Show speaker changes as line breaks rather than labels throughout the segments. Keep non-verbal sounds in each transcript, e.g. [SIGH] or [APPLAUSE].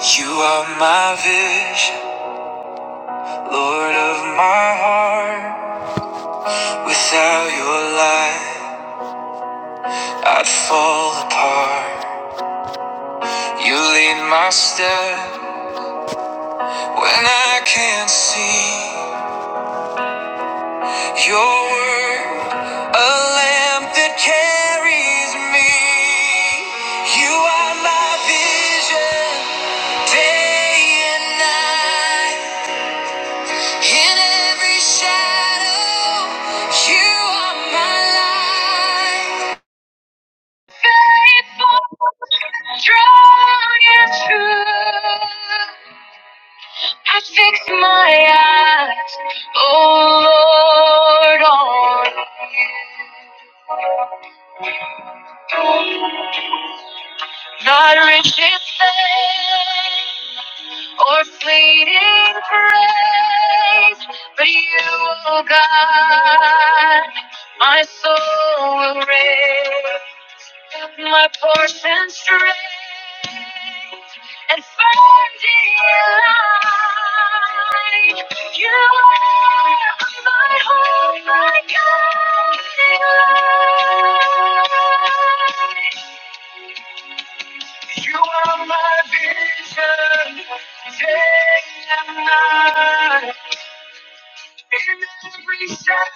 You are my vision, Lord of my heart. Without your light, I'd fall apart. You lead my step when I can't see. Your word, a lamp that carries me. You are my vision, day and night. In every shadow, you are my light. Faithful, strong and true. I fix my eyes, oh Lord, on you. Not riches fame or fleeting praise, but you, oh God, my soul will raise. up my portion straight and find delight. You are my hope, my guiding light. You are my vision, day and night. In every step,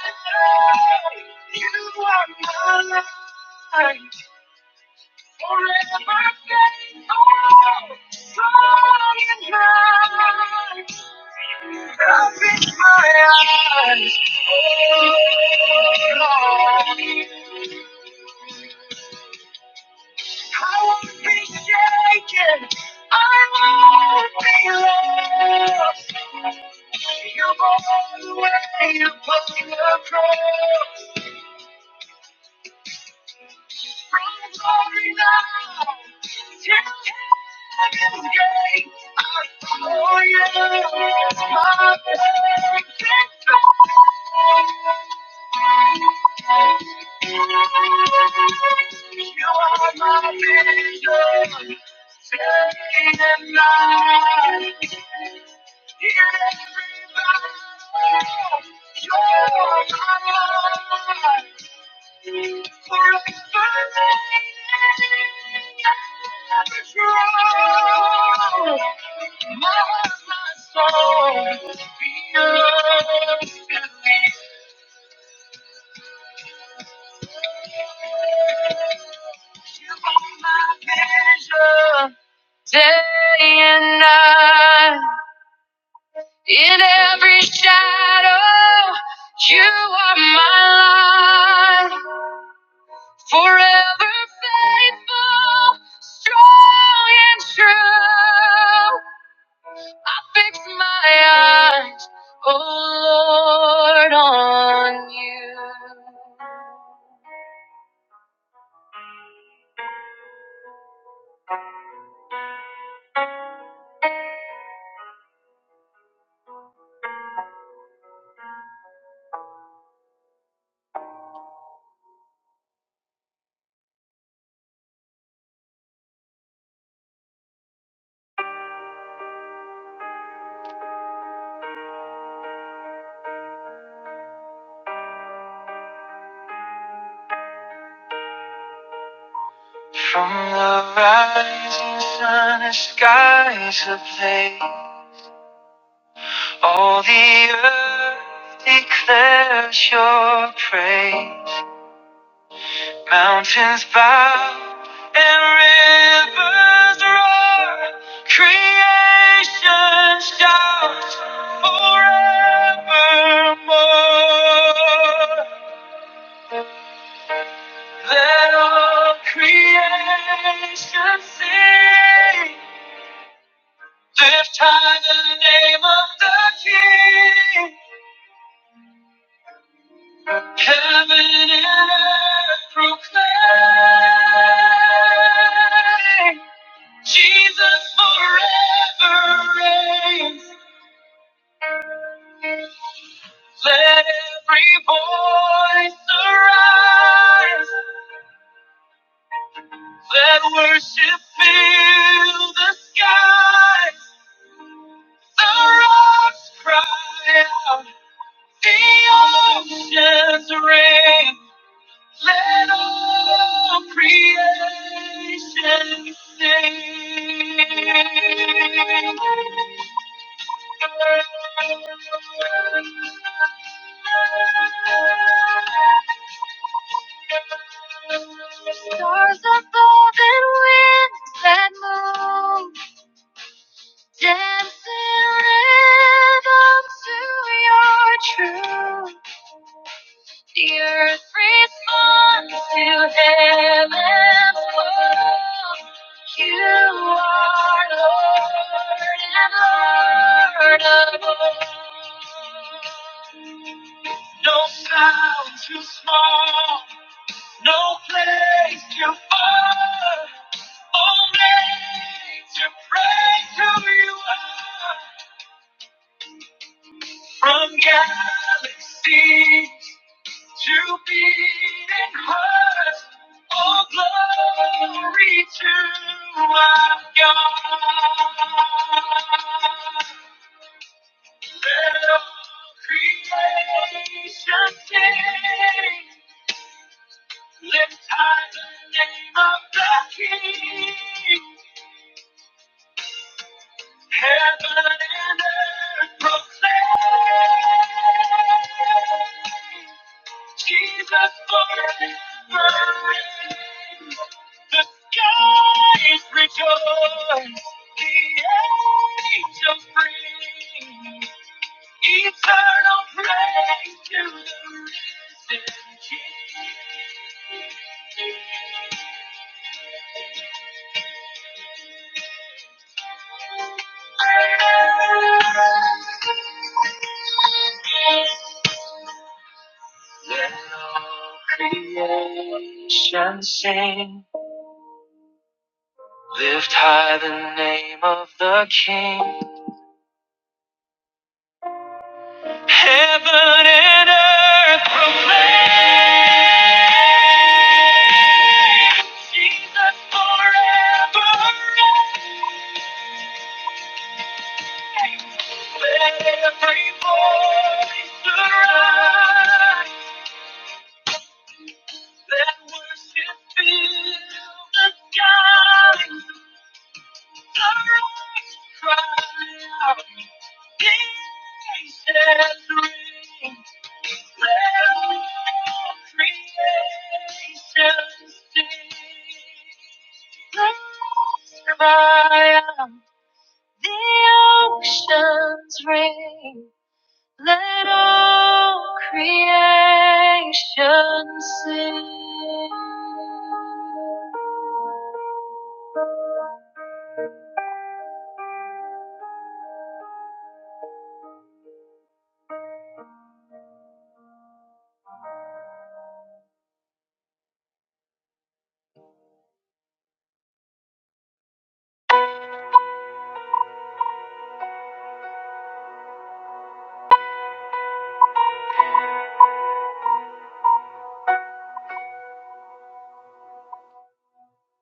you are my light. Forever faithful, strong and mighty. Up in my eyes, oh Lord. I won't be shaken. I won't be lost. You've always been upon the cross. From morning till night, I'm yours. My biggest star, you are my vision, day and night. You make me fly. You are my light. Day and night, in every shadow, you are my light. Forever faithful, strong and true. I fix my eyes, oh Lord, on you. From the rising sun, the skies ablaze, all the earth declares your praise. Mountains bow and rivers roar. Creation shouts forevermore. Let all creation sing. Lift high the name of the King. Heaven and earth proclaim. Jesus forever reigns. Let every voice arise. Let worship fill the skies. The rocks cry out. The oceans rain. Let all creation sing. Stars of golden winds that move, dancing rhythms to your truth. The earth responds to heaven's call. You are Lord and Lord of all. No sound too small, no place too far. Only to praise who you are from galaxy. to beating hearts, all glory to our God. Let all creation sing, lift high the name of the King. Heaven and earth proclaim. Jesus burning, burning. The sky is rejoiced. The angels ring. Eternal praise to the risen King. Let all creation sing. Lift high the name of the King. Heaven and earth proclaim. Jesus forever reigns. Let every voice arise. Let worship fill the skies. The oceans ring, let all creation sing.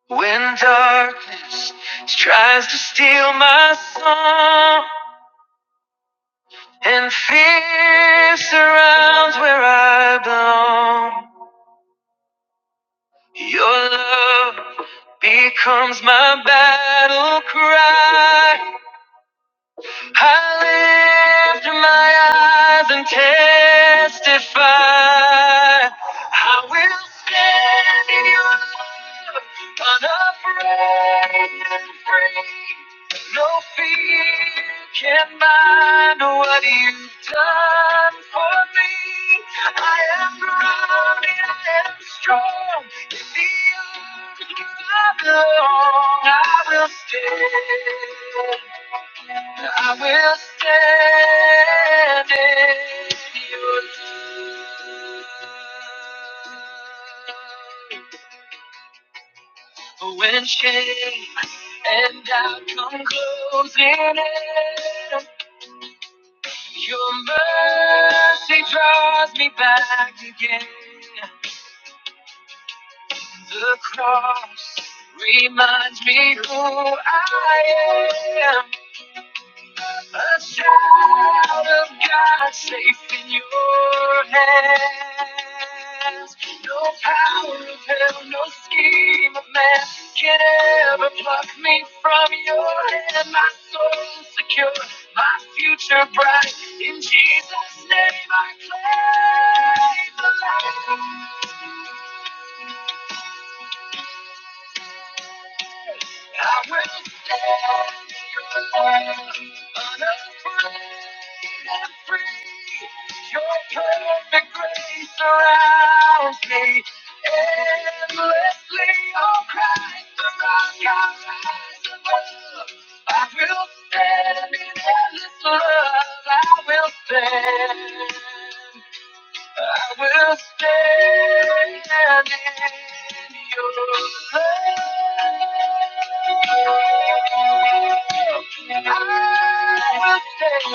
When darkness tries to steal my song and fear surrounds where I belong, your love becomes my battle cry. I lift my eyes and testify. I will stand in your love, unafraid and free. No fear can bind what you've done for me. I am grounded, I am strong. In the arms I belong, I will stand. I will stand in your love. When shame and doubt come closing in, your mercy draws me back again. The cross reminds me who I am. A child of God, safe in your hands. No power of hell, no scheme of man can ever pluck me from your hand. My soul secure, my future bright. In Jesus' name I claim the light. I will stand in Your love, unafraid and free. Your perfect grace surrounds me endlessly. Oh Christ, the rock I rise above. I will stand in endless love. I will stand. I will stand in your love. I will stand. I will stand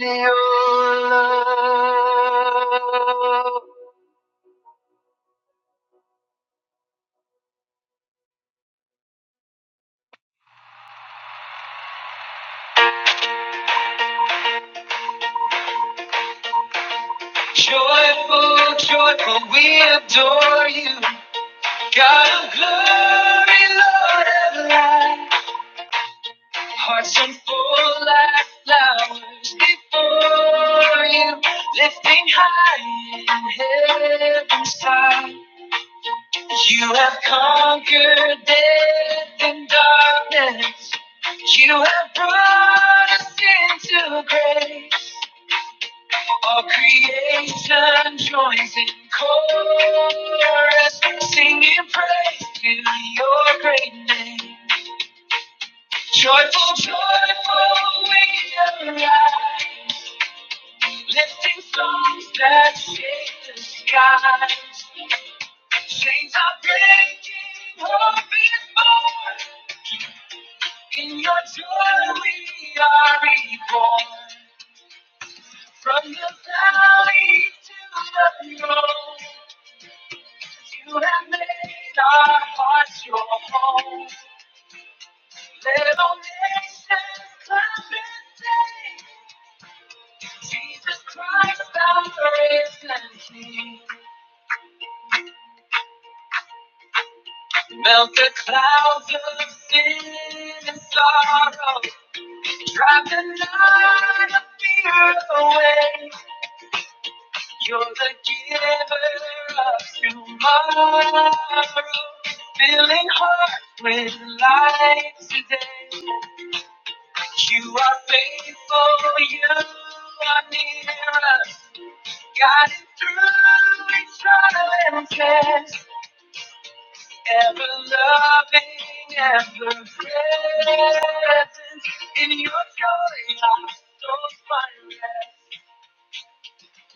in your love. Joyful, joyful, we adore you. God of glory, Lord of light. Hearts so full like flowers before you, lifting high in heaven's sky. You have conquered death and darkness. You have brought us into grace. All creation joins in chorus, singing praise to your great name. Joyful, joyful, we arrive, lifting songs that shake the sky. Chains are breaking, hope is born. In your joy we are reborn. From the valley to the throne, you have made our hearts your home. Little nations clap and sing. Jesus Christ, our risen King, melt the clouds of sin and sorrow, drive the night of fear away. You're the giver of tomorrow, filling hearts with light today. You are faithful, you are near us, guiding through each trial and test. Ever loving, ever present, in your joy I stole my rest.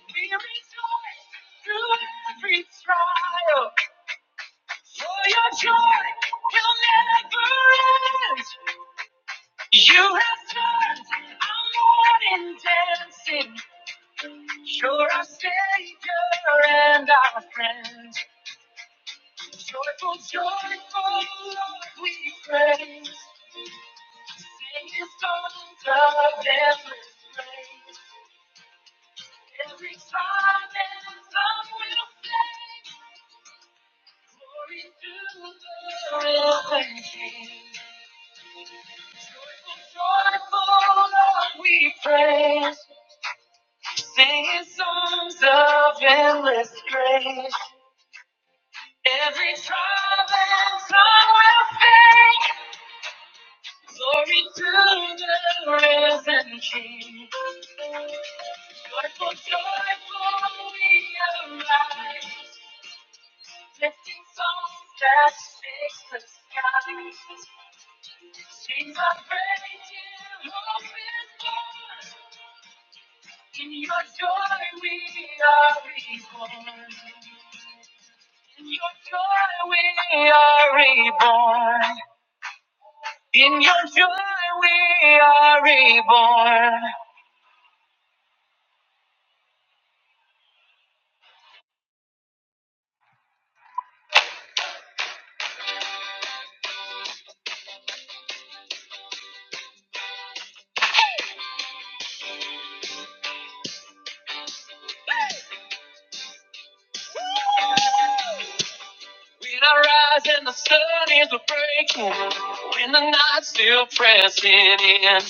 We rejoice through every trial, for your joy will never end. You have turned our morning dancing. You're our savior and our friend. Joyful, joyful, Lord, we praise. We praise, singing songs of endless grace. Every trial and tongue will sing. Glory to the risen King. Joyful, joyful we arise. Lifting songs that shake the skies. Sing our praise in hope is born. In your joy we are reborn. In your joy we are reborn. In your joy we are reborn. When I rise and the sun is a breaking, when the night's still pressing in,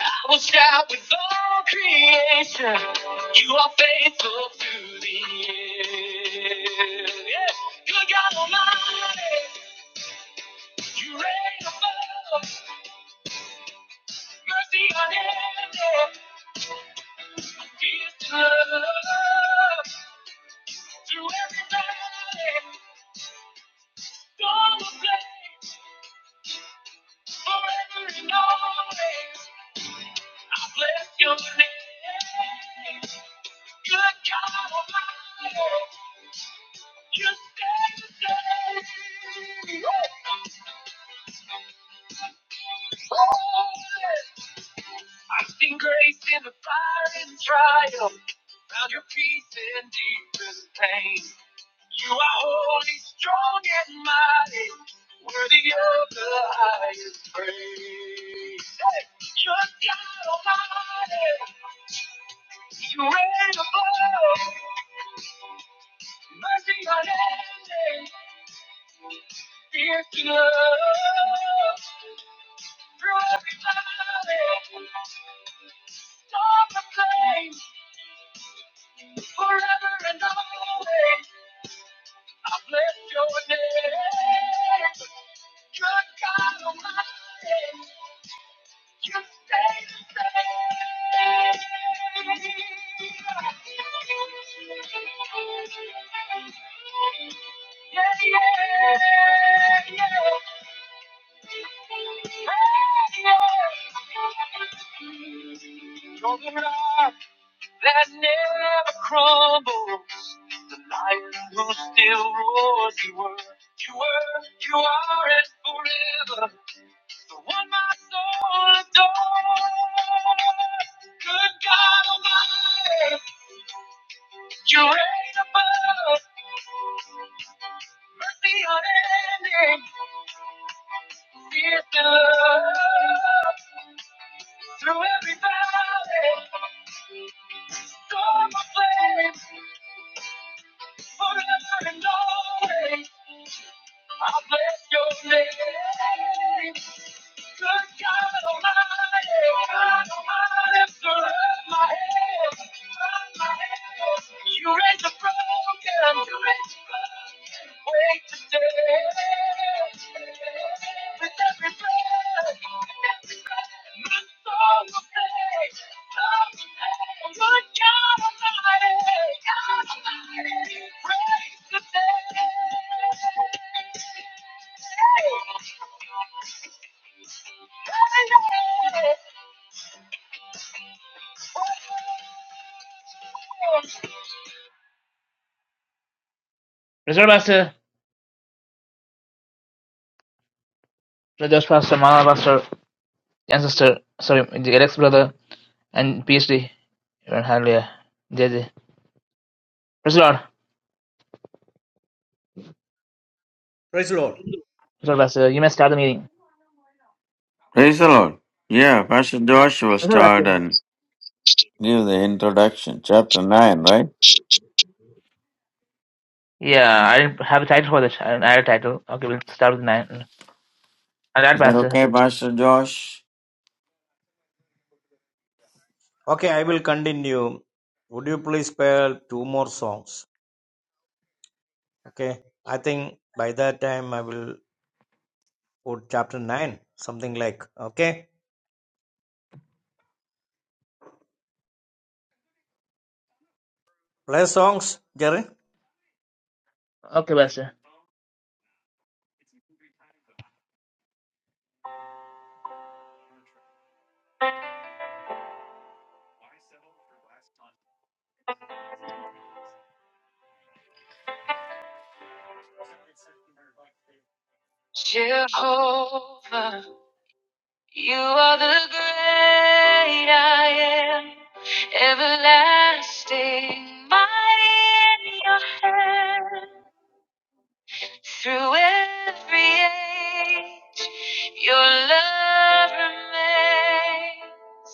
I will shout with all creation, you are faithful to the end. Yes. Good God Almighty, you reign above, mercy unending, peace to love, through every valley, storm of pain. Forever and always, I bless your name. Good God Almighty, you stay the same. I've seen grace in the fire and trial, found your peace in deepest pain. You are holy, strong, and mighty, worthy of the highest praise. Hey, You're God Almighty, you reign above, mercy unending, fierce in love. Through every valley, dark the flame, forever and always. I bless your name. Good God Almighty, you stay the same. Yeah. You're the rock that never crumbles, the lion who still roars. You were, you were, you are it forever, the one my soul adores. Good God Almighty, you reign above, mercy unending. Through every valley, storm or flame, forever and always, I'll bless your name. Good God Almighty, God Almighty, surround my head, surround my head. You raise the broken, you raise the broken, wait today. With every breath, my soul will sing. Reserve Pastor, Reserve Pastor, Mama Pastor. ancestor, sorry, the Eric's brother and PhD. Hallelujah. JJ. Praise the Lord. Praise
Praise the Lord.
the Lord, Pastor. You may start the meeting.
Praise the Lord. Yeah, Pastor Josh will
Praise the Lord,
start
Pastor.
and give the introduction. Chapter 9, right?
Yeah, I didn't have a title for this. I didn't add a title. Okay, we'll start with nine. I'll add
Is that
Pastor.
okay, Pastor Josh?
Okay, I will continue. Would you please spare two more songs? Okay, I think by that time I will put chapter 9, something like. Okay, play songs, Jerry.
Okay, Pastor. Jehovah, you are the great I am, everlasting, mighty in your hand. Through every age, your love remains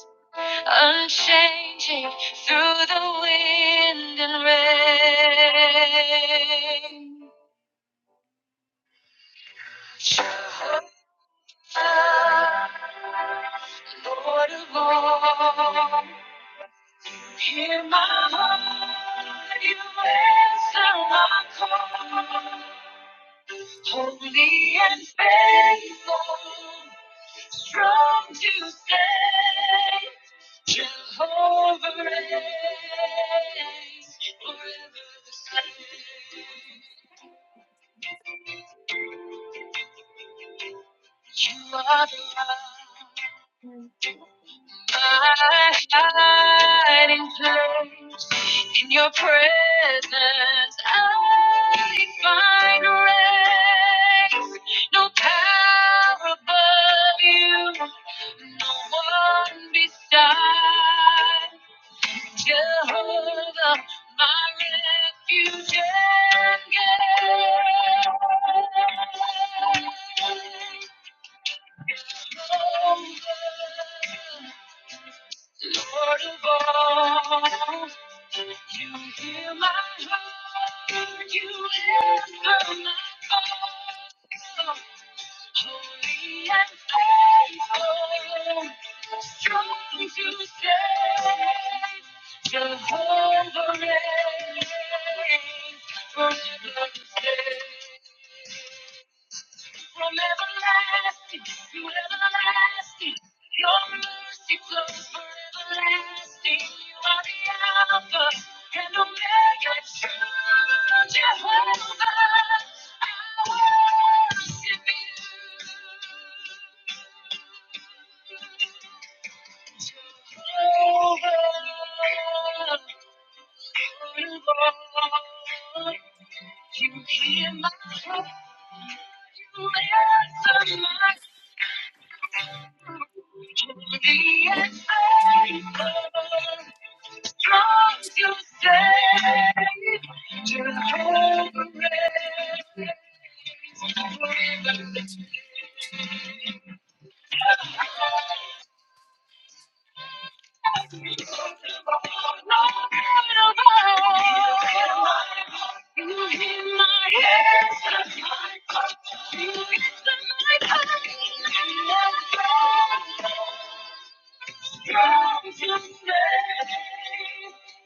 unchanging through the wind and rain. Jehovah, Lord of all, hear my heart, you answer my call. Holy and faithful, strong to say, Jehovah reigns forever the same. You are the God, my hiding place. In your presence, I find rest. No power above you, no one beside. Jehovah, my refuge and Lord of all.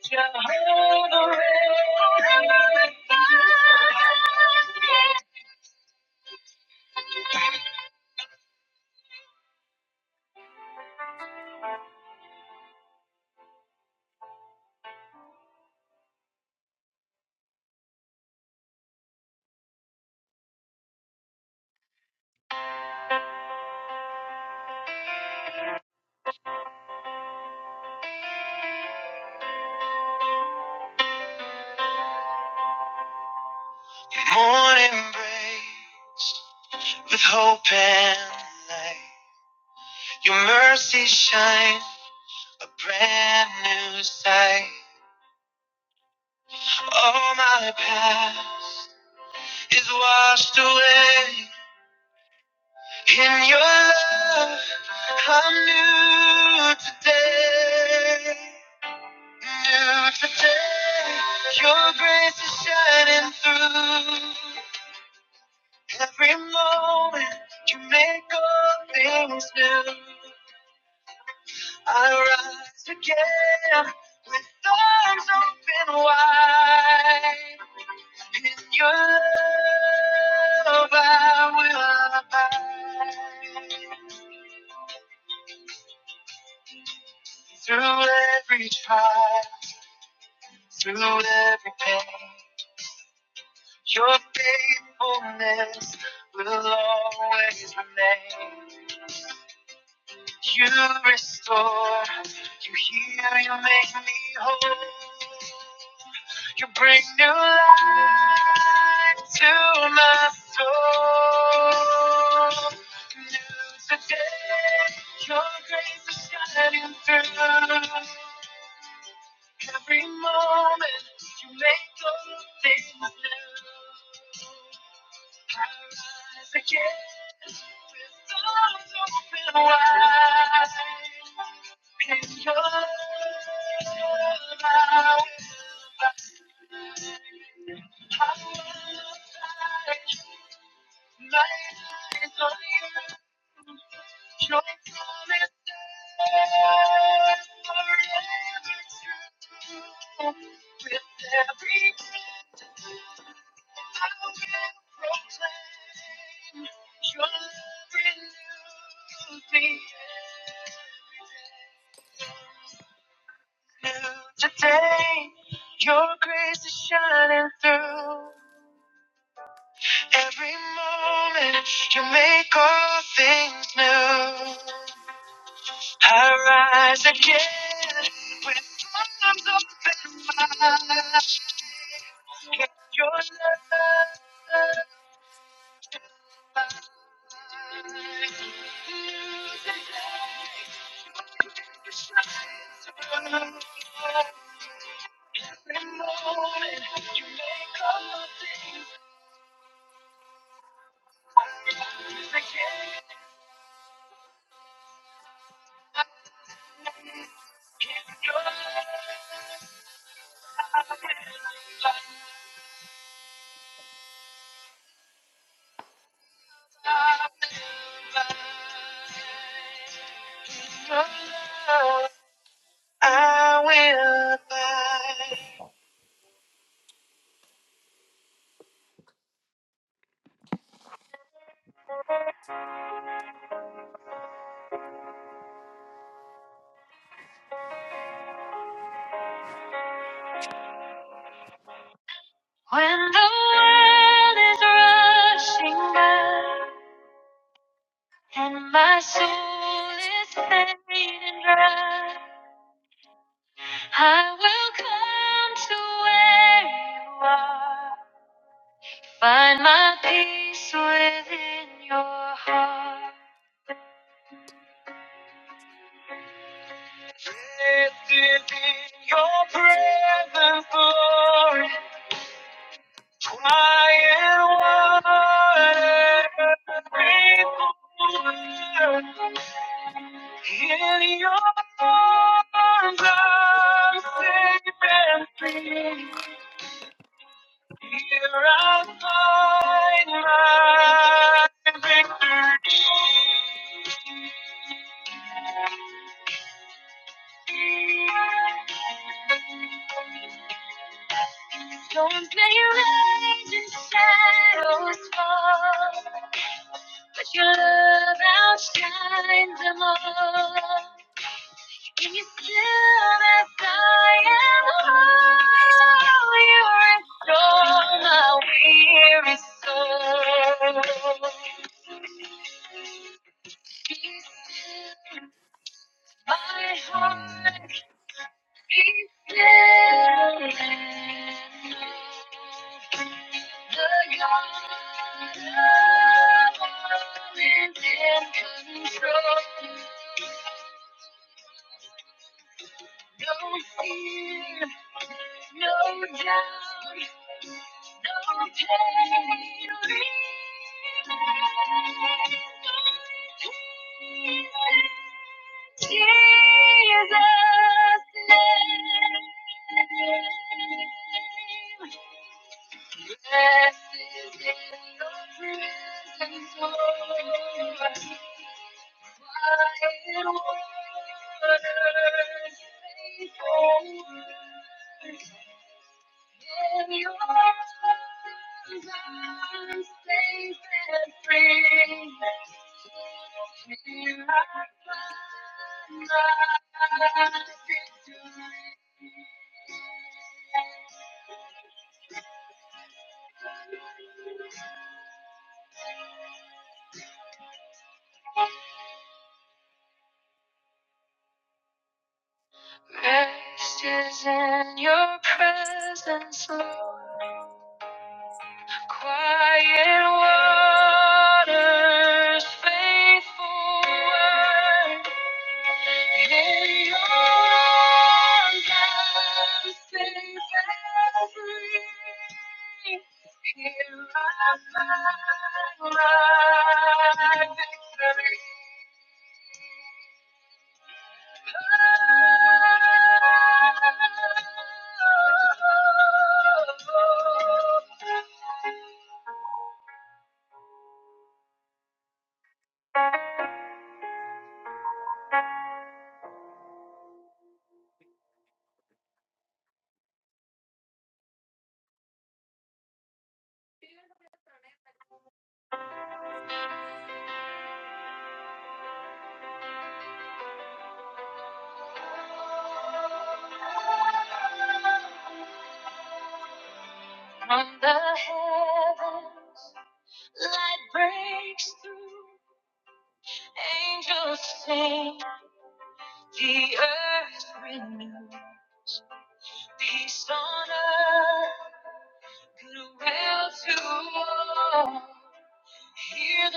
Jehovah, morning breaks with hope and light. Your mercy shines a brand new sight. All my past is washed away in your love. I'm new today. Day After day, your grace is shining through. Every moment you make all things new. I rise again with arms open wide. In your love I will abide. Through every trial, through every pain. Your faithfulness will always remain. You restore, you heal, you make me whole. You bring new life to my soul. New today, your grace is shining through. Every moment, you make all things new. I rise again with arms open wide. In your love, I will find. I will fight. My eyes on you. Your promise is forever true. With every breath, I will proclaim. Your love renewed me. New Today, your grace is shining through. Every moment you make all things new. I rise again with arms open wide. Your love. I will abide. When the world is rushing by and my soul is fading dry, I will come to where you are, find my peace within your heart. Lifted in your presence, Lord, quiet waters, peaceful In your arms I'm safe and free. Here I find my victory. Rest is in your presence, Lord. Quiet waters, faithful word. I find From the heavens, light breaks through. Angels sing, the earth renews. Peace goodwill to hear.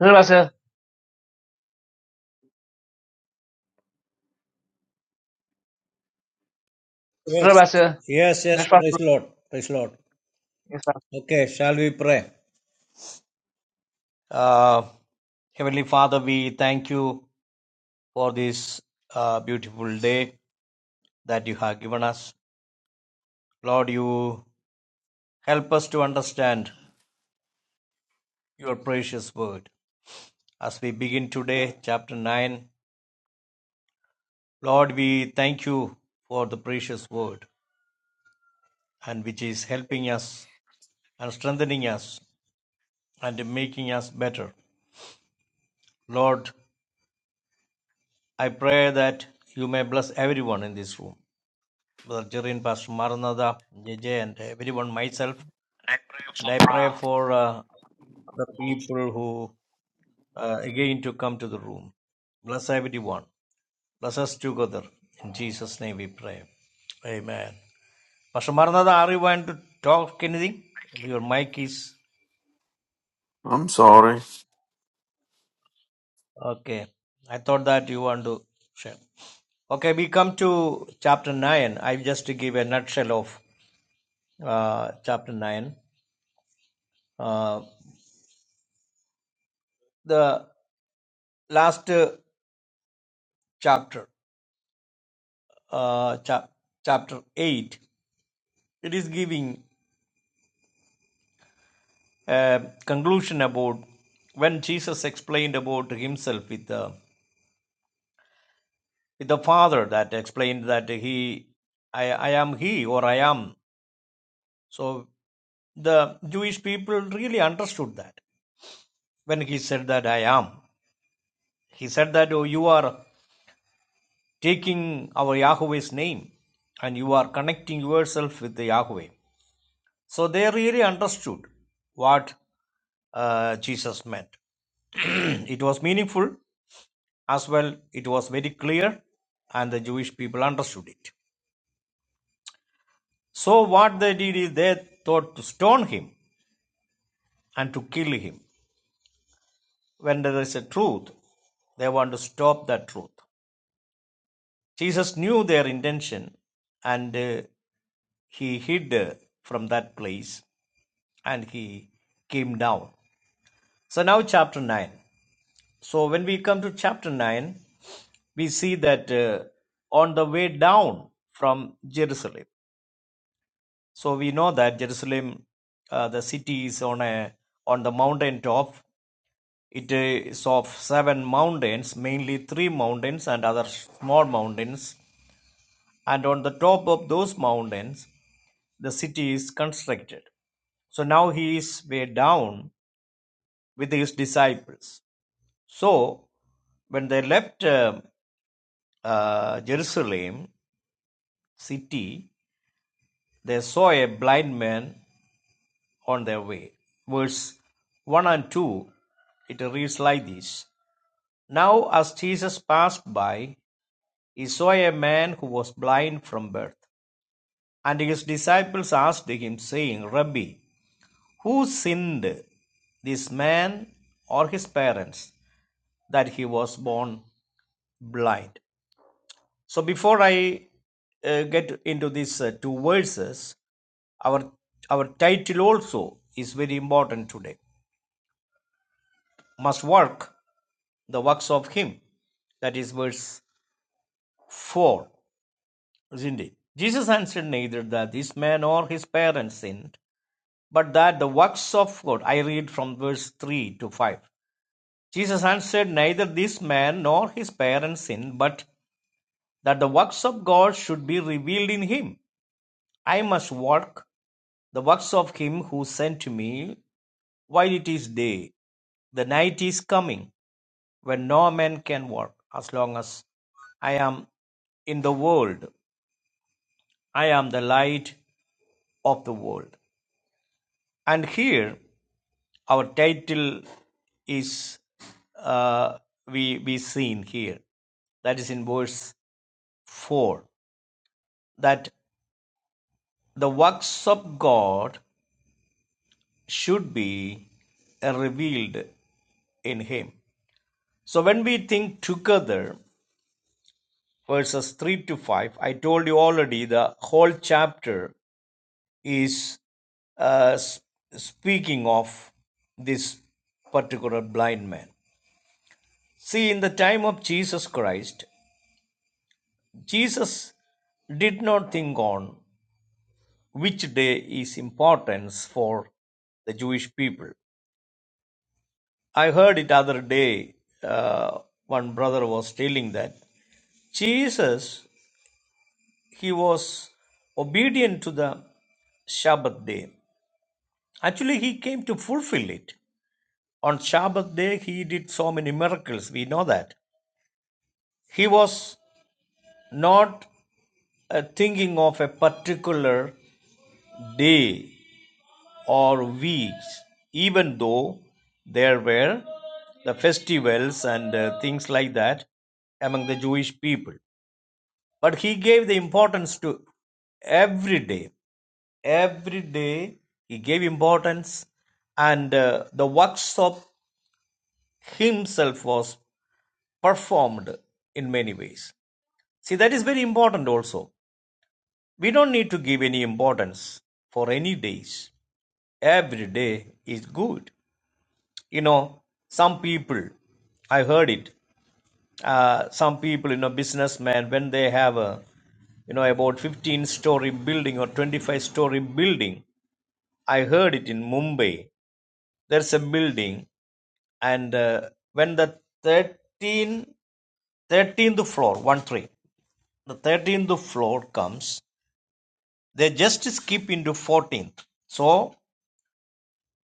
Bener bahasa, bener
Yes.
bahasa.
Yes, yes.
Yes, Pak.
Praise the Lord. Praise the Lord.
Yes, Pak.
Okay, shall we pray? Uh, Heavenly Father, we thank you for this uh, beautiful day that you have given us. Lord, you help us to understand your precious word. As we begin today, chapter 9, Lord, we thank you for the precious word and which is helping us and strengthening us and making us better. Lord, I pray that you may bless everyone in this room. Brother Jerry and Pastor Maranatha, J J, and everyone, myself. And I pray for uh, the people who uh, again to come to the room. Bless everyone. Bless us together. In Jesus' name we pray. Amen. Pastor Maranatha, are you going to talk anything? Your mic is
I'm sorry.
Okay. I thought that you want to share. Okay, we come to chapter 9. I just give a nutshell of uh, chapter 9. Uh, the last uh, chapter, uh, chap- chapter 8, it is giving a conclusion about when Jesus explained about himself with the, with the Father, that explained that he, I, I am he or I am. So the Jewish people really understood that. when he said that I am. He said that, Oh, you are taking our Yahweh's name and you are connecting yourself with the Yahweh. So they really understood what uh, Jesus meant. [CLEARS THROAT] it was meaningful as well, it was very clear, and the Jewish people understood it. So, what they did is they thought to stone him and to kill him. When there is a truth, they want to stop that truth. Jesus knew their intention and uh, he hid uh, from that place and he came down. So now, chapter 9. So, when we come to chapter 9, we see that uh, on the way down from Jerusalem, so we know that Jerusalem, uh, the city is on a on the mountain top. It is of seven mountains, mainly three mountains and other small mountains. And on the top of those mountains, the city is constructed. So now he is way down with his disciples. So when they left um, uh, Jerusalem city, they saw a blind man on their way. Verse 1 and 2, it reads like this Now, as Jesus passed by, he saw a man who was blind from birth. And his disciples asked him, saying, Rabbi, Who sinned, this man or his parents, that he was born blind? So before I uh, get into these uh, two verses, our our title also is very important today. Must work the works of him. That is verse four, isn't it? Jesus answered neither that this man or his parents sinned, but that the works of God. I read from verse three to five Jesus answered, Neither this man nor his parents sinned, but that the works of God should be revealed in him. I must work the works of him who sent me while it is day. The night is coming when no man can work. As long as I am in the world, I am the light of the world. And here our title is uh, we we seen here. That is in verse four. That The works of God should be revealed in Him. So when we think together, verses 3 to 5, I told you already the whole chapter is uh, speaking of this particular blind man. See, in the time of Jesus Christ, Jesus did not think on which day is importance for the Jewish people. I heard it other day. Uh, one brother was telling that Jesus, he was obedient to the Sabbath day. Actually, he came to fulfill it. On Sabbath day, he did so many miracles. We know that. He was not uh, thinking of a particular day or weeks, even though there were the festivals and uh, things like that among the Jewish people. But he gave the importance to every day. Every day he gave importance, and uh, the works of himself was performed in many ways. See, that is very important also. We don't need to give any importance for any days. Every day is good. You know, some people, I heard it, uh, some people, you know, businessmen, when they have a, you know, about 15 story building or 25 story building, I heard it in Mumbai. There's a building, and uh, when the 13 thirteenth floor, 1 3, the 13th floor comes, they just skip into 14th. So,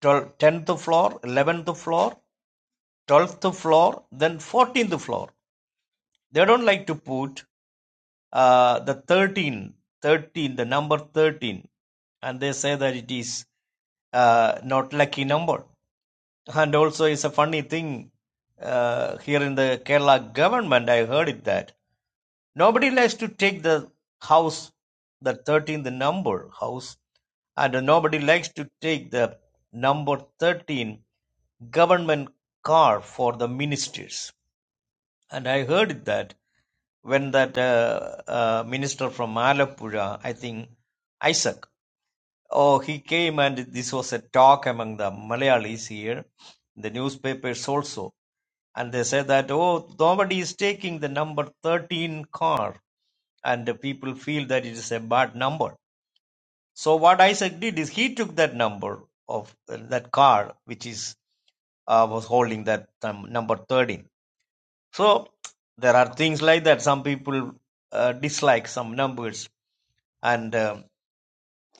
12, 10th floor, 11th floor, 12th floor, then 14th floor. They don't like to put uh, the 13, 13, the number 13, and they say that it is uh, not lucky number. And also, it's a funny thing uh, here in the Kerala government. I heard it that nobody likes to take the house, the 13, the number house, and nobody likes to take the number 13 government car for the ministers. And I heard that when that uh, uh, minister from Malappuram, I think Isaac, oh, he came and this was a talk among the Malayalis here, the newspapers also. And they said that, oh, nobody is taking the number 13 car and the people feel that it is a bad number. So what Isaac did is he took that number of uh, that car, which is uh, was holding that um, number 13 so there are things like that. Some people uh, dislike some numbers, and um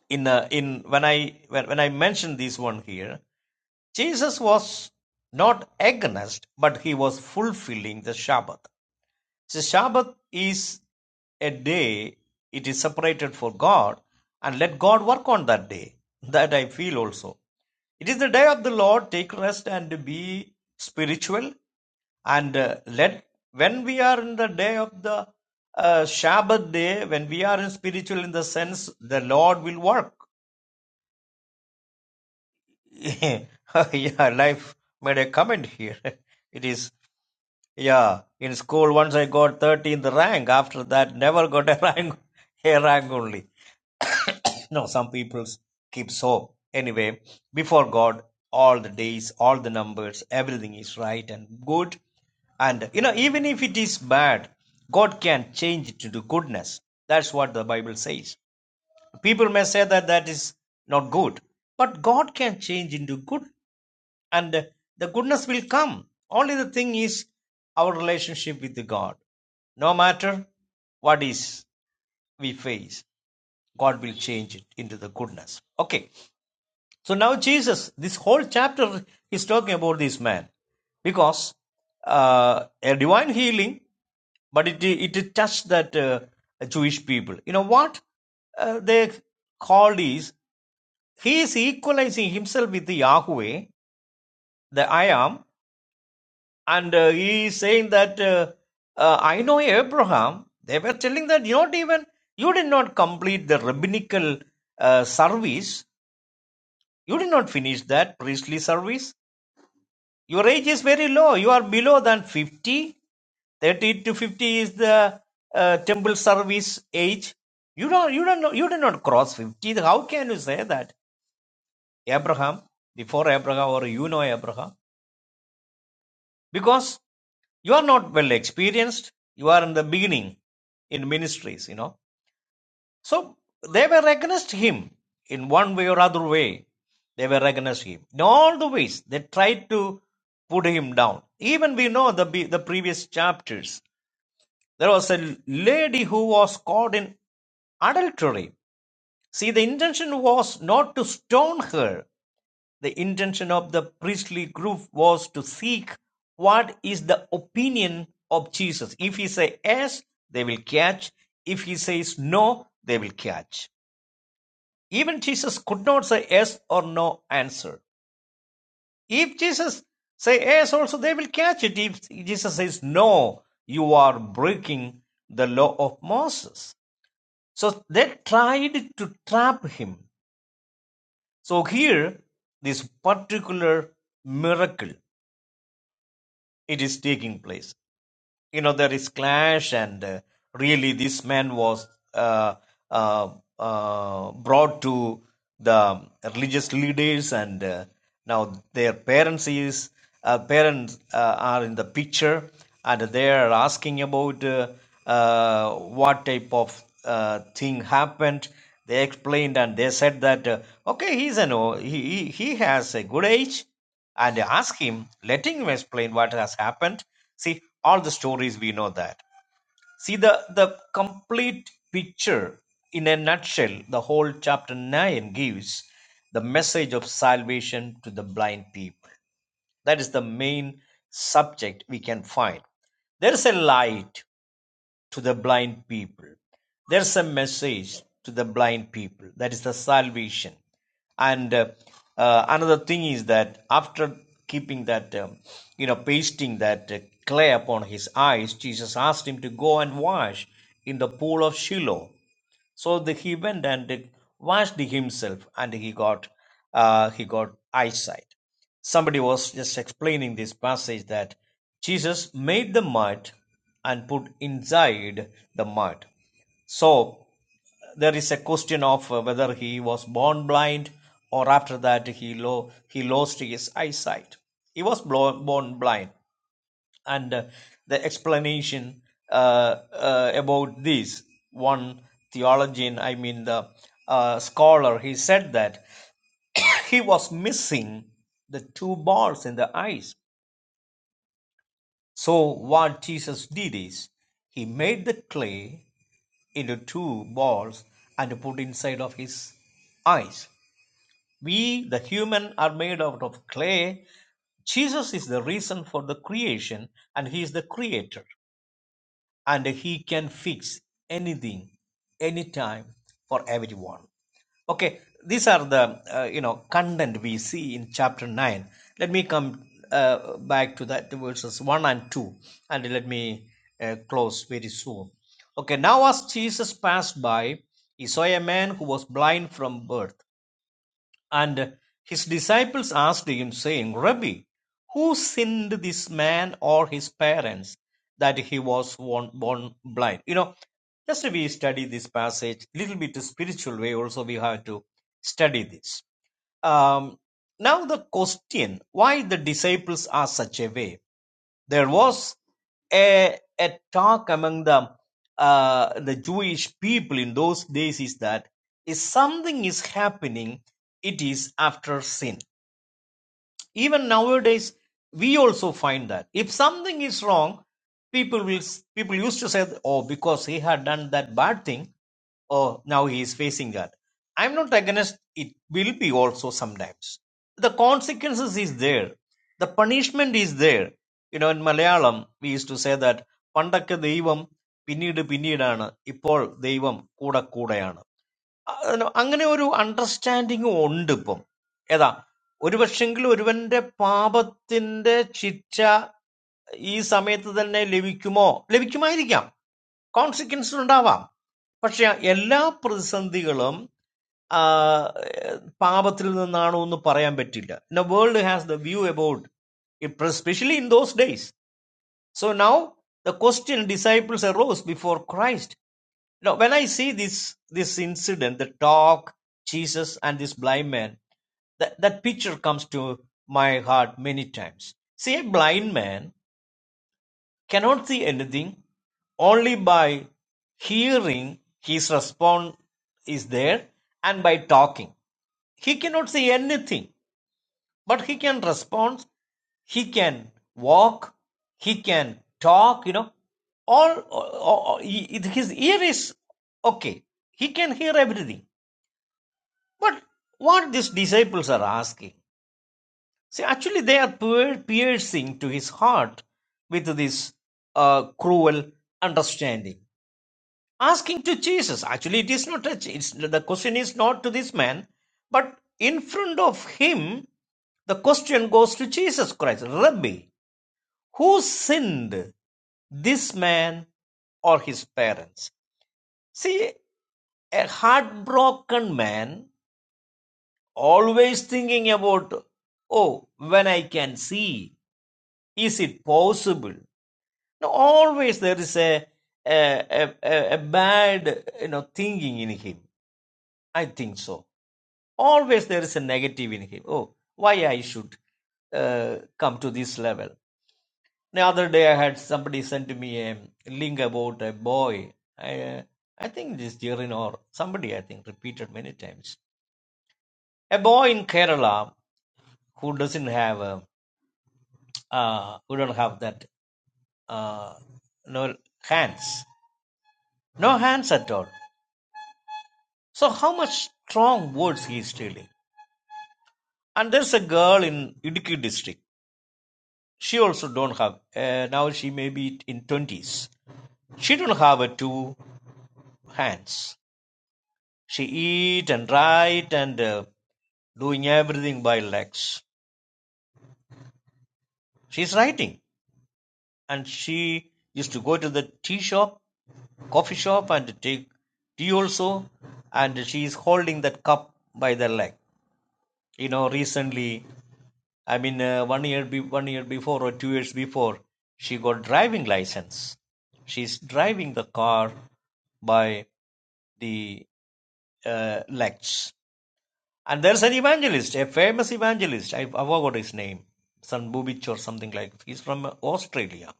in uh, in when I when, when I mention this one here, Jesus was not against, but he was fulfilling the Sabbath. The Sabbath is a day it is separated for God, and let God work on that day. That I feel also. It is the day of the Lord. Take rest and be spiritual. And uh, let when we are in the day of the uh, Sabbath day, when we are in spiritual in the sense, the Lord will work. [LAUGHS] yeah, life made a comment here. [LAUGHS] it is. Yeah, in school once I got 13th rank. After that, never got a [LAUGHS] rank, a rank only. [COUGHS] no, some people keep so. Anyway, before God, all the days, all the numbers, everything is right and good. And you know, even if it is bad, God can change it to goodness. That's what the Bible says. People may say that that is not good, but God can change into good and the goodness will come. Only the thing is our relationship with God. No matter what is we face, God will change it into the goodness. Okay. So now Jesus, this whole chapter is talking about this man because uh, a divine healing, but it it touched that uh, Jewish people. You know what uh, they called is he is equalizing himself with the Yahweh, the I am, and uh, he is saying that uh, uh, i know abraham they were telling that you not even you did not complete the rabbinical uh, service you did not finish that priestly service your age is very low you are below than 50 30 to 50 is the uh, temple service age you don't you don't know you did not cross 50 how can you say that abraham before abraham or you know abraham because you are not well experienced you are in the beginning in ministries you know so they were against him in one way or other way they were against him in all the ways they tried to put him down even we know the the previous chapters there was a lady who was caught in adultery see the intention was not to stone her the intention of the priestly group was to seek what is the opinion of Jesus. If he says yes, they will catch. If he says no, they will catch. Even Jesus could not say yes or no answer. If Jesus say yes also, they will catch it. If Jesus says no, you are breaking the law of Moses. So they tried to trap him. So here, this particular miracle it is taking place. You know, there is clash, and uh, really, this man was uh, uh, uh, brought to the religious leaders, and uh, now their parents is uh, parents uh, are in the picture, and they are asking about uh, uh, what type of uh, thing happened. They explained, and they said that uh, okay, he's an o- he he he has a good age and ask him, letting him explain what has happened. See, all the stories we know that. See the the complete picture in a nutshell, the whole chapter nine gives the message of salvation to the blind people. That is the main subject we can find. There is a light to the blind people. There's a message to the blind people. That is the salvation. And uh, uh, another thing is that after keeping that, um, you know, pasting that uh, clay upon his eyes, Jesus asked him to go and wash in the pool of Shiloh. So the, he went and washed himself, and he got uh, he got eyesight. Somebody was just explaining this passage that Jesus made the mud and put inside the mud. So there is a question of uh, whether he was born blind or after that he lo- he lost his eyesight. He was blo- born blind, and uh, the explanation uh, uh, about this one theologian i mean the uh, scholar he said that [COUGHS] he was missing the two balls in the eyes so what jesus did is he made the clay into two balls and put inside of his eyes we the human are made out of clay jesus is the reason for the creation and he is the creator and he can fix anything anytime for everyone okay these are the uh, you know content we see in chapter 9 let me come uh, back to that the verses 1 and 2 and let me uh, close very soon okay now as jesus passed by he saw a man who was blind from birth and his disciples asked him, saying, Rabbi, who sinned this man or his parents that he was born, born blind? You know, just we study this passage a little bit spiritual way. Also, we have to study this. Um, now the question: Why the disciples are such a way? there was a, a talk among the uh, the Jewish people in those days is that if something is happening, it is after sin even nowadays we also find that if something is wrong people will people used to say oh because he had done that bad thing oh now he is facing that i'm not against it will be also sometimes the consequences is there the punishment is there you know in malayalam we used to say that പണ്ടൊക്കെ ദൈവം പിന്നീട് പിന്നീടാണ് ഇപ്പോൾ ദൈവം കൂടെ കൂടെയാണ് അതിന് അങ്ങനെ ഒരു അണ്ടർസ്റ്റാൻഡിങ് ഉണ്ട് ഇപ്പം ഏതാ ഒരു പക്ഷെങ്കിൽ ഒരുവന്റെ പാപത്തിന്റെ ശിക്ഷ ഈ സമയത്ത് തന്നെ ലഭിക്കുമോ ലഭിക്കുമായിരിക്കാം കോൺസിക്വൻസ് ഉണ്ടാവാം പക്ഷെ എല്ലാ പ്രതിസന്ധികളും ആ, പാപത്തിൽ നിന്നാണോ എന്ന് പറയാൻ പറ്റില്ല world has the view about it, specially in those days so now the question disciples arose before Christ. Now, when I see this this incident, the dog, Jesus, and this blind man, that, that picture comes to my heart many times. See, a blind man cannot see anything only by hearing his response is there and by talking. He cannot see anything but he can respond he can walk he can talk you know all, all- all- his ear is okay he can hear everything but what these disciples are asking see actually they are piercing to his heart with this uh, cruel understanding asking to jesus actually it is not a, it's, the question is not to this man but in front of him the question goes to jesus christ rabbi Who sinned, this man or his parents? See, a heartbroken man always thinking about, oh, when I can see, is it possible? No, always there is a, a, a, a bad you know thinking in him. I think so. Always there is a negative in him. Oh, why I should uh, come to this level? The other day, I had somebody sent me a link about a boy. I, uh, I think this Jirin or somebody, I think, repeated many times. A boy in Kerala who doesn't have, uh, uh, who don't have that, uh, no hands, no hands at all. So how much strong words he is stealing? And there's a girl in Idukki district. She also don't have. Uh, now she may be in twenties. She don't have a two hands. She eat and write and uh, doing everything by legs. She's writing and she used to go to the tea shop, coffee shop and take tea also and she is holding that cup by the leg. You know, recently, I mean, uh, one year be- one year before or two years before, she got driving license. She's driving the car by the uh, legs And there's an evangelist, a famous evangelist. I, I forgot his name, Sanbubich or something like. that. He's from Australia.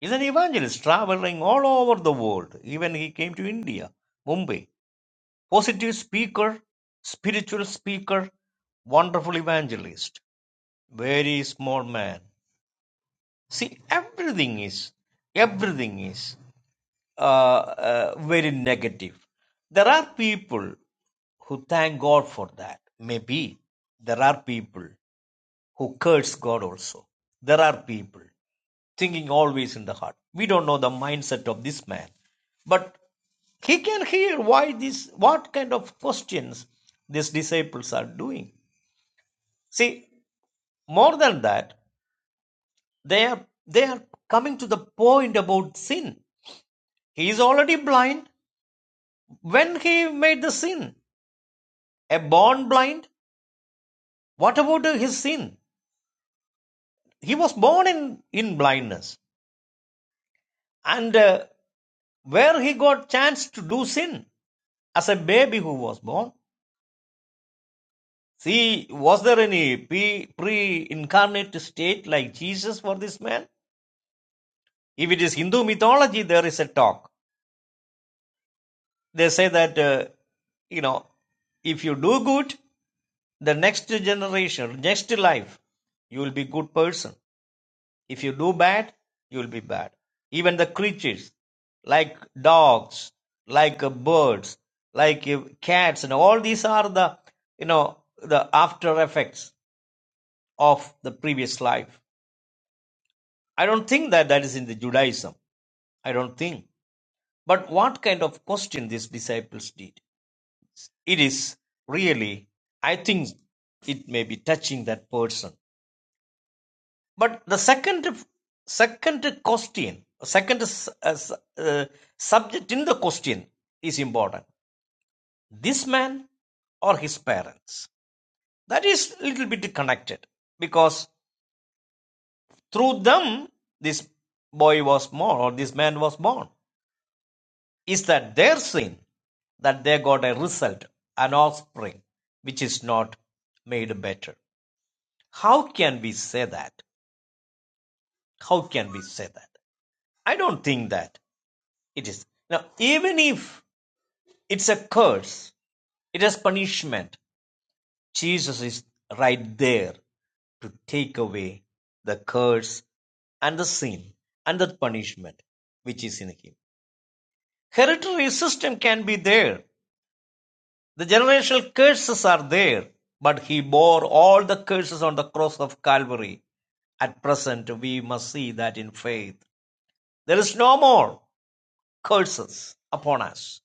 He's an evangelist traveling all over the world. Even he came to India, Mumbai. Positive speaker, spiritual speaker, wonderful evangelist. Very small man. See, everything is, everything is uh, uh, very negative. There are people who thank God for that. Maybe there are people. who curse God also. There are people thinking always in the heart. We don't know the mindset of this man, but he can hear why this, what kind of questions these disciples are doing. See, more than that, they are they are coming to the point about sin. He is already blind when he made the sin. A born blind. What about his sin? He was born in in blindness, and uh, where he got chance to do sin. as a baby who was born. See, was there any pre- incarnate state like Jesus for this man? If it is Hindu mythology, there is a talk. They say that, uh, you know, if you do good, the next generation, next life, you will be good person. If you do bad, you will be bad. Even the creatures, like dogs, like uh, birds, like uh, cats, and all these are the, you know, the after effects of the previous life. I don't think that that is in the Judaism. I don't think. But what kind of question these disciples did? It is really, I think it may be touching that person. But the second, second question, second uh, uh, subject in the question is important. This man or his parents? That is a little bit connected because through them this boy was born or this man was born. is that their sin that they got a result, an offspring, which is not made better. How can we say that? How can we say that? I don't think that it is. Now, even if it's a curse, it is punishment. Jesus is right there to take away the curse and the sin and the punishment which is in him. Hereditary system can be there The generational curses are there, but he bore all the curses on the cross of Calvary. At present, we must see that in faith. There is no more curses upon us.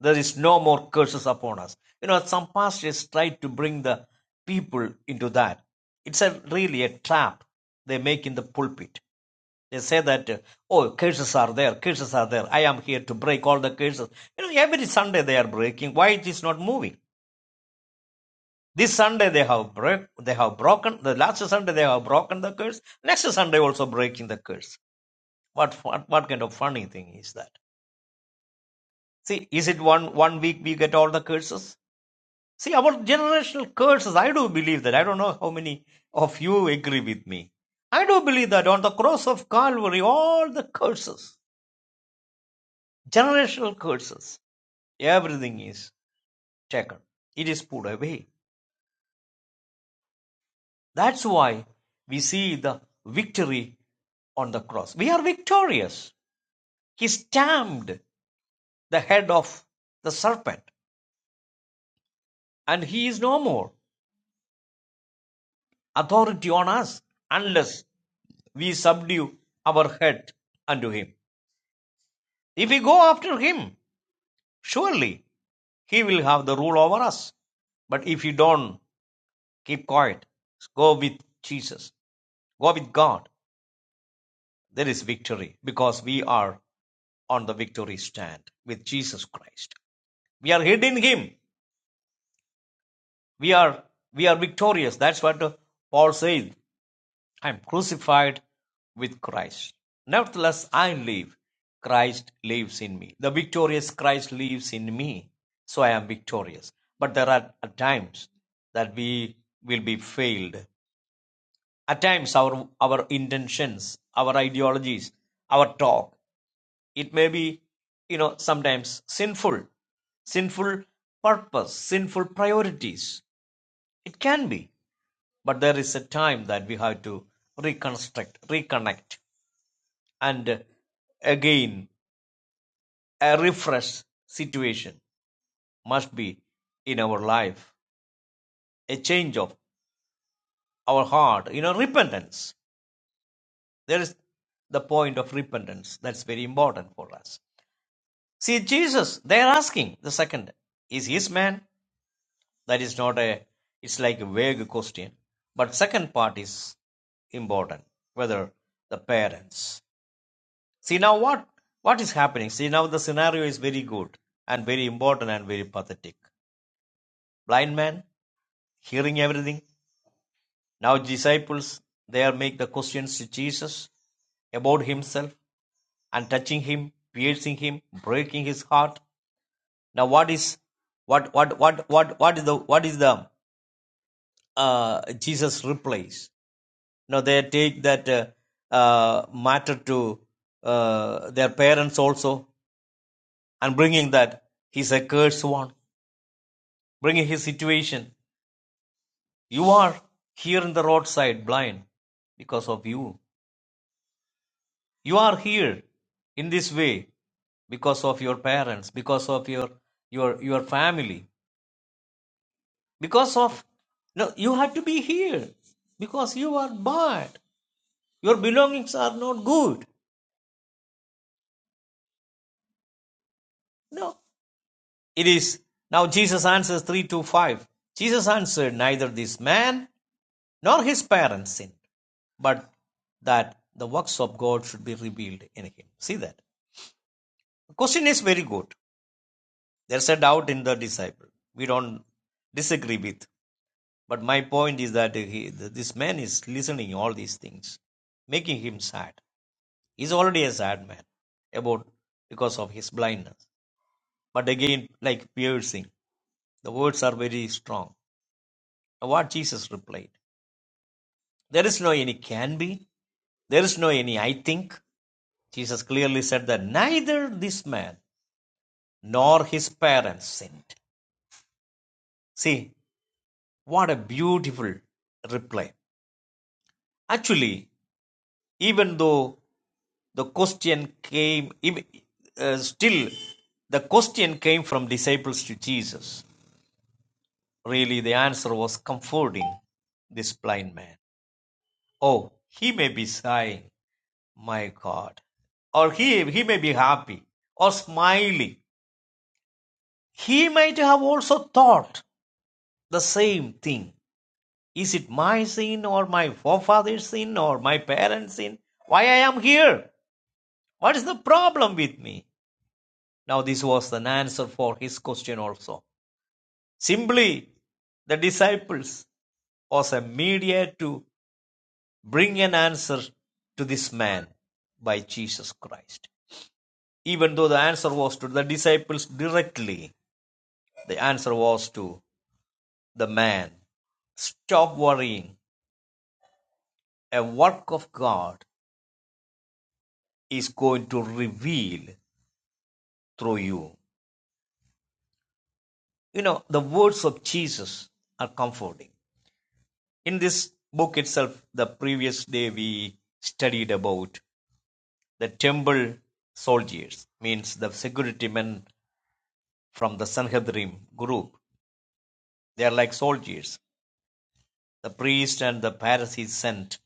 There is no more curses upon us. You know, some pastors try to bring the people into that. It's a really a trap they make in the pulpit. They say that, uh, oh, curses are there, curses are there. I am here to break all the curses. You know, every Sunday they are breaking. Why it is not moving? This Sunday they have break, they have broken the last Sunday they have broken the curse. Next Sunday also breaking the curse. What what what kind of funny thing is that? See, is it one one week we get all the curses? See, our generational curses. I do believe that. I don't know how many of you agree with me. I do believe that on the cross of Calvary, all the curses, generational curses, everything is taken. It is put away That's why we see the victory on the cross. We are victorious. He stamped the head of the serpent and he is no more authority on us unless we subdue our head unto him. If we go after him, surely he will have the rule over us. But if you don't keep quiet, go with Jesus, go with God, There is victory because we are on the victory stand with Jesus Christ. We are hid in Him. We are we are victorious. That's what uh, Paul says. I am crucified with Christ. Nevertheless, I live. Christ lives in me. The victorious Christ lives in me. So I am victorious. But there are times that we will be failed At times our our intentions, our ideologies, our talk, it may be, you know, sometimes sinful, sinful purpose, sinful priorities. It can be. But there is a time that we have to reconstruct, reconnect, and again a refresh situation must be in our life, a change of our heart, you know, repentance. There is the point of repentance. That's very important for us. See, Jesus, they're asking the second, is his man? That is not a, it's like a vague question. But second part is important, whether the parents. See now what, what is happening? See now the scenario is very good and very important and very pathetic. Blind man, hearing everything, Now disciples there make the questions to Jesus about himself and touching him, piercing him, breaking his heart. Now what is what what what what what is the what is the uh, Jesus replies? Now they take that uh, uh, matter to uh, their parents also and bringing that he's a cursed one, bringing his situation. You are here in the roadside blind because of you you are here in this way because of your parents because of your your your family because of no you had to be here because you are bad your belongings are not good no it is now jesus answers 3 to 5 jesus answered neither this man nor his parents sinned, but that the works of god should be revealed in him see that the question is very good there's a doubt in the disciple we don't disagree with But my point is that he, this man is listening all these things, making him sad. He's already a sad man about because of his blindness. But again, like piercing, the words are very strong. Now what Jesus replied, there is no any can be, there is no any I think. Jesus clearly said that neither this man nor his parents sinned. See, what a beautiful reply. Actually, even though the question came uh, still the question came from disciples to jesus really the answer was comforting this blind man oh he may be sighing my god or he he may be happy or smiling he might have also thought the same thing is it my sin or my forefather's sin or my parents sin why i am here what is the problem with me now this was an answer for his question also Simply, the disciples was a mediator to bring an answer to this man by Jesus Christ. Even though the answer was to the disciples directly, the answer was to the man. Stop worrying. A work of God is going to reveal through you. You know, the words of Jesus are comforting. In this book itself, the previous day we studied about The temple soldiers means the security men from the Sanhedrim group. They are like soldiers. The priest and the Pharisees sent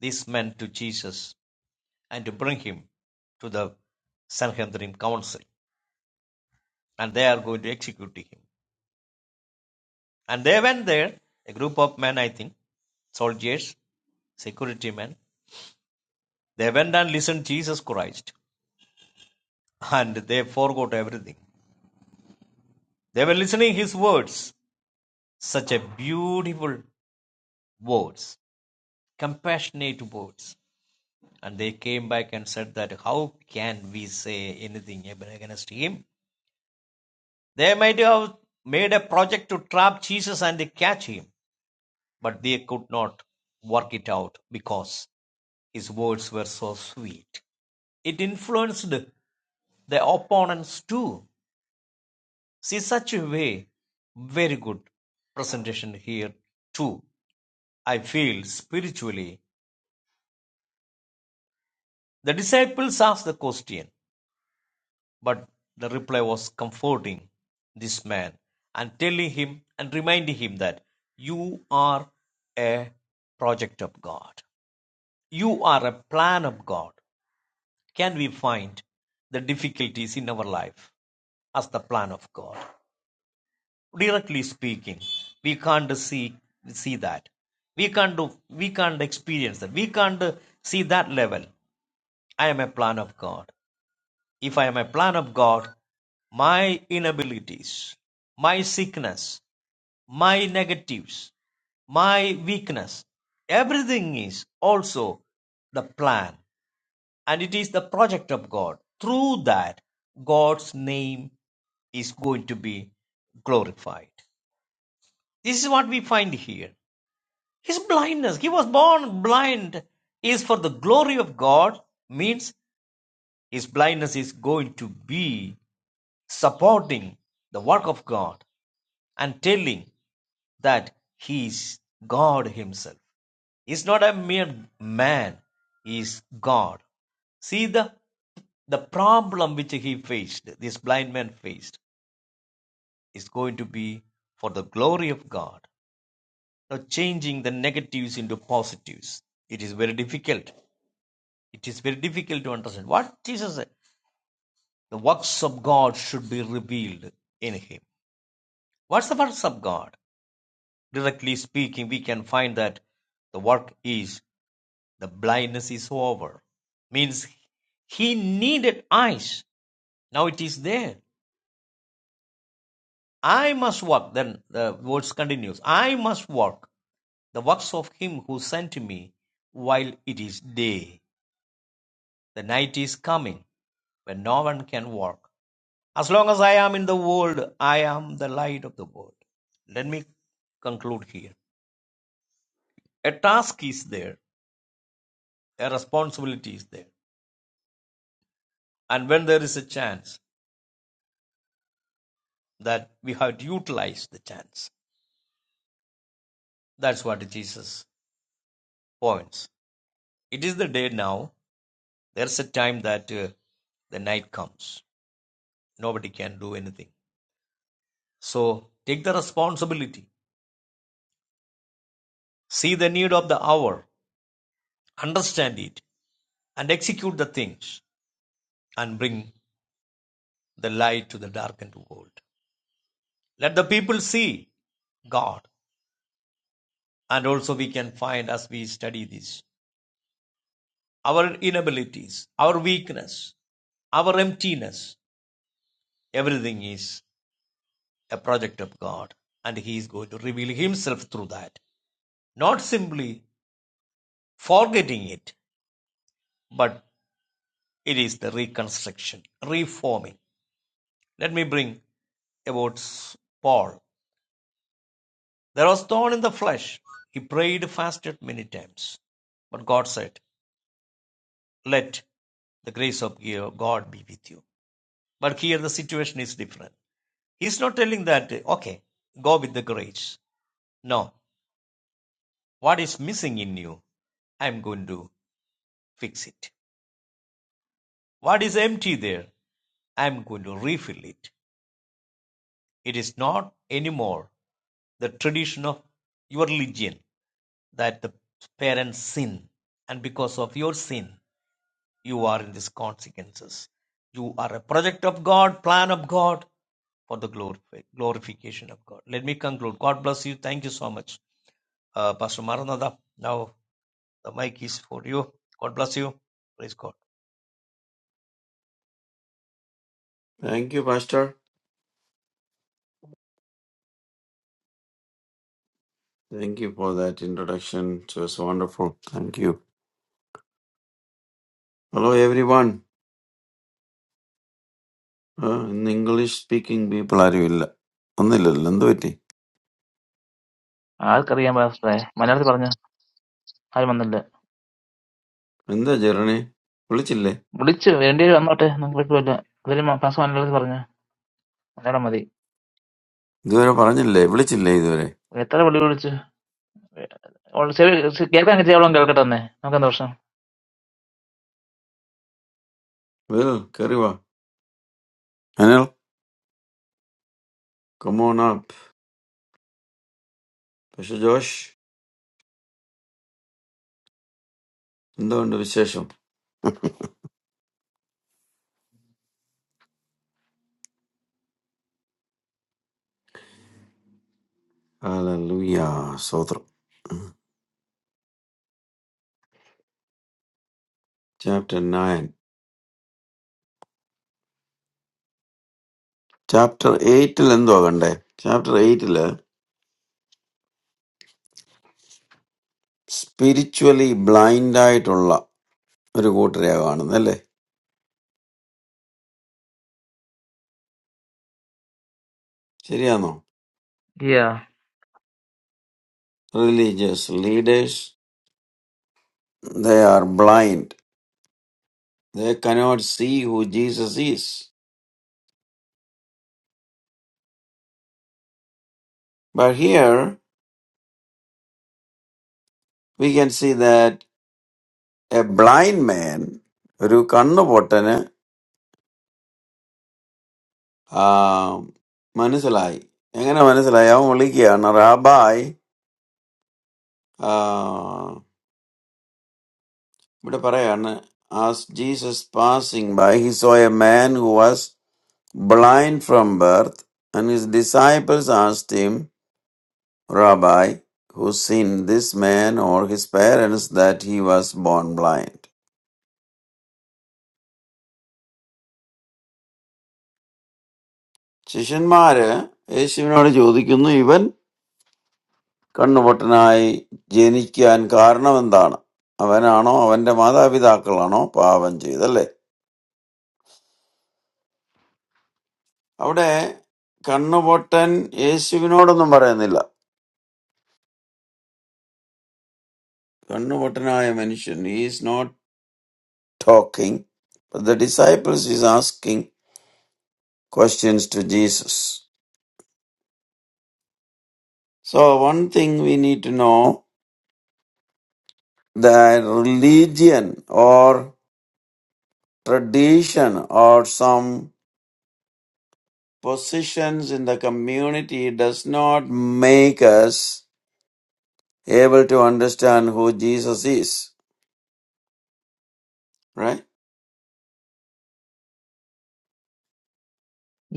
these men to Jesus and to bring him to the Sanhedrim council, and they are going to execute him. And they went there, a group of men, I think, soldiers, security men. They went and listened to Jesus Christ, and they forgot everything. They were listening his words, such a beautiful words compassionate words. And they came back and said that how can we say anything against him? They might have made a project to trap Jesus and catch him, but they could not work it out because his words were so sweet. It influenced the opponents too. See, such a way, very good presentation here too. I feel spiritually. The disciples asked the question But the reply was comforting this man and telling him and reminding him that you are a project of God. You are a plan of God. Can we find the difficulties in our life as the plan of God? Directly speaking, we can't see see that. We can't do, we can't experience that. We can't see that level. I am a plan of God. If I am a plan of God, my inabilities, my sickness, my negatives, my weakness, everything is also the plan and it is the project of God. Through that, God's name is going to be glorified. This is what we find here. His blindness, he was born blind, is for the glory of God, means his blindness is going to be supporting the work of God and telling that he is God himself. He is not a mere man, he is God. See the the problem which he faced, this blind man faced, is going to be for the glory of God. Now changing the negatives into positives. It is very difficult. It is very difficult to understand. What Jesus said, the works of God should be revealed in him. What's the works of God? Directly speaking, we can find that the work is the blindness is over. Means he needed eyes. Now it is there. I must work. Then the verse continues. I must work the works of him who sent me while it is day. The night is coming when no one can work. As long as I am in the world, I am the light of the world. Let me conclude here. A task is there. A responsibility is there And when there is a chance, that we have to utilize the chance. That's what Jesus points. It is the day now. There's a time that uh, the night comes. Nobody can do anything. So take the responsibility. See the need of the hour. Understand it. And execute the things. And bring the light to the darkened world. Let the people see God. And also we can find as we study this our inabilities, our weakness, our emptiness. Everything is a project of God, and He is going to reveal Himself through that. Not simply forgetting it, but it is the reconstruction, reforming. Let me bring about Paul. There was thorn in the flesh. He prayed, fasted many times. But God said, Let the grace of God be with you. But here the situation is different. He's not telling that, okay, go with the grace. No. What is missing in you? I'm going to fix it. What is empty there? I'm going to refill it. It is not anymore the tradition of your religion that the parents sin. And because of your sin, you are in these consequences. You are a project of God, plan of God for the glorification of God. Let me conclude. God bless you. Thank you so much. Uh, Pastor Maranatha, now the mic is for you. God bless you. Praise God.
Thank you, Pastor. Thank you for that introduction. It was wonderful. Thank you. Hello, everyone. Uh, in English speaking people ആരുമില്ല ഒന്നുമില്ലല്ലോ എന്ത് പറ്റി
ആൾക്കറിയാൻ പാസ്റ്ററെ മലയാളത്തിൽ പറഞ്ഞു ആരും വന്നില്ല.
എന്താ ജെറണി വിളിച്ചില്ലേ
വിളിച്ച് വേണ്ടി വന്നോട്ടെ, നമുക്ക് പറ്റുമല്ല. ഇവരും പാസ് മലയാളത്തിൽ പറഞ്ഞു മലയാളം മതി.
ഇതുവരെ പറഞ്ഞില്ലേ വിളിച്ചില്ലേ ഇതുവരെ
എത്ര വിളി വിളിച്ചു കേൾക്കാൻ കിട്ടിയ അവളും കേൾക്കട്ടെ തന്നെ. നമുക്കെന്താ പ്രശ്നം?
വേൽ കയറി വാ അനിൽ കമോൺ ആപ്പ് പക്ഷെ ജോഷ് എന്തുകൊണ്ട് വിശേഷം hallelujah Chapter nine. Chapter eight. Lendo agandi. Chapter eight. Lle spiritually blindite orlla. Rigo trey agando nle. Chiriano.
Yeah
Religious leaders. They are blind. They cannot see who Jesus is. But here we can see that a blind man. Riu kanno botane. Ah. Manisalai. Engano manisalai. Aumoli kia. Na rabai. Ah. But pray, as Jesus passing by, he saw a man who was blind from birth, and his disciples asked him, Rabbi, who sinned, this man or his parents, that he was born blind? Christian, मारे, ऐसी बिनोड़ी जोड़ी किंतु even कर्ण बटनाई जेनिकिया इनका कारण बंदा ना अब वे आनो अब इन्द माता अभी दाखल आनो पावन ची इधर ले अब उन्हें कर्ण बटन ऐसी बिनोड़ों नंबर नहीं ला. Kannuvattanaya mentioned He is not talking, but the disciples is asking questions to jesus so one thing we need to know that religion or tradition or some positions in the community does not make us able to understand who jesus is right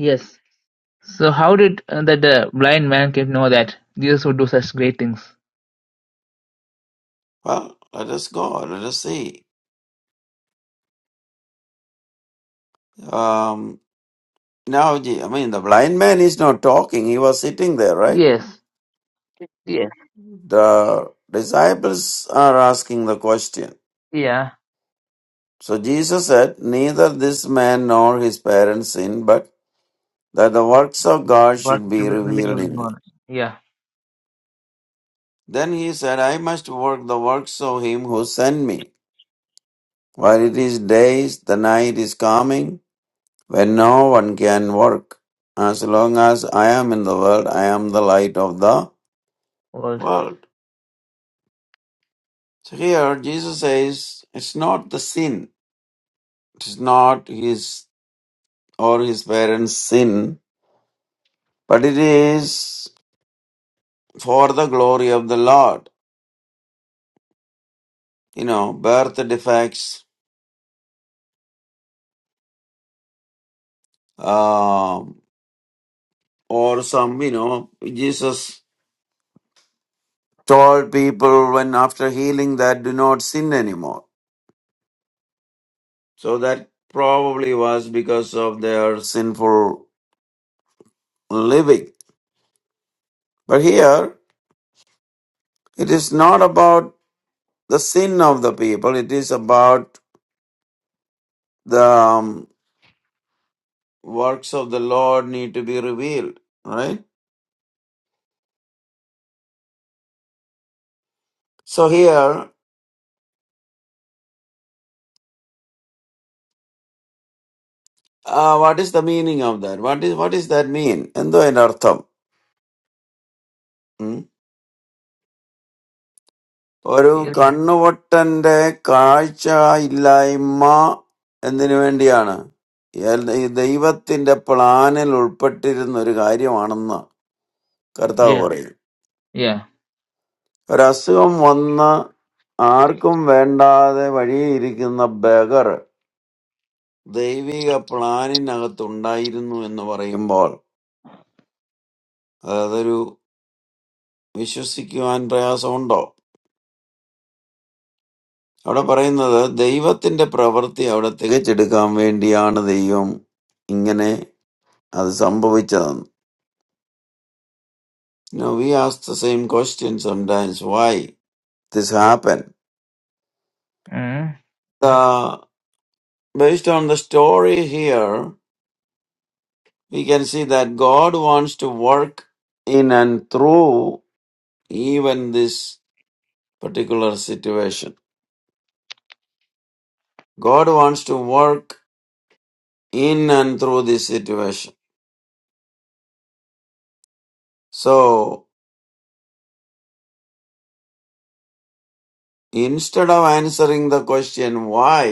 yes So how did uh, that uh, blind man can know that Jesus would do such great things?
well let us go let us see um, now Je- i mean the blind man is not talking he was sitting there right
Yes, yes,
The disciples are asking the question.
yeah,
So Jesus said, Neither this man nor his parents sinned, but that the works of God
But
should be
really, really
revealed in him.
yeah,
Then he said, I must work the works of him who sent me. While it is days, the night is coming, when no one can work. As long as I am in the world, I am the light of the
world,
world. So here Jesus says, It's not the sin, it is not his or his parents' sin, but it is for the glory of the Lord. You know, birth defects, um, or some, you know, Jesus told people when after healing that do not sin anymore. So that probably was because of their sinful living. But here, it is not about the sin of the people, it is about the um, works of the Lord need to be revealed, right? So here, uh, what is the meaning of that? What is what is that mean? എന്തോ അതിന്റെ അർത്ഥം ഉം? ഒരു കണ്ണുവട്ടന്റെ കാഴ്ച ഇല്ലായ്മ എന്തിനു വേണ്ടിയാണ് L- ഈ ദൈവത്തിന്റെ പ്ലാനിൽ ഉൾപ്പെട്ടിരുന്ന ഒരു കാര്യമാണെന്ന് കർത്താവ്
yeah,
പറയും
yeah,
ഒരു അസുഖം വന്ന് ആർക്കും വേണ്ടാതെ വഴിയിരിക്കുന്ന ബഗർ ദൈവിക പ്ലാനിനകത്തുണ്ടായിരുന്നു എന്ന് പറയുമ്പോൾ അതൊരു വിശ്വസിക്കുവാൻ പ്രയാസമുണ്ടോ അവിടെ പറയുന്നത് ദൈവത്തിന്റെ പ്രവൃത്തി അവിടെ തികച്ചെടുക്കാൻ വേണ്ടിയാണ് ദൈവം ഇങ്ങനെ അത് സംഭവിച്ചതെന്ന്. Now we ask the same question sometimes, why this happened?
mm,
Uh, based on the story here, we can see that God wants to work in and through even this particular situation. God wants to work in and through this situation. So, instead of answering the question why,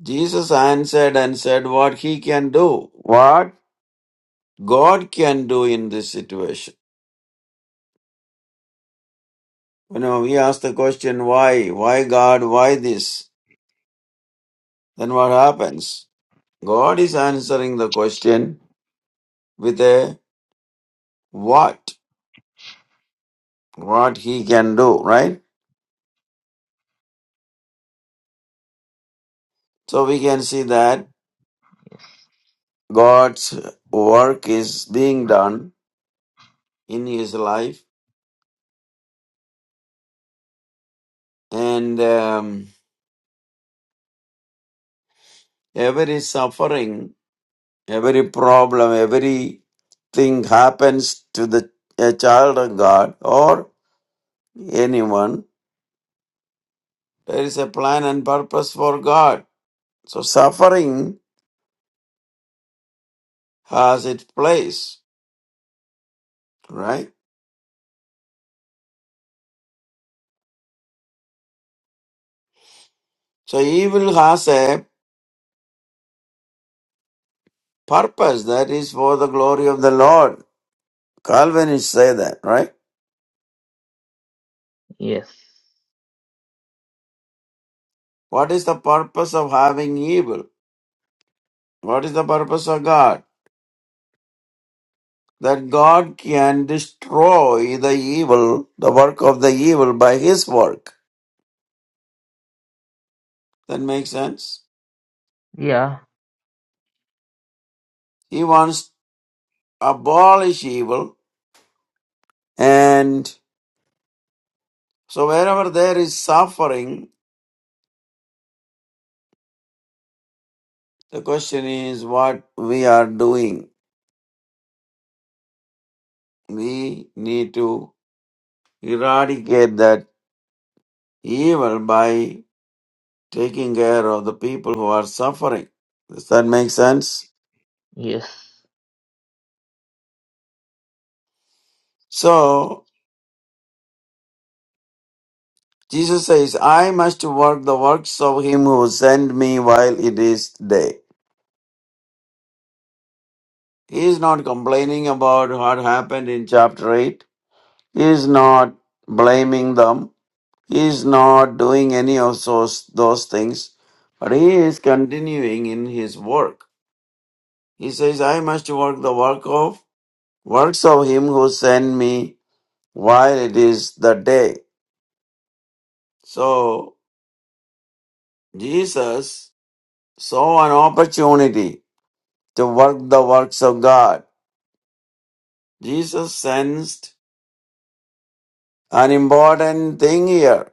Jesus answered and said what he can do, what God can do in this situation. You know, we ask the question, why? Why God? Why this? Then what happens? God is answering the question with a what? What he can do, right? So we can see that God's work is being done in his life and um, every suffering Every problem, every thing happens to the a child of God or anyone, there is a plan and purpose for God. So suffering has its place, right? So evil has a purpose that is for the glory of the Lord. Calvinists say that, right?
yes,
What is the purpose of having evil? What is the purpose of God? That God can destroy the evil, the work of the evil by His work That makes sense.
yeah,
He wants to abolish evil. And so wherever there is suffering, the question is what we are doing. We need to eradicate that evil by taking care of the people who are suffering. Does that make sense?
yes,
So Jesus says, I must work the works of him who sent me while it is day. He is not complaining about what happened in chapter 8 He is not blaming them. He is not doing any of those, those things. But he is continuing in his work. He says, I must work the work of works of him who sent me while it is the day. So Jesus saw an opportunity to work the works of God. Jesus sensed an important thing here,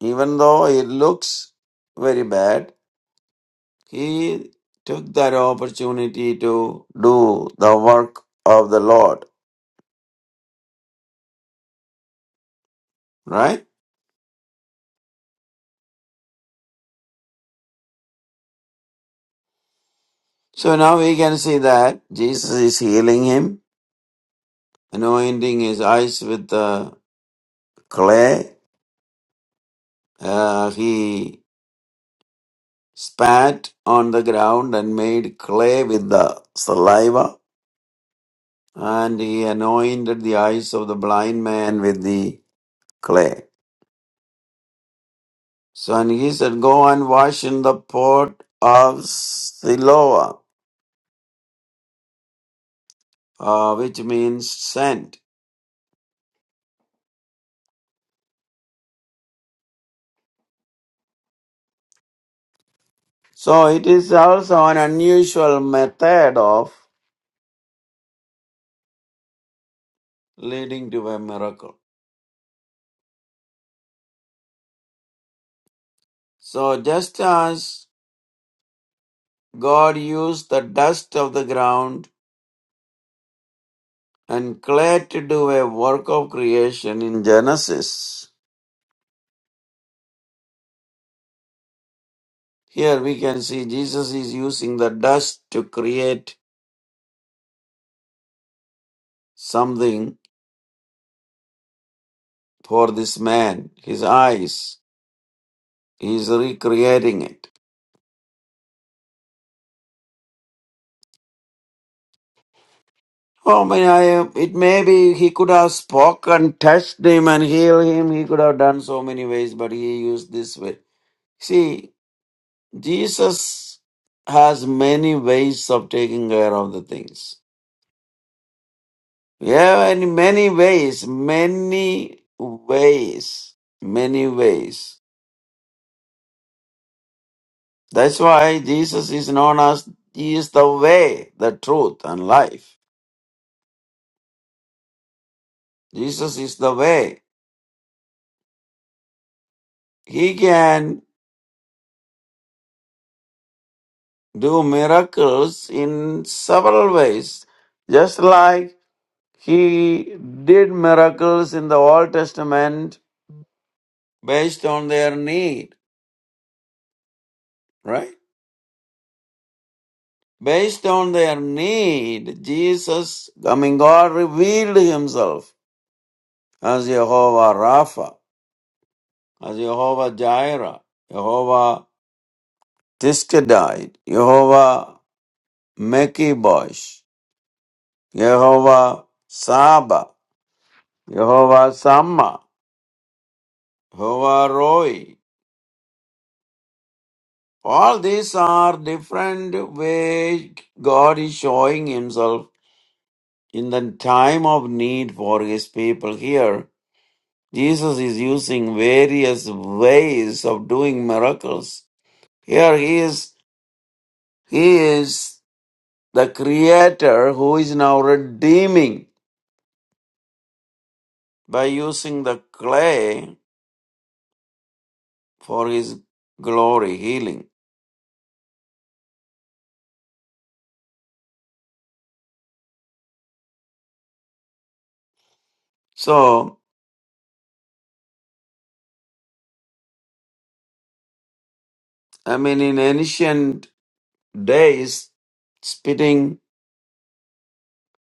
even though it looks very bad He took that opportunity to do the work of the Lord, right? So now we can see that Jesus is healing him, anointing his eyes with the clay. Uh, he spat on the ground and made clay with the saliva, and he anointed the eyes of the blind man with the clay. So and he said, Go and wash in the pot of Siloam uh, which means sent. So it is also an unusual method of leading to a miracle. So just as God used the dust of the ground and clay to do a work of creation in Genesis, here we can see Jesus is using the dust to create something for this man, his eyes. He is recreating it. Oh my! I, it may be he could have spoken, touched him, and healed him. He could have done so many ways, but he used this way. See, Jesus has many ways of taking care of the things. Yeah, and many ways, many ways, many ways. That's why Jesus is known as He is the way, the truth, and life. Jesus is the way. He can do miracles in several ways, just like he did miracles in the Old Testament based on their need, right? Based on their need, Jesus, I mean, God revealed himself as Jehovah Rapha, as Jehovah Jireh, Jehovah Tiskadite, Jehovah Mekibosh, Jehovah Saba, Jehovah Sama, Havaroi. All these are different ways God is showing himself in the time of need for his people here. Jesus is using various ways of doing miracles. Here he is, he is the creator who is now redeeming by using the clay for his glory healing. So, I mean, in ancient days, spitting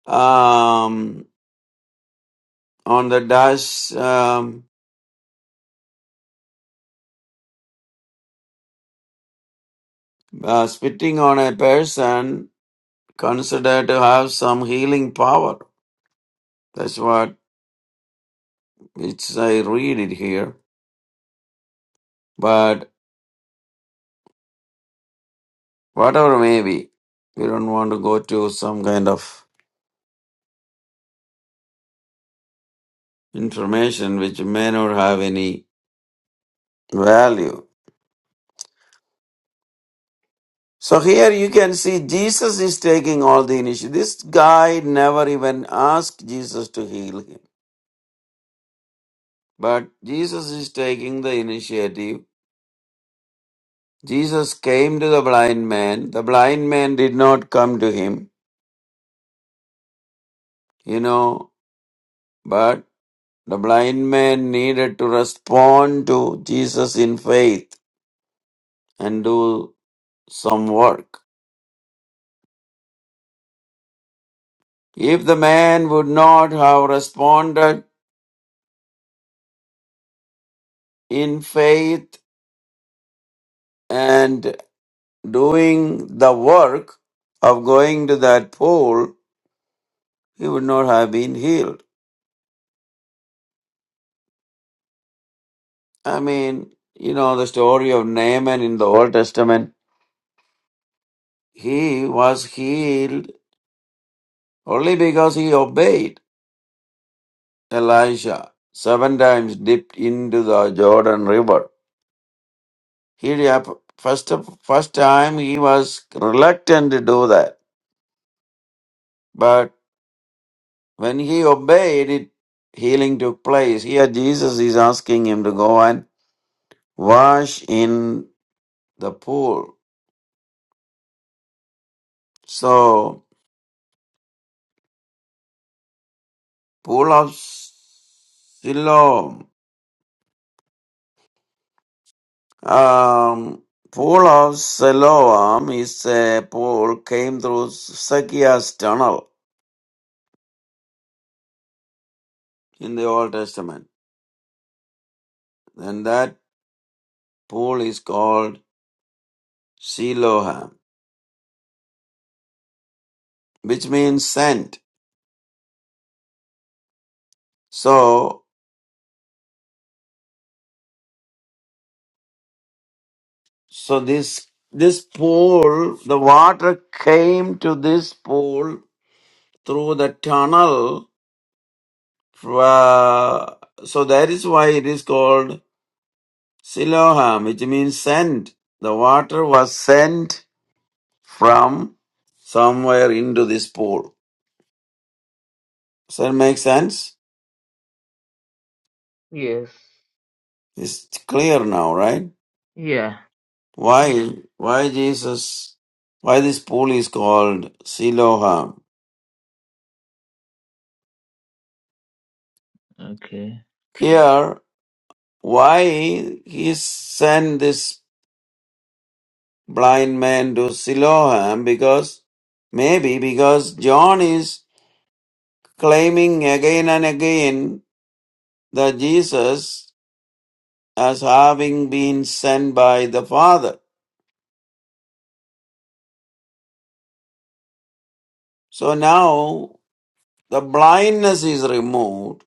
um, on the dash, um, uh, spitting on a person considered to have some healing power. That's what it's, I read it here. But whatever may be, we don't want to go to some kind of information which may not have any value. So here you can see Jesus is taking all the initiative. This guy never even asked Jesus to heal him. But Jesus is taking the initiative Jesus came to the blind man. The blind man did not come to him, you know, but the blind man needed to respond to Jesus in faith and do some work. If the man would not have responded in faith and doing the work of going to that pool, he would not have been healed. I mean, you know, the story of Naaman in the Old Testament He was healed only because he obeyed Elisha. Seven times dipped into the Jordan River. He first first time he was reluctant to do that, but when he obeyed it, healing took place. Here Jesus is asking him to go and wash in the pool. So pool of Siloam Um, pool of Siloam is a pool came through Zacchaeus tunnel in the Old Testament. And that pool is called Siloam, which means sent. So, so this, this pool, the water came to this pool through the tunnel. Uh, so that is why it is called Siloam, which means sent. The water was sent from somewhere into this pool. Does that make sense?
yes,
It's clear now, right?
yeah,
Why why Jesus why this pool is called Siloam.
okay,
Here why he sent this blind man to Siloam because maybe because John is claiming again and again that Jesus as having been sent by the Father. So now The blindness is removed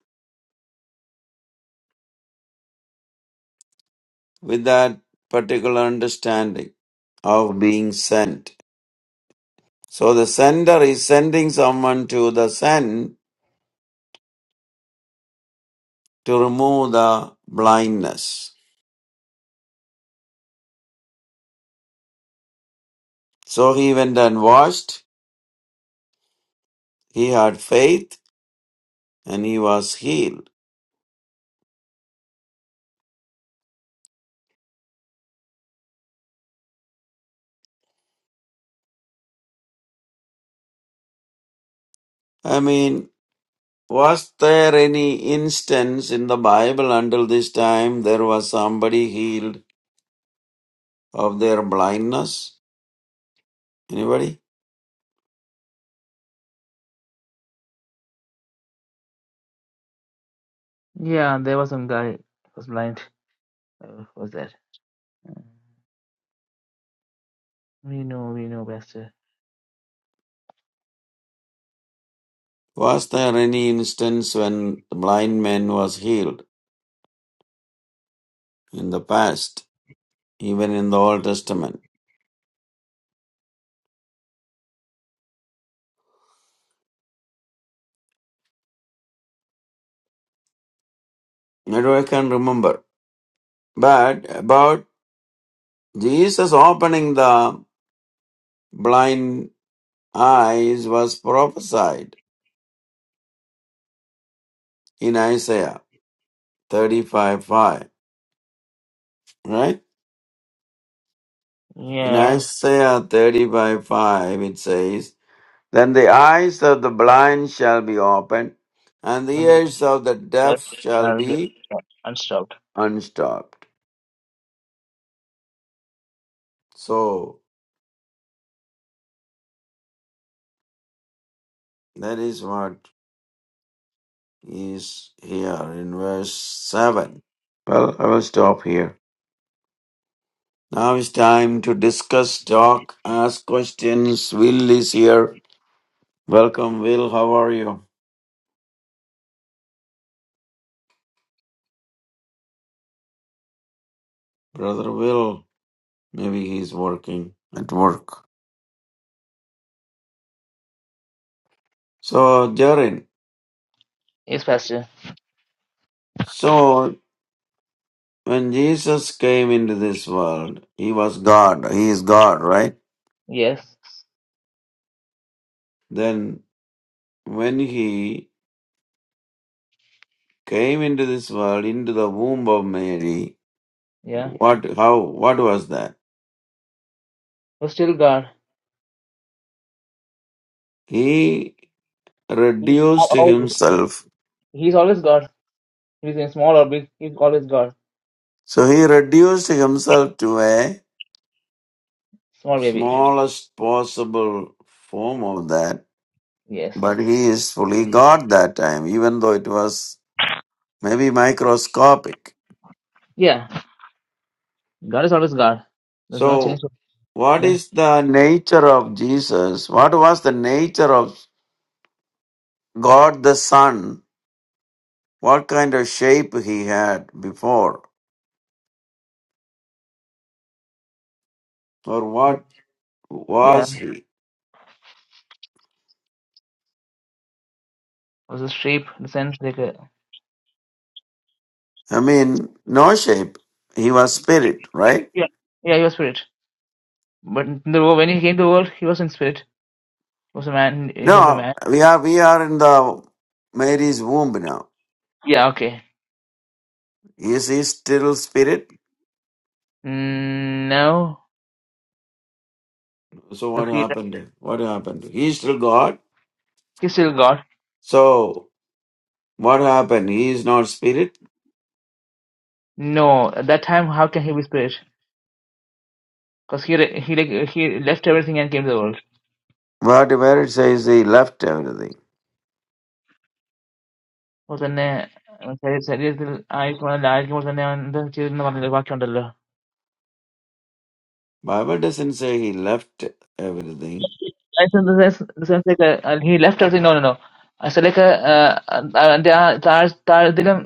with that particular understanding of being sent. So the sender is sending someone to the sent to remove the blindness. So he went and washed, he had faith, and he was healed. I mean, was there any instance in the Bible until this time there was somebody healed of their blindness? Anybody?
yeah. There was some guy who was blind. Uh, who was that? Uh, We know, we know, Pastor.
Was there any instance when the blind man was healed in the past, even in the Old Testament? I do I can remember. But about Jesus opening the blind eyes was prophesied in Isaiah 35 5, right? In
Yeah,
Isaiah 35 5, it says, Then the eyes of the blind shall be opened, and the
I'm with
ears of the
you.
deaf shall
Now we get
be
unstopped.
unstopped. So, That is what is here in verse 7. Well, I will stop here. Now it's time to discuss, talk, ask questions. Will is here. Welcome, Will. How are you? Brother Will. Maybe he's working at work. So, Jarin,
Yes, Pastor.
so when Jesus came into this world, he was God. He is God, right?
Yes,
Then when he came into this world, into the womb of Mary,
yeah.
What, how, what was that?
Was still God.
He
He's small,
reduced
always.
himself.
He's always God. He's in small or big. He's always God.
So he reduced himself to a
Small baby.
smallest possible form of that,
Yes.
but he is fully God that time, even though it was maybe microscopic.
Yeah. God is always God. There's no change.
So what
Yeah.
is the nature of Jesus? What was the nature of God the Son? What kind of shape he had before? Or what
Yeah.
was he?
Was a shape in the sense like a
I mean, no shape. He was spirit, right?
yeah. Yeah, he was spirit. But in the world, when he came to the world, he was in spirit. He was a man. He was a
No,
man.
we are we are in the Mary's womb now.
Yeah. Okay.
Is he still spirit?
Mm, no.
So
Cause
what
he
happened? What happened? He is still God.
he's still God.
So what happened? He is not spirit.
No. At that time, how can he be spirit? Because he re- he like he left everything and came to the world.
But where it says he left everything.
അപ്പോൾ തന്നെ ശരീ- ശരീരത്തിൽ ആയിരിക്കുമ്പോൾ അല്ല ആയിരിക്കുമ്പോൾ തന്നെ അവൻ എന്താ ചെയ്തെന്ന് പറഞ്ഞില്ല ബാക്കിയുണ്ടല്ലോ
Bible doesn't say he left everything.
That's in the sense- in the sense like, uh, and he left everything. No, no, no. I said like, uh, uh, അവന്റെ ആ താഴ്- താഴ്ത്തിലും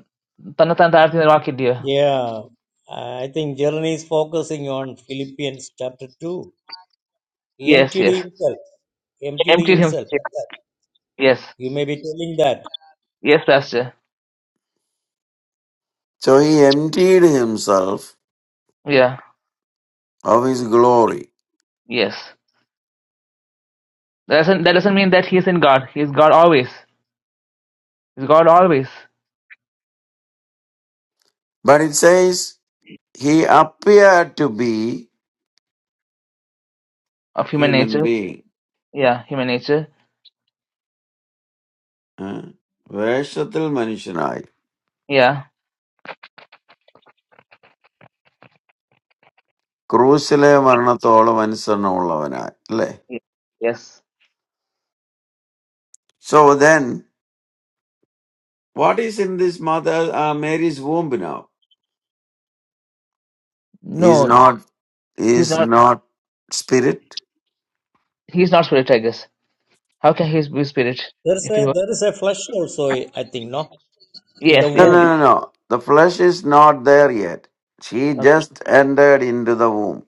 തന്നെത്താൻ താഴ്ത്തി വാക്കില്ലയോ
Yeah, I think Jeremy is focusing on Philippians chapter 2. He
Yes,
emptied
yes.
himself. He emptied
Emptied him.
himself.
Yes.
You may be telling that.
Yes, Pastor.
So he emptied himself
Yeah.
of his glory.
Yes. That doesn't, that doesn't mean that he's in God. He's God always. He's God always
But it says he appeared to be
of human
human
nature.
being.
Yeah, human nature.
Huh? Where is the little man inside?
Yeah.
Crucible, or another old man is on the other side, le?
Ye- Yes.
So then, what is in this mother Mary's womb now?
No,
Is not,
he's
is
not.
not spirit?
He's not spirit, I guess. How can he be spirit
There's
if he
a,
was?
there is a flesh also, I think, no? In
Yes,
the
No,
yes.
womb.
no, no, no. The flesh is not there yet. She
Okay.
just entered into the womb.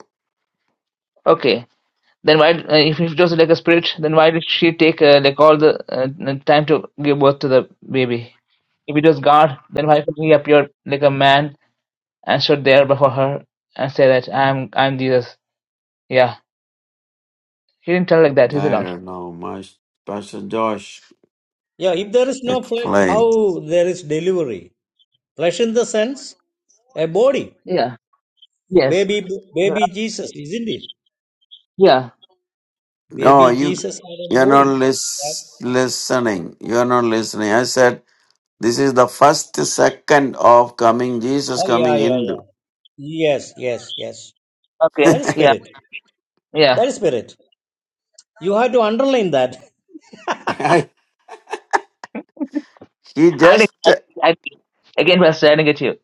Okay. Then why, uh, if he was like a spirit, then why did she take uh, like all the uh, n- time to give birth to the baby? If it was God, then why could not he appear like a man and stood there before her and say that I am I am Jesus? Yeah, he didn't tell like that, is it
I
not?
don't know. My Pastor Josh
Yeah, if there is no flesh,
explained.
how there is delivery? Flesh in the sense, a body.
Yeah. Yes.
Baby, baby Jesus, isn't it?
Yeah.
No,
Baby
you,
Jesus had a
you're not
body. that
lis- listening. You're not listening. I said. This is the first second of coming Jesus
Oh yeah,
coming
yeah, yeah.
into.
Yes, yes, yes.
Okay.
That is
Yeah.
spirit.
Yeah.
That is spirit. You have to underline that.
[LAUGHS] he
I did.
just
I again was staring at you.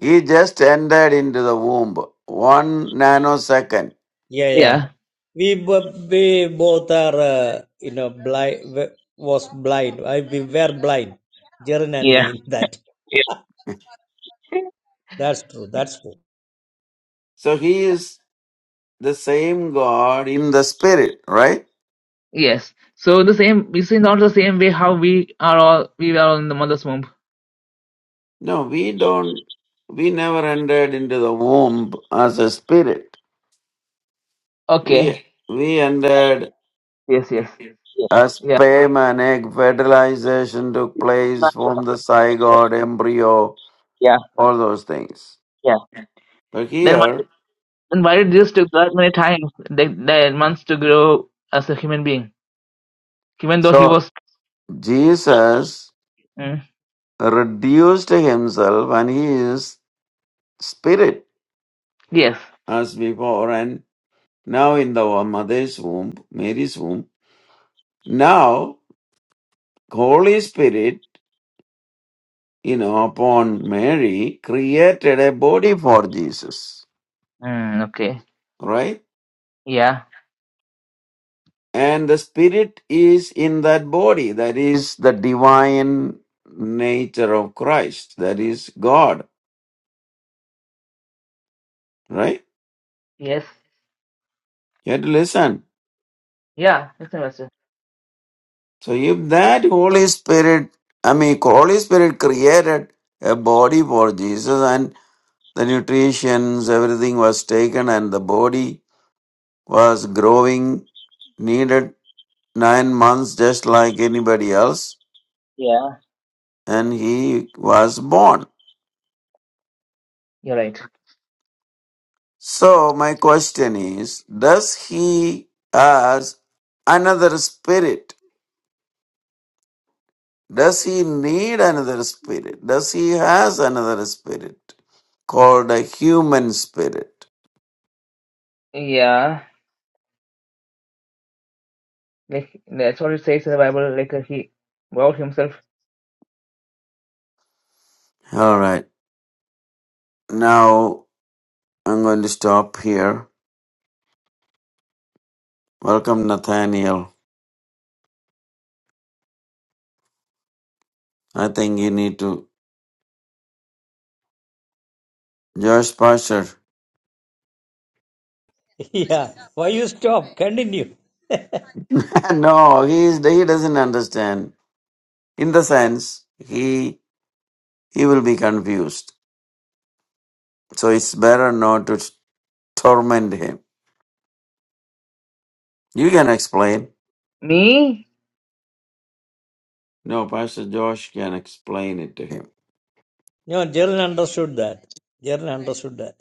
he just entered into the womb one nanosecond.
Yeah, yeah.
Yeah.
We b- we both are uh, you know blind. Was blind. I we were blind. Jaren and me
Yeah.
in that. That's true. That's true.
So he is the same God in the spirit, right?
Yes. So the same this is not the same way how we are all we were all in the mother's womb.
No, we don't. We never entered into the womb as a spirit. We
Okay.
we entered
Yes, yes. Yes.
as
Yeah.
sperm and egg fertilization took place, from the
Yeah.
zygote, embryo,
Yeah.
all those things.
Yeah.
But
Then why
here,
then why did Jesus took that many times the, the months to grow as a human being? Even though he
so
was
Jesus
mm,
reduced himself and he is spirit
yes.
as before and now in the mother's womb, Mary's womb. Now, Holy Spirit, you know, upon Mary created a body for Jesus,
Mm, okay.
right?
Yeah.
And the spirit is in that body. That is the divine nature of Christ. That is God, right?
Yes.
You have to listen.
Yeah, that's the question.
So if that Holy Spirit, I mean, Holy Spirit created a body for Jesus and the nutritions, everything was taken and the body was growing, needed nine months just like anybody else
Yeah,
and he was born.
you're right.
So my question is, does he as another spirit Does he need another spirit? Does he has another spirit called a human spirit?
Yeah. Like that's what it says in the Bible, like uh, he vowed himself.
All right. Now I'm going to stop here. Welcome, Nathaniel. I think you need to. Josh Pasher.
[LAUGHS] Yeah. Why you stop? Continue.
[LAUGHS] no, he is, he doesn't understand. In the sense, he he will be confused. So it's better not to torment him. You can explain.
Me?
No, Pastor Josh can explain it to him.
No, Jaren understood that. Jaren understood that.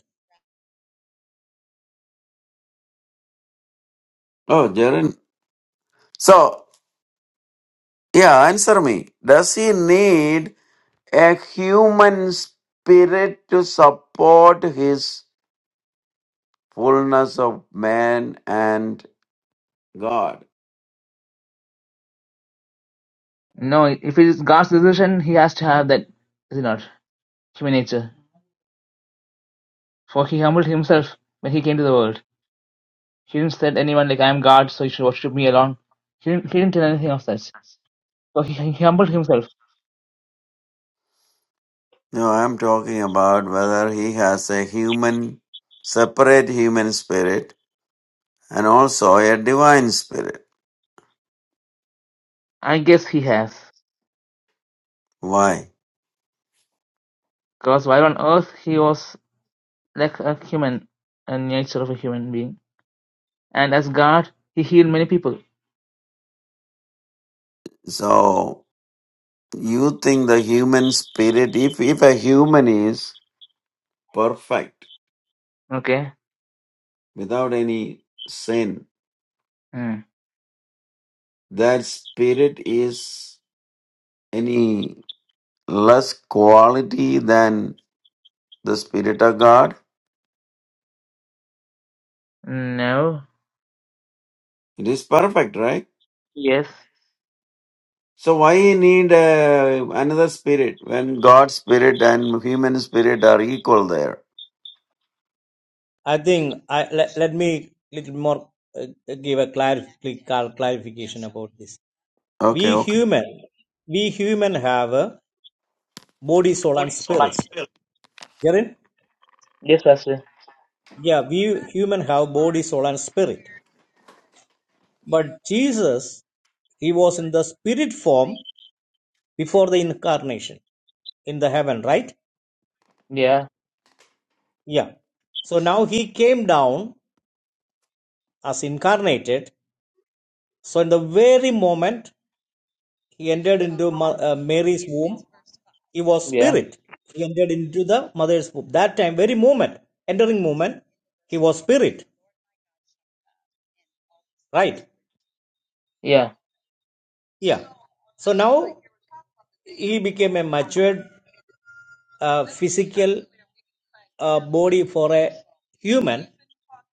Oh, Jaren. So Yeah, answer me. Does he need a human spirit to support his fullness of man and God?
No, if it is God's decision, he has to have that, is it not? Human nature. For he humbled himself when he came to the world. He didn't say to anyone, like, I am God, so you should worship me alone. He didn't, he didn't tell anything of such. So he, he humbled himself.
No, I'm talking about whether he has a human, separate human spirit and also a divine spirit.
I guess he has.
Why?
Because while on earth, he was like a human, a nature of a human being. And as God, he healed many people.
So, you think the human spirit, if, if a human is perfect
Okay?
without any sin,
Hmm.
that spirit is any less quality than the Spirit of God?
No.
It is perfect, right?
Yes.
So why you need uh, another spirit when God's spirit and human spirit are equal there?
I think I let, let me little more uh, give a clarif- clar- clarification about this.
Okay,
We
okay.
human, we human have a body, soul, and spirit. Get
Yes, Pastor.
Yeah, we human have body, soul, and spirit. But Jesus, he was in the spirit form before the incarnation in the heaven, right?
Yeah.
Yeah. So now he came down as incarnated. So in the very moment he entered into Ma- uh, Mary's womb, he was
Yeah.
spirit. He entered into the mother's womb. That time, very moment, entering moment, he was spirit, right?
Yeah.
Yeah. So now he became a matured uh, physical uh, body for a human.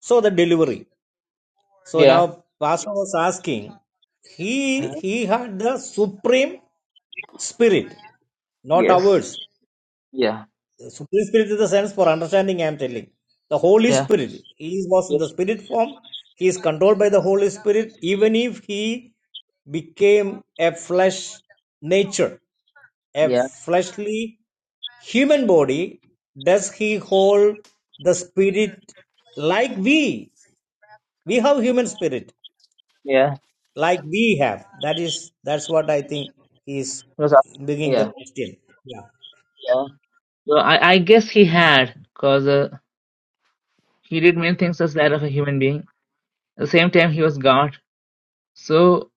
So the delivery. So
Yeah.
now Pastor was asking,
Uh,
he he had the supreme spirit, not
Yes.
ours.
Yeah.
The supreme spirit is the sense for understanding. I am telling the Holy
Yeah.
Spirit. He was in the spirit form. He is controlled by the Holy Spirit, even if he became a flesh nature a
Yeah,
fleshly human body, does he hold the spirit like we? We have human spirit
yeah.
like we have. That is that's what I think is
Because af-
beginning the
yeah,
question. Yeah.
yeah. So I, I guess he had, because uh, he did many things as that of a human being. At the same time, he was God. So,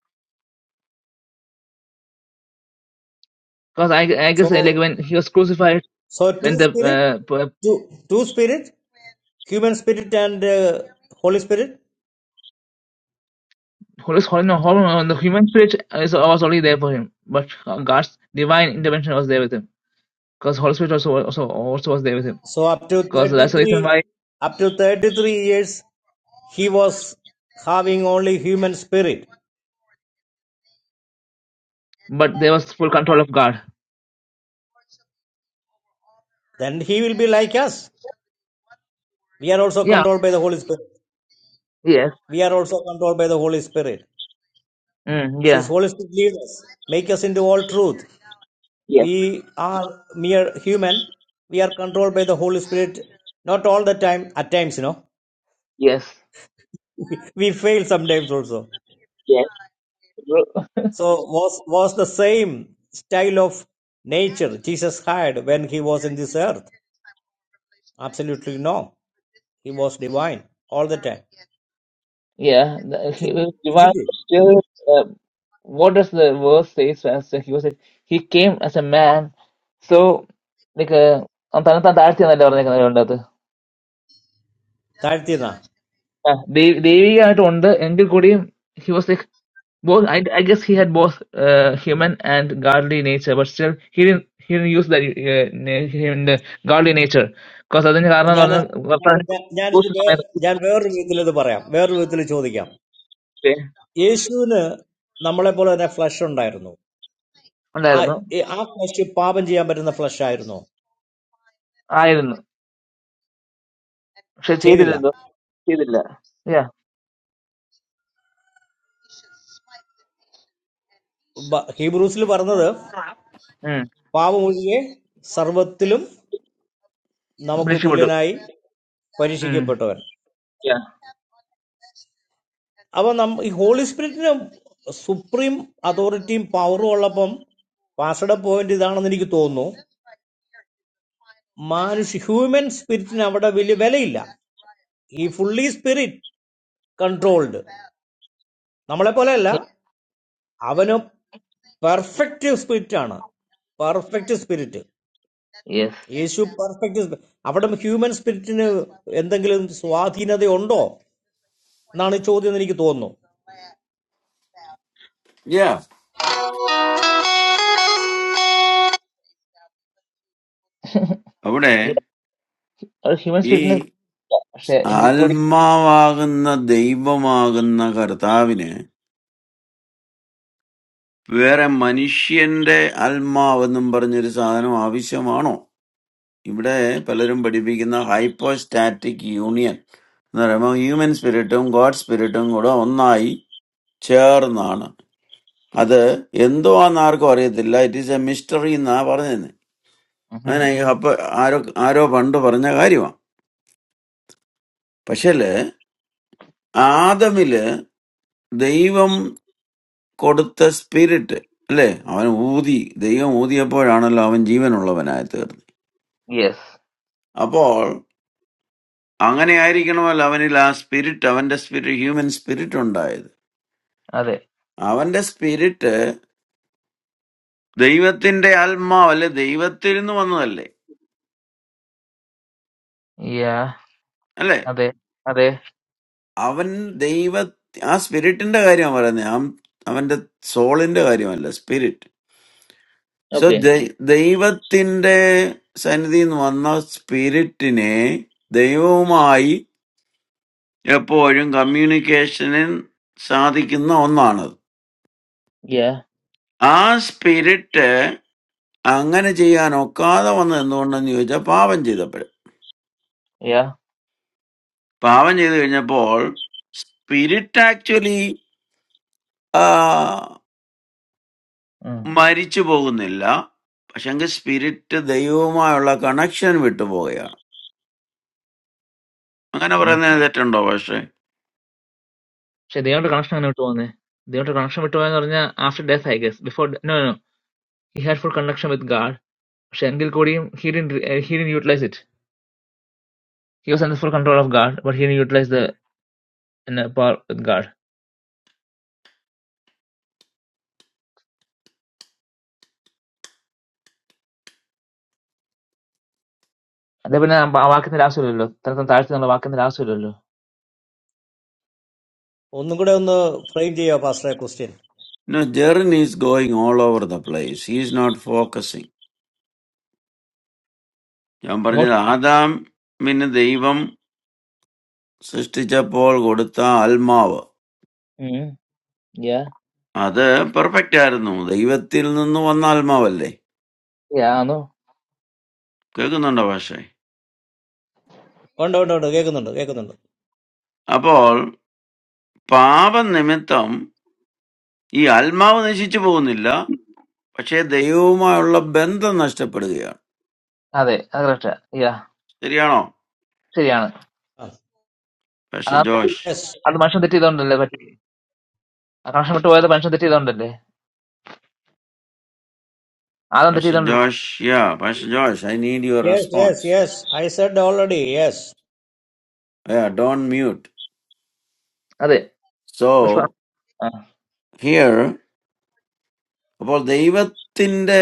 because I, I guess uh, like
So
when he was crucified,
so
when
two
the
spirit,
uh, p-
two two spirit, human spirit and uh, Holy Spirit.
Holy Holy no, horn on the human spirit uh, is, uh, was only there for him, but uh, God's divine intervention was there with him. Because Holy Spirit also also also was there with him.
So up to
Because
thirty
that's the reason
three,
why.
up to thirty three years, he was having only human spirit.
But there was full control of God.
Then he will be like us. We are also
Yeah.
controlled by the Holy Spirit.
Yes.
We are also controlled by the Holy Spirit.
Mm,
Says,
yeah.
Holy Spirit, leads us, make us into all truth.
Yes.
We are mere human. We are controlled by the Holy Spirit. Not all the time, at times, you know.
Yes.
[LAUGHS] we fail sometimes also.
Yes.
So was was the same style of nature Jesus had when he was in this earth? Absolutely no. He was divine all the time.
Yeah, the, he was divine
Isn't it?
still. Uh, what does the verse say? So As he was, like, he came as a man. So, like, uh, അവൻ തന്നെത്താൻ താഴ്ത്തിയെന്നല്ലേ പറഞ്ഞേക്കുന്നത് അതിന്റെ അകത്ത്.
താഴ്ത്തിയെന്നാ
ആ, ദൈ- ദൈവികമായിട്ടുണ്ട് എങ്കിൽ കൂടിയും he was like both. I, I guess he had both uh, human and godly nature, but still he didn't he didn't use that uh, na- him the godly nature. Because അതിന് കാരണം എന്ന്
ഞാൻ
പറഞ്ഞാൽ ഭർത്താവിനെ
ഞാൻ ഞാനിത്
ക്രൂശിൽ
വേ-
സമയത്ത്
ഞാൻ വേറൊരു വിധത്തിൽ ഇത് പറയാം വേറൊരു വിധത്തിൽ ചോദിക്കാം Yeshu ne, naamalay pola ne flash ondaayerno. Aye,
ഉണ്ടായിരുന്നു
aap kashy pavanjiya merinna flash ayerno.
ആയിരുന്നു പക്ഷെ
Cheviila.
ചെയ്തില്ലല്ലോ ചെയ്തില്ല.
Hebrewusli pola na tha
Yeah.
pavo mujhe sarvatthilum
British
naamakuthule
people.
naay parishike patavan.
Yeah.
Abanam, whole spirit ne supreme authority, powero alapam, paasada poyindi zara nani kitono. Manush human spirit ne abada ville veli ila. He fully spirit controlled. Naamalay pola ila. अवन्यो perfect spirit आणा perfect spirit
Yes.
issue perfect आपातम human spirit ने इंधन किल स्वाति ने दे ओळ्डो नाने चोव्ह देणारी की तोड नो
Yeah.
[LAUGHS]
അവിടെ
Yeah. Or humans
ഈ
with another. Say, in the body.
ആത്മാവാകുന്ന ദൈവമാകുന്ന കർത്താവിന് വേറെ മനുഷ്യന്റെ ആത്മാവെന്നും പറഞ്ഞൊരു സാധനം ആവശ്യമാണോ ഇവിടെ പലരും പഠിപ്പിക്കുന്ന ഹൈപ്പോസ്റ്റാറ്റിക് യൂണിയൻ എന്ന് പറയുമ്പോൾ ഹ്യൂമൻ സ്പിരിറ്റും ഗോഡ് സ്പിരിറ്റും കൂടെ ഒന്നായി ചേർന്നാണ് അത് എന്തോ ആണെന്ന് ആർക്കും അറിയത്തില്ല ഇറ്റ് ഈസ് എ മിസ്റ്ററി എന്നാ പറഞ്ഞത് അങ്ങനെ ഈ അപ്പൊ ആരോ ആരോ പണ്ട് പറഞ്ഞ കാര്യമാണ് പക്ഷേ ആദമില് ദൈവം കൊടുത്ത സ്പിരിറ്റ് അല്ലേ അവൻ ഊതി ദൈവം ഊതിയപ്പോഴാണല്ലോ അവൻ ജീവനുള്ളവനായി തീർന്നത്
Yes.
അപ്പോൾ അങ്ങനെയായിരിക്കണമല്ലോ അവനിൽ ആ സ്പിരിറ്റ് അവന്റെ സ്പിരിറ്റ് ഹ്യൂമൻ സ്പിരിറ്റ് ഉണ്ടായത്
That.
അവന്റെ സ്പിരിറ്റ് ദൈവത്തിന്റെ ആത്മാവ് അല്ലെ ദൈവത്തിൽ നിന്ന് വന്നതല്ലേ
Yeah.
അല്ലേ
That. That.
അവൻ ദൈവ ആ സ്പിരിറ്റിന്റെ കാര്യമാണ് പറയുന്നത് അവൻ അവന്റെ സോളിന്റെ കാര്യമല്ല സ്പിരിറ്റ് സോ
Okay.
ദൈവത്തിന്റെ സന്നിധിയിൽ നിന്ന് വന്ന സ്പിരിറ്റിനെ ദൈവവുമായി എപ്പോഴും കമ്മ്യൂണിക്കേഷനിൽ സാധിക്കുന്ന ഒന്നാണത്
Yeah.
ആ spirit Angan jei ano kada wanda endo na nihoja paavan jeta pre
Yeah.
paavan jeta pre ne Paul spirit actually ah
Hmm.
marry chupogun nillaa pa shenge spirit te deivam orla connection mitto bogayar angan
Hmm.
aparan dei the turn dovashay
Say, they have to connection with two only. They have to connection with two only. Or only after death, I guess. Before no no. He had for connection with God. Say, angel could he didn't he didn't utilize it. He was under full control of God, but he didn't utilize the in the power with God. That means I'm awakened the last level. Then that time, I'm awakened the last level.
ओऱ्यंगोडे अंदा friend जेवा पासला question
no journey is going all over the place he is not focusing ja aparan
What?
je Adam minne deivam sister pre Paul godita almaa waa
Hmm. Yeah.
atha perfect aranu deivatil nnu wana almaa vle
Yeah, I know.
kya guna dovashay.
ओऱ्यंगोडे ओऱ्यंगोडे गेको ओऱ्यंगो ओऱ्यंगो
അപ്പോൾ പാപനിമിത്തം ഈ ആത്മാവ് നശിച്ചു പോകുന്നില്ല പക്ഷേ ദൈവവുമായുള്ള ബന്ധം നഷ്ടപ്പെടുകയാണ്
That is correct. Yeah,
ശരിയാണോ
sure. I know.
പക്ഷ
I am not.
Josh
yes
I am not watching the TV down there. I am not watching the TV down there. I am not watching the TV
പക്ഷ
down there.
Josh yeah പക്ഷ Josh I need your
yes yes
response
yes I said already yes
don't mute
That
so
is. What? Ah.
Here അപ്പോൾ ദൈവത്തിന്റെ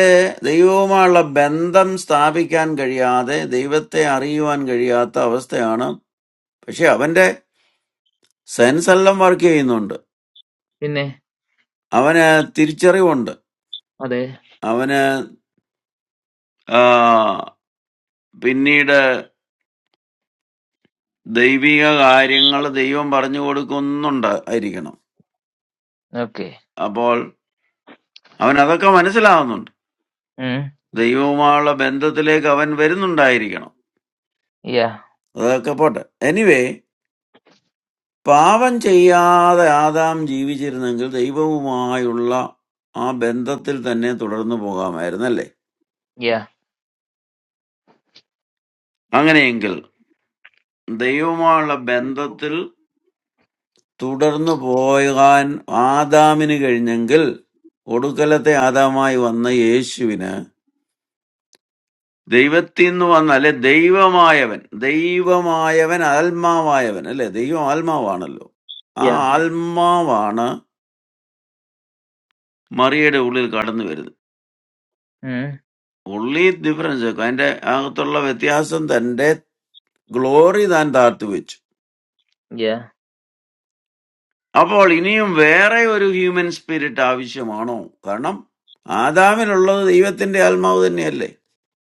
ദൈവവുമായുള്ള ബന്ധം സ്ഥാപിക്കാൻ കഴിയാതെ ദൈവത്തെ അറിയുവാൻ കഴിയാത്ത അവസ്ഥയാണ് പക്ഷെ അവന്റെ സെൻസ് എല്ലാം വർക്ക് ചെയ്യുന്നുണ്ട്
Who?
അവന് തിരിച്ചറിവുണ്ട്
That is.
അവന് ആ, പിന്നീട് ദൈവിക കാര്യങ്ങൾ ദൈവം പറഞ്ഞു കൊടുക്കുന്നുണ്ട് ആയിരിക്കണം
Okay.
അപ്പോൾ അവൻ അതൊക്കെ മനസ്സിലാവുന്നുണ്ട്
Hmm.
ദൈവവുമായുള്ള ബന്ധത്തിലേക്ക് അവൻ വരുന്നുണ്ടായിരിക്കണം
Yeah.
അതൊക്കെ പോട്ടെ എനിവേ പാപം ചെയ്യാതെ ആദാം ജീവിച്ചിരുന്നെങ്കിൽ ദൈവവുമായുള്ള ആ ബന്ധത്തിൽ തന്നെ തുടർന്നു പോകാമായിരുന്നല്ലേ
Yeah.
അങ്ങനെയെങ്കിൽ ദൈവവുമായുള്ള ബന്ധത്തിൽ Tudarno boygan, Adamini ke din jangil, odukalatay Adamai vanna yeshivena. Deivathinno vanna le deiva maayavan. Deiva maayavan, alma maayavan le deivam alma vanna lo.
Yeah.
Ah, alma vana, Maria de ule kadanu vedi.
Hmm.
Ule it difference ko. Ande ang thollo vetiyasan thandet glory than dharthu ich.
Yeah.
Apo linei um veeraiyoru human spirit avishemaano. Karna Adamin orlo deivathin le alma odin nile.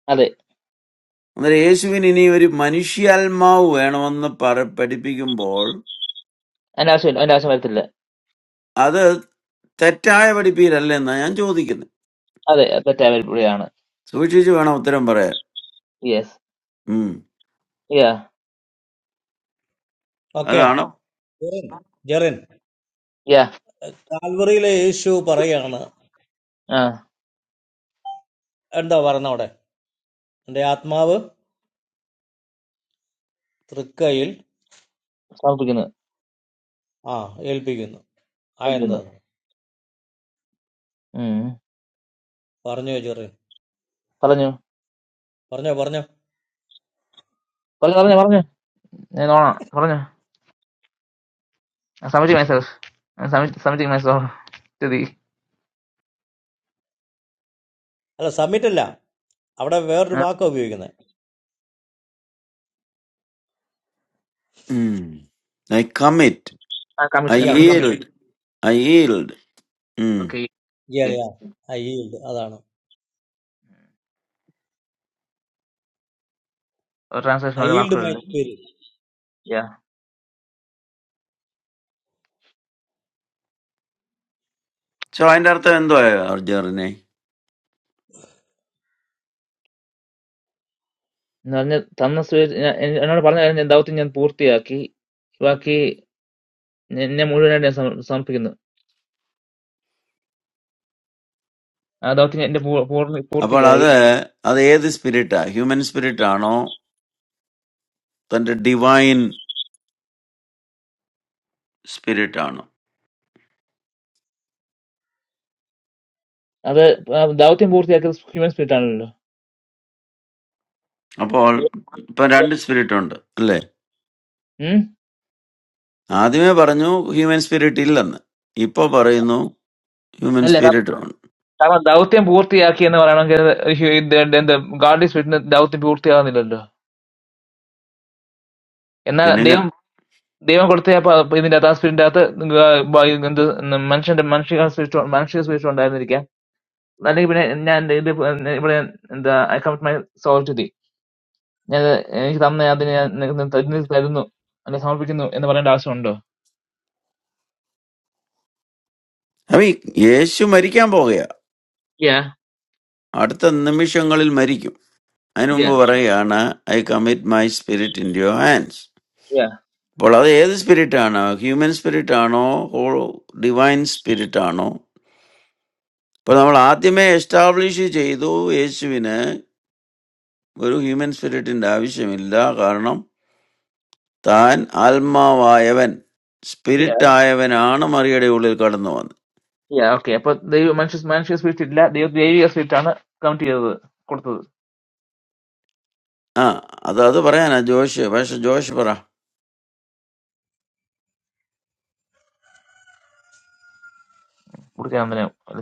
That is.
അന്നേരം യേശുവിന് ഇനി ഒരു മനുഷ്യാത്മാവ് വേണമെന്ന് പറ പഠിപ്പിക്കുമ്പോൾ
And also, and also, I am not there.
അത് തെറ്റായ പഠിപ്പിക്കലല്ല എന്നാ ഞാൻ ചോദിക്കുന്നത്
That is. I am traveling.
സൂക്ഷിച്ച് വേണം ഉത്തരം പറയാൻ
Yes.
ഉം.
Yeah.
okay
അതാണ്
Jiren Jiren
Yeah.
salary ले issue पराया आणा
Ah.
अंदा बरणा ओऱ्यंगो अंदा आत्मा अब त्रिक्कायल
Something new.
आ help गेनो I
Something new.
understand.
Hmm.
For new journey,
Color new.
for new, for new,
Color color new. New one. New one. Something new. Something something new. Today.
hello summit is not. Our weather
Ah.
walk will be good.
I commit
ആ
I
commit
Yeah,
commit
coming.
Yield I yield um
okay
Yeah,
okay
yeah. I yield. That's all.
ഒരു transaction
I
ഓരോ
yield my
വാക്കുകളുണ്ട്
experience.
Yeah
so അതിന്റെ അർത്ഥം എന്തോ അർജറിനെ
എന്ന് പറഞ്ഞ തന്ന സുരേഷ് ഞാ- എൻ- എന്നോട് പറഞ്ഞ കാര്യം ഞാൻ ദൗത്യം ഞാൻ പൂർത്തിയാക്കി ബാക്കി ഞ- എന്നെ മുഴുവനായിട്ട് ഞാൻ സമർ- സമർപ്പിക്കുന്നു. ആ ദൗത്യം എന്റെ പൂ- പൂർണ്ണ-
അപ്പോൾ
പൂർത്തിയായി.
അത് അത് ഏത് സ്പിരിറ്റാ ഹ്യൂമൻ സ്പിരിറ്റ് ആണോ തന്റെ ഡിവൈൻ സ്പിരിറ്റ് ആണോ
അത് ആ ദൗത്യം പൂർത്തിയാക്കിയത് ഹ്യൂമൻ സ്പിരിറ്റ് ആണല്ലോ.
അപ്പോൾ ഇപ്പൊ രണ്ട് സ്പിരിറ്റ് ഉണ്ട് അല്ലേ?
ഉം?
ആദ്യമേ പറഞ്ഞു ഹ്യൂമൻ സ്പിരിറ്റ് ഇല്ലെന്ന് ഇപ്പൊ പറയുന്നു ഹ്യൂമൻ
അല്ല കാ-
സ്പിരിറ്റ് ആണ്
കാരണം ദൗത്യം പൂർത്തിയാക്കി എന്ന് പറയണമെങ്കിൽ അത് ഒരു ഹ്യൂ- ഇത് എന്ത് എന്ത് ഗാഡ്ലി സ്പിരിറ്റിന് ദൗത്യം പൂർത്തിയാകുന്നില്ലല്ലോ. എന്നാൽ
പിന്നെ ഞാൻ
ദൈവം ദൈവം കൊടുത്ത അപ്പൊ ഇതിന്റെ അകത്ത് ആ സ്പിരിറ്റിന്റെ അകത്ത് ഗ- ബ- എന്ത് മനുഷ്യന്റെ മനുഷ്യ സ്പിരിറ്റ് മനുഷ്യ സ്പിരിറ്റ് ഉണ്ടായിരുന്നിരിക്കാം. I like to play. I like to play the account my sword today. I like to play. I like to play the sword today. I like to play. I like to play the sword today. I like to play. I like
അപ്പൊ ഈ യേശു മരിക്കാൻ പോകുക അടുത്ത നിമിഷങ്ങളിൽ മരിക്കും അതിനു മുമ്പ് പറയുകയാണ് I commit my spirit in your hands അപ്പോൾ അത് ഏത് സ്പിരിറ്റ് ആണോ ഹ്യൂമൻ സ്പിരിറ്റ് ആണോ ഓ ഡിവൈൻ സ്പിരിറ്റ് ആണോ അപ്പോൾ നമ്മൾ ആദ്യമേ എസ്റ്റാബ്ലിഷ് ചെയ്തു യേശുവിന് ഒരു ഹ്യൂമൻ സ്പിരിറ്റിന്റെ ആവശ്യമില്ല കാരണം താൻ ആത്മാവായവൻ
to play the sword today.
Spirit ആയവനാണ് മറിയയുടെ ഉള്ളിൽ കടന്നു വന്നത്
I like to play. I like to play the sword today. I like to play. I like
ആ അത് അത് പറയാനാ ജോഷ് പക്ഷെ ജോഷ് പറ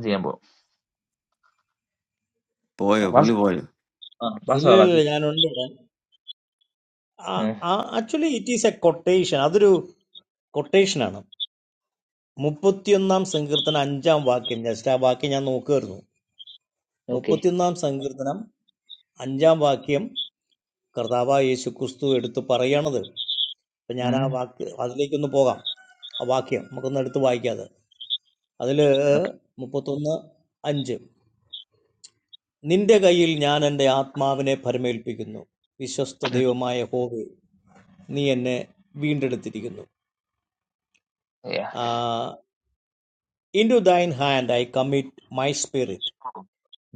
to
പോയോ
play
പുള്ളി പോയോ
the
In the
sword
day, I know under. Ah,
today.
actually, it is a quotation. That's a quotation, man. Muppadiyamam Sangartha Anjaam walk. Yesterday, walk. Yesterday, no car. മുപ്പത്തിയൊന്നാം സങ്കീർത്തനം അഞ്ചാം വാക്യം കർത്താവായ യേശു ക്രിസ്തു എടുത്ത് പറയണത് അപ്പം ഞാൻ ആ വാക്ക് അതിലേക്കൊന്ന് പോകാം ആ വാക്യം നമുക്കൊന്ന് എടുത്ത് വായിക്കാതെ അതിൽ മുപ്പത്തൊന്ന് അഞ്ച് നിന്റെ കയ്യിൽ ഞാൻ എൻ്റെ ആത്മാവിനെ ഭരമേൽപ്പിക്കുന്നു വിശ്വസ്ത ദൈവമായ ഹോവേ നീ എന്നെ വീണ്ടെടുത്തിരിക്കുന്നു into thine hand I commit my spirit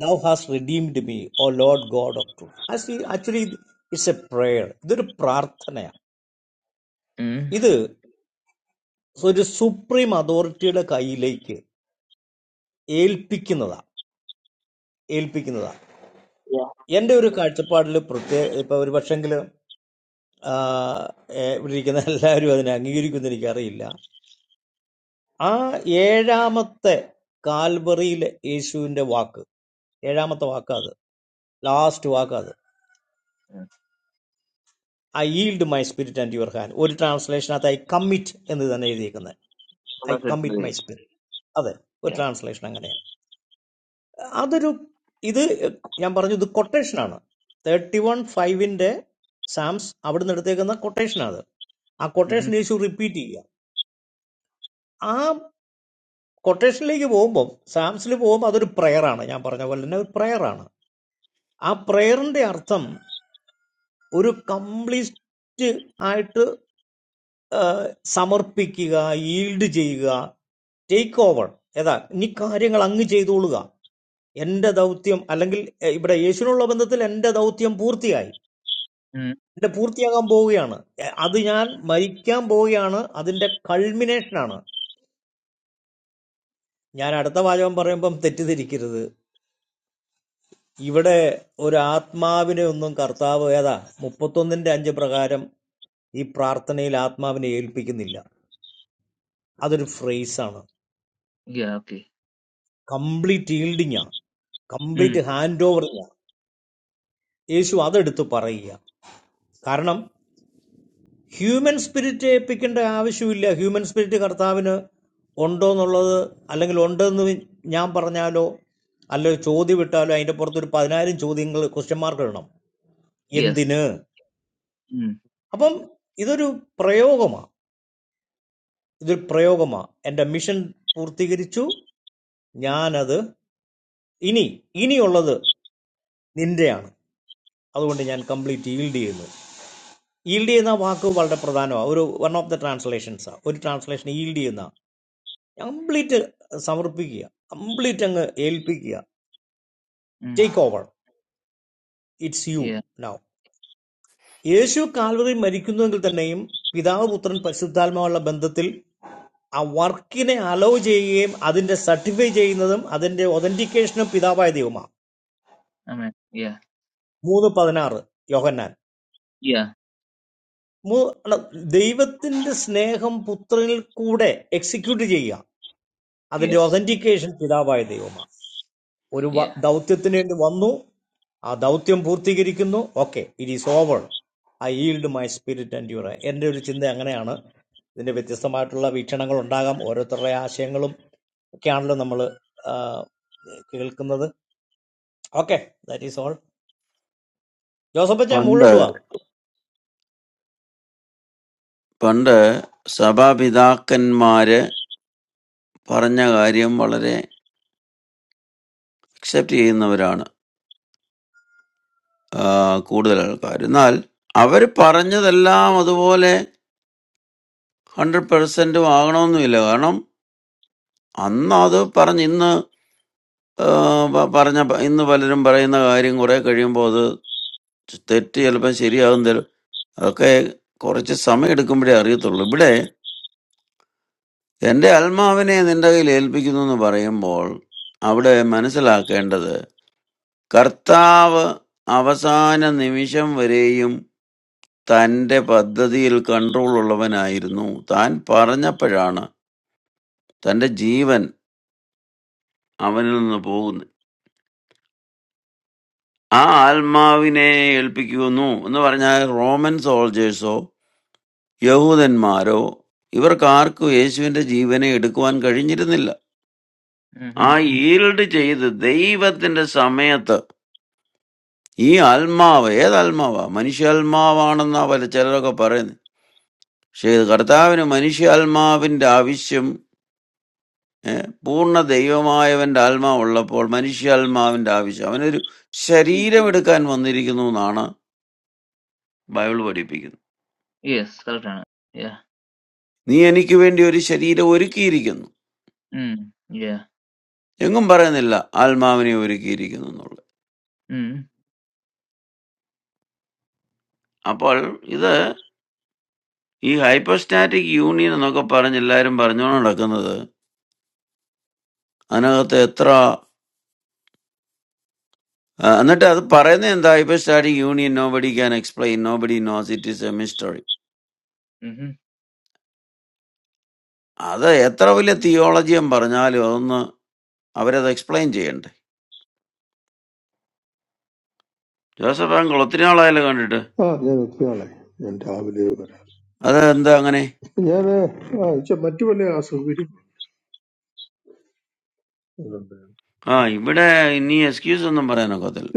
Thou hast redeemed me, O Lord God of truth. I see, actually, it's a prayer. This prayer. This so this supreme authority of God is like aelpikinada, aelpikinada. Any other card you've got in your pocket, or whatever, ah, you know, all of that, I'm not going to get into it. I'm not going to get into it. Ah, what's the last word? I yield my spirit into your hand. Or translation, that I commit into the name of the Lord. I commit my spirit. That. Or translation, like that. Another, this. I am saying this is a quotation. Thirty-one five in the Psalms. Abundant. That is a quotation. That. A quotation is just repeated. A quotation is just repeated. Psalms is just repeated. A prayer is. I am saying this is a prayer. A prayer is. A prayer is. ഏഹ് സമർപ്പിക്കുക yield ചെയ്യുക take over ഏതാ നീ കാര്യങ്ങൾ അങ്ങ് ചെയ്തോളുക എൻ്റെ ദൗത്യം അല്ലെങ്കിൽ എ, ഇവിടെ യേശുവിനുള്ള ബന്ധത്തിൽ എൻ്റെ ദൗത്യം പൂർത്തിയായി എൻ്റെ പൂർത്തിയാകാൻ പോവുകയാണ് എ, അത് ഞാൻ മരിക്കാൻ പോവുകയാണ് അതിൻ്റെ കൾമിനേഷനാണ് ഞാൻ അടുത്ത വാചകം പറയുമ്പം തെറ്റിദ്ധരിക്കരുത് ഇവിടെ ഒരു ആത്മാവിനെ ഒന്നും കർത്താവ് ഏതാ മുപ്പത്തൊന്നിൻ്റെ അഞ്ച് പ്രകാരം ഈ പ്രാർത്ഥനയിൽ ആത്മാവിനെ ഏൽപ്പിക്കുന്നില്ല അതൊരു ഫ്രേസാണ് കംപ്ലീറ്റ് ഈൽഡിങ് ആണ് കംപ്ലീറ്റ് ഹാൻഡ് ഓവറിങ് ആണ് യേശു human spirit കാരണം ഹ്യൂമൻ സ്പിരിറ്റ് ഏൽപ്പിക്കേണ്ട ആവശ്യമില്ല ഹ്യൂമൻ സ്പിരിറ്റ് കർത്താവിന് ഉണ്ടോ എന്നുള്ളത് അല്ലെങ്കിൽ ഉണ്ടെന്ന് ഞാൻ പറഞ്ഞാലോ അല്ലെങ്കിൽ ചോദ്യം ഇട്ടാലോ അതിൻ്റെ പുറത്തൊരു പതിനായിരം ചോദ്യങ്ങൾ ക്വസ്റ്റ്യൻ മാർക്ക് ഇടണം എന്തിന് അപ്പം ഇതൊരു പ്രയോഗമാണ് ഇതൊരു പ്രയോഗമാണ് എൻ്റെ മിഷൻ പൂർത്തീകരിച്ചു ഞാനത് ഇനി ഇനിയുള്ളത് നിന്റെയാണ് അതുകൊണ്ട് ഞാൻ കംപ്ലീറ്റ് ഈൽഡ് ചെയ്യുന്നു Yield is a very important word. One of the translations. One translation is yield. in the Complete samrupiya. Complete एलपीया. Take over. It's you now. If you call for a American girl's name, daughter, son, husband, all the bandhathil, a work in a allow jei game, that is certified jei natham, that is authentication pidavae theoma.
Amen. Yeah.
Third paragraph. Yogena.
Yeah.
Mo देवत्तिंद स्नेहम पुत्रिल कुडे execute jeiya. That is
Yes.
authentication pidavae theoma. ഒരു
Yeah.
ദൗത്യത്തിന് വേണ്ടി വന്നു, ആ ദൗത്യം പൂർത്തീകരിക്കുന്നു. Okay, it is over, I yield my spirit and your. എൻ്റെ ഒരു ചിന്ത അങ്ങനെയാണ്. ഇതിൻ്റെ വ്യത്യസ്തമായിട്ടുള്ള വീക്ഷണങ്ങൾ ഉണ്ടാകാം, ഓരോരുത്തരുടെ ആശയങ്ങളും ഒക്കെയാണല്ലോ നമ്മൾ കേൾക്കുന്നത്. Okay, that is all. Joseph അച്ചാൻ
പണ്ട്
മുകളിലോട്ട് വാ.
പണ്ട് സഭാപിതാക്കന്മാര് പറഞ്ഞ കാര്യം വളരെ അക്സെപ്റ്റ് ചെയ്യുന്നവരാണ് ആ, കൂടുതൽ ആൾക്കാർ എന്നാൽ അവർ പറഞ്ഞതെല്ലാം അതുപോലെ ഹൺഡ്രഡ് പെർസെന്റും ആകണമെന്നുമില്ല കാരണം അന്ന് അത് പറഞ്ഞ് ഇന്ന് ആ, പ- പറഞ്ഞ ഇന്ന് പലരും പറയുന്ന കാര്യം കുറെ കഴിയുമ്പോൾ അത് തെറ്റ് ചിലപ്പോൾ ശരിയാകും തരും അതൊക്കെ കുറച്ച് സമയം എടുക്കുമ്പോഴേ അറിയത്തുള്ളൂ ഇവിടെ എന്റെ ആത്മാവിനെ നിന്റെ കയ്യിൽ ഏൽപ്പിക്കുന്നു എന്ന് പറയുമ്പോൾ അവിടെ മനസ്സിലാക്കേണ്ടത് കർത്താവ് അവസാന നിമിഷം വരെയും തന്റെ പദ്ധതിയിൽ കൺട്രോൾ ഉള്ളവനായിരുന്നു താൻ പറഞ്ഞപ്പോഴാണ് തന്റെ ജീവൻ അവനിൽ നിന്ന് പോകുന്നത് ആ ആത്മാവിനെ ഏൽപ്പിക്കുന്നു എന്ന് പറഞ്ഞാൽ റോമൻ സോൾജേഴ്സോ യഹൂദന്മാരോ ഇവർക്കാർക്കും യേശുവിന്റെ ജീവനെ എടുക്കുവാൻ കഴിഞ്ഞിരുന്നില്ല
Mm-hmm.
ആ ഈൽഡ് ചെയ്ത് ദൈവത്തിന്റെ സമയത്ത് ഈ ആത്മാവ് ഏതാത്മാവാ മനുഷ്യാത്മാവാണെന്നാ പല ചിലരൊക്കെ പറയുന്നത് പക്ഷേ ഇത് കർത്താവിന് മനുഷ്യാത്മാവിന്റെ ആവശ്യം ഏ, പൂർണ്ണ ദൈവമായവന്റെ ആത്മാവ് ഉള്ളപ്പോൾ മനുഷ്യാത്മാവിന്റെ ആവശ്യം അവനൊരു ശരീരം എടുക്കാൻ വന്നിരിക്കുന്നു എന്നാണ് ബൈബിൾ പഠിപ്പിക്കുന്നത്
Yes. Correct. ആണ്. Yeah.
നീ എനിക്ക് വേണ്ടി ഒരു ശരീരം ഒരുക്കിയിരിക്കുന്നു
Mm. Yeah.
എങ്ങും പറയുന്നില്ല ആത്മാവിനെ ഒരുക്കിയിരിക്കുന്നു എന്നുള്ളത്
Mm.
അപ്പോൾ ഇത് ഈ ഹൈപ്പർസ്റ്റാറ്റിക് യൂണിയൻ എന്നൊക്കെ പറഞ്ഞ് എല്ലാവരും പറഞ്ഞുകൊണ്ട് നടക്കുന്നത് അതിനകത്ത് എത്ര ആ, എന്നിട്ട് അത് പറയുന്നത് എന്താ ഇപ്പൊ സ്റ്റാഡി union nobody can explain nobody knows it is a mystery
Mm-hmm.
അത് എത്ര വലിയ തിയോളജിയും പറഞ്ഞാലും അതൊന്ന് അവരത് എക്സ്പ്ലെയിൻ ചെയ്യണ്ടേ ജോസഫ് അങ്കിൾ ഒത്തിരി നാളായാലും കണ്ടിട്ട്
ആ ഞാൻ എത്തിയാളെ ഞാൻ രാവിലെ വരാം
അത് എന്താ അങ്ങനെ
ഞാൻ ആ, ഛെ, മറ്റു പല അസൗകര്യം
ആ ഇവിടെ ഇനി എക്സ്ക്യൂസ് ഒന്നും പറയാനൊക്കത്തില്ല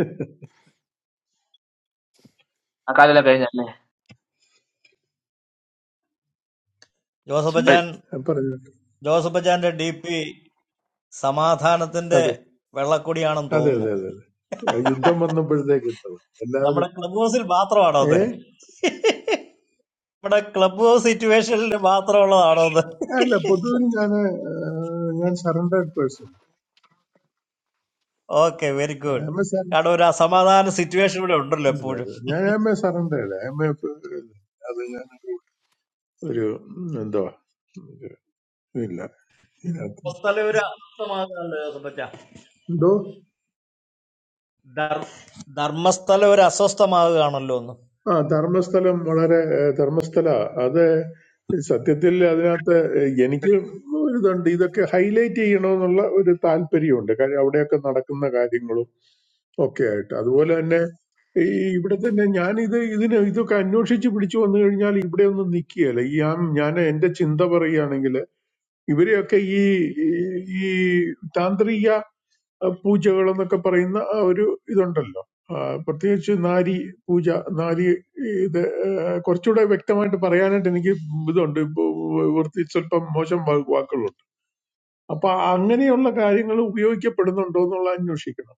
ആ കാലെല്ലാം കഴിഞ്ഞല്ലേ
ജോസഫ്
ശരി.
അച്ചാൻ,
ഞാൻ പറഞ്ഞു
ജോസഫ് അച്ചാൻ്റെ ഡി പി സമാധാനത്തിന്റെ
അതെ
വെള്ളക്കൊടിയാണെന്ന്
അതെ
തോന്നുന്നു.
അതെ അതെ അതെ ആ, യുദ്ധം വന്നപ്പോഴത്തേക്ക് എത്തണം എല്ലാവരും
നമ്മുടെ ക്ലബ് ഹൗസിൽ മാത്രമാണോ
ഏ
അത്? [LAUGHS] Our club situation is just like that.
അല്ല പൊതുവിൽ ഞാൻ ഞാൻ surrendered person
Okay, very good. That's why the situation is not good.
ഞാൻ M A surrendered M A അത് ഞാൻ ഒരു എന്തുവാ ഒരു ഇല്ല ഇതിനകത്ത്
Most of them are from
എന്തോ
Darma state. Darma state is from Assam. I
ആ ധർമ്മസ്ഥലം വളരെ ഏഹ്, ധർമ്മസ്ഥല അത് സത്യത്തിൽ അതിനകത്ത് ഏഹ്, എനിക്ക് ഒരു ഇതുണ്ട് ഇതൊക്കെ ഹൈലൈറ്റ് ചെയ്യണമെന്നുള്ള ഒരു താല്പര്യമുണ്ട് കാര്യം അവിടെയൊക്കെ നടക്കുന്ന കാര്യങ്ങളും ഒക്കെ ആയിട്ട് അതുപോലെ തന്നെ ഈ ഇവിടെ തന്നെ ഞാൻ ഇത് ഇതിന് ഇതൊക്കെ അന്വേഷിച്ച് പിടിച്ചു വന്നു കഴിഞ്ഞാൽ ഇവിടെ ഒന്നും നിൽക്കുകയല്ല ഈ ഞാൻ ഞാൻ എന്റെ ചിന്ത പറയുകയാണെങ്കിൽ ഇവരെയൊക്കെ ഈ ഈ താന്ത്രിക പൂജകൾ എന്നൊക്കെ പറയുന്ന ആ ഒരു ഇതുണ്ടല്ലോ ആ, പ്രത്യേകിച്ച് നാരി പൂജ നാരി ഇത് ആ, കുറച്ചുകൂടെ വ്യക്തമായിട്ട് പറയാനായിട്ട് എനിക്ക് ഇതുണ്ട് ഇപ്പൊ വൃത്തി സ്വല്പം മോശം വാ- വാക്കുകളുണ്ട് അപ്പൊ അങ്ങനെയുള്ള കാര്യങ്ങൾ ഉപയോഗിക്കപ്പെടുന്നുണ്ടോ എന്നുള്ള അന്വേഷിക്കണം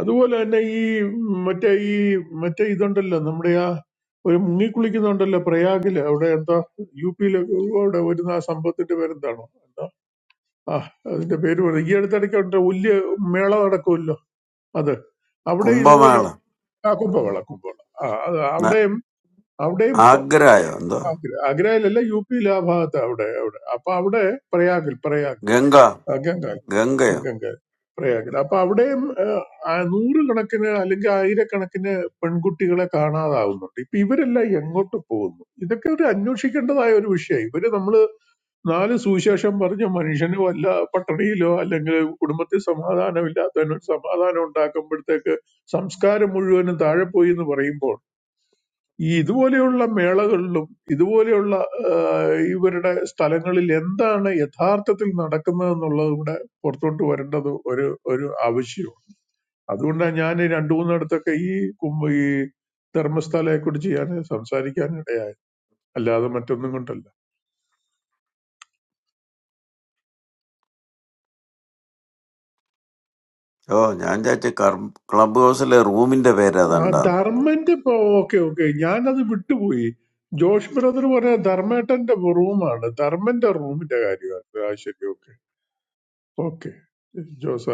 അതുപോലെ തന്നെ ഈ മറ്റേ ഈ മറ്റേ ഇതുണ്ടല്ലോ നമ്മുടെ ആ ഒരു മുങ്ങിക്കുളിക്കുന്നുണ്ടല്ലോ പ്രയാഗില് അവിടെ എന്താ യു പിയിലൊക്കെ അവിടെ വരുന്ന ആ സംഭവത്തിന്റെ പേരെന്താണോ ആ അതിന്റെ പേര് പറയും ഈ അടുത്തിടയ്ക്ക് ഉണ്ട് വലിയ മേള നടക്കുമല്ലോ അത് അവിടെ ഇതുപോലെ
കുംഭമേള
ആ കുംഭമേള കുംഭമേള ആ അത്
ന-
അവിടെയും അവിടെയും പ-
ആഗ്രയോ എന്തോ
ആഗ്ര- ആഗ്രയിലല്ല യു പിയിലെ ആ ഭാഗത്ത് അവിടെ അവിടെ അപ്പൊ അവിടെ പ്രയാഗിൽ പ്രയാഗ്
ഗംഗ
ഗംഗാൽ
ഗംഗയോ
ഗംഗാൽ പ്രയാഗിൽ അപ്പൊ അവിടെയും ഏഹ്, ആ നൂറുകണക്കിന് അല്ലെങ്കിൽ ആയിരക്കണക്കിന് പെൺകുട്ടികളെ കാണാതാവുന്നുണ്ട് ഇപ്പൊ ഇവരെല്ലാം എങ്ങോട്ട് പോകുന്നു ഇതൊക്കെ ഒരു അന്വേഷിക്കേണ്ടതായ ഒരു വിഷയം ഇവര് നമ്മള് നാല് സുവിശേഷം പറഞ്ഞ മനുഷ്യന് വല്ല പട്ടിണിയിലോ അല്ലെങ്കിൽ കുടുംബത്തിൽ സമാധാനമില്ലാത്തവനോ സമാധാനം ഉണ്ടാക്കുമ്പോഴത്തേക്ക് സംസ്കാരം മുഴുവനും താഴെ പോയി എന്ന് പറയുമ്പോൾ ഈ ഇതുപോലെയുള്ള മേളകളിലും ഇതുപോലെയുള്ള ആ, ഇവരുടെ സ്ഥലങ്ങളിൽ എന്താണ് യഥാർത്ഥത്തിൽ നടക്കുന്നത് എന്നുള്ളത് കൂടെ പുറത്തോട്ട് വരേണ്ടത് ഒരു ഒരു ആവശ്യമാണ് അതുകൊണ്ടാണ് ഞാൻ രണ്ടു മൂന്നിടത്തൊക്കെ ഈ കുംഭ ഈ ധർമ്മസ്ഥലയെ കുറിച്ച് ഞാൻ സംസാരിക്കാൻ ഇടയായത് അല്ലാതെ മറ്റൊന്നും കൊണ്ടല്ല
ഓ ഞാൻ ചാച്ച ക്ലബ് ഹൗസിലെ റൂമിന്റെ പേര്
ആ
അതണ്ടാന്ന്
ധർമ്മന്റെ ഇപ്പൊ ഓക്കെ ഓക്കെ ഞാനത് വിട്ടുപോയി ജോഷ് ബ്രദർ പറയാ ധർമ്മേട്ടന്റെ റൂമാണ് ധർമ്മന്റെ റൂമിന്റെ കാര്യമാണ് ആ ശരി ഓക്കെ ഓക്കെ ജോസ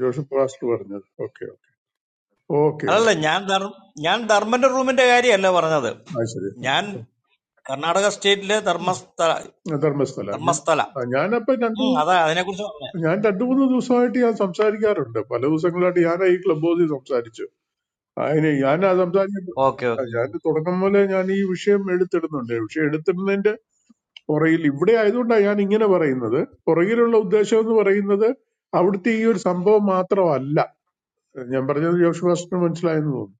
ജോഷ് പാസ്റ്റർ പറഞ്ഞത് okay okay okay
am from Darma room.
ആ ശരി
I am from Karnataka state.
ആ,
Darma
ആ, ധർമ്മസ്ഥല ഞാൻ
state.
ആ, ഞാനപ്പൊ രണ്ടു ഞാൻ രണ്ടു മൂന്ന് ദിവസമായിട്ട് ഞാൻ സംസാരിക്കാറുണ്ട് പല ദിവസങ്ങളായിട്ട് ഞാൻ ഈ ക്ലബ് ഹൗസിൽ സംസാരിച്ചു അതിന് ഞാൻ ആ സംസാരിക്കുമ്പോൾ
Okay, okay.
ഞാൻ തുടക്കം മുതലേ ഞാൻ ഈ വിഷയം എടുത്തിടുന്നുണ്ട് വിഷയം എടുത്തിടുന്നതിന്റെ പുറകിൽ ഇവിടെ ആയതുകൊണ്ടാണ് ഞാൻ ഇങ്ങനെ പറയുന്നത് പുറകിലുള്ള ഉദ്ദേശം എന്ന് പറയുന്നത് അവിടുത്തെ ഈ ഒരു സംഭവം മാത്രമല്ല ഞാൻ പറഞ്ഞത് ജോഷ് ഫാസ്റ്റിന് മനസ്സിലായെന്ന് തോന്നുന്നു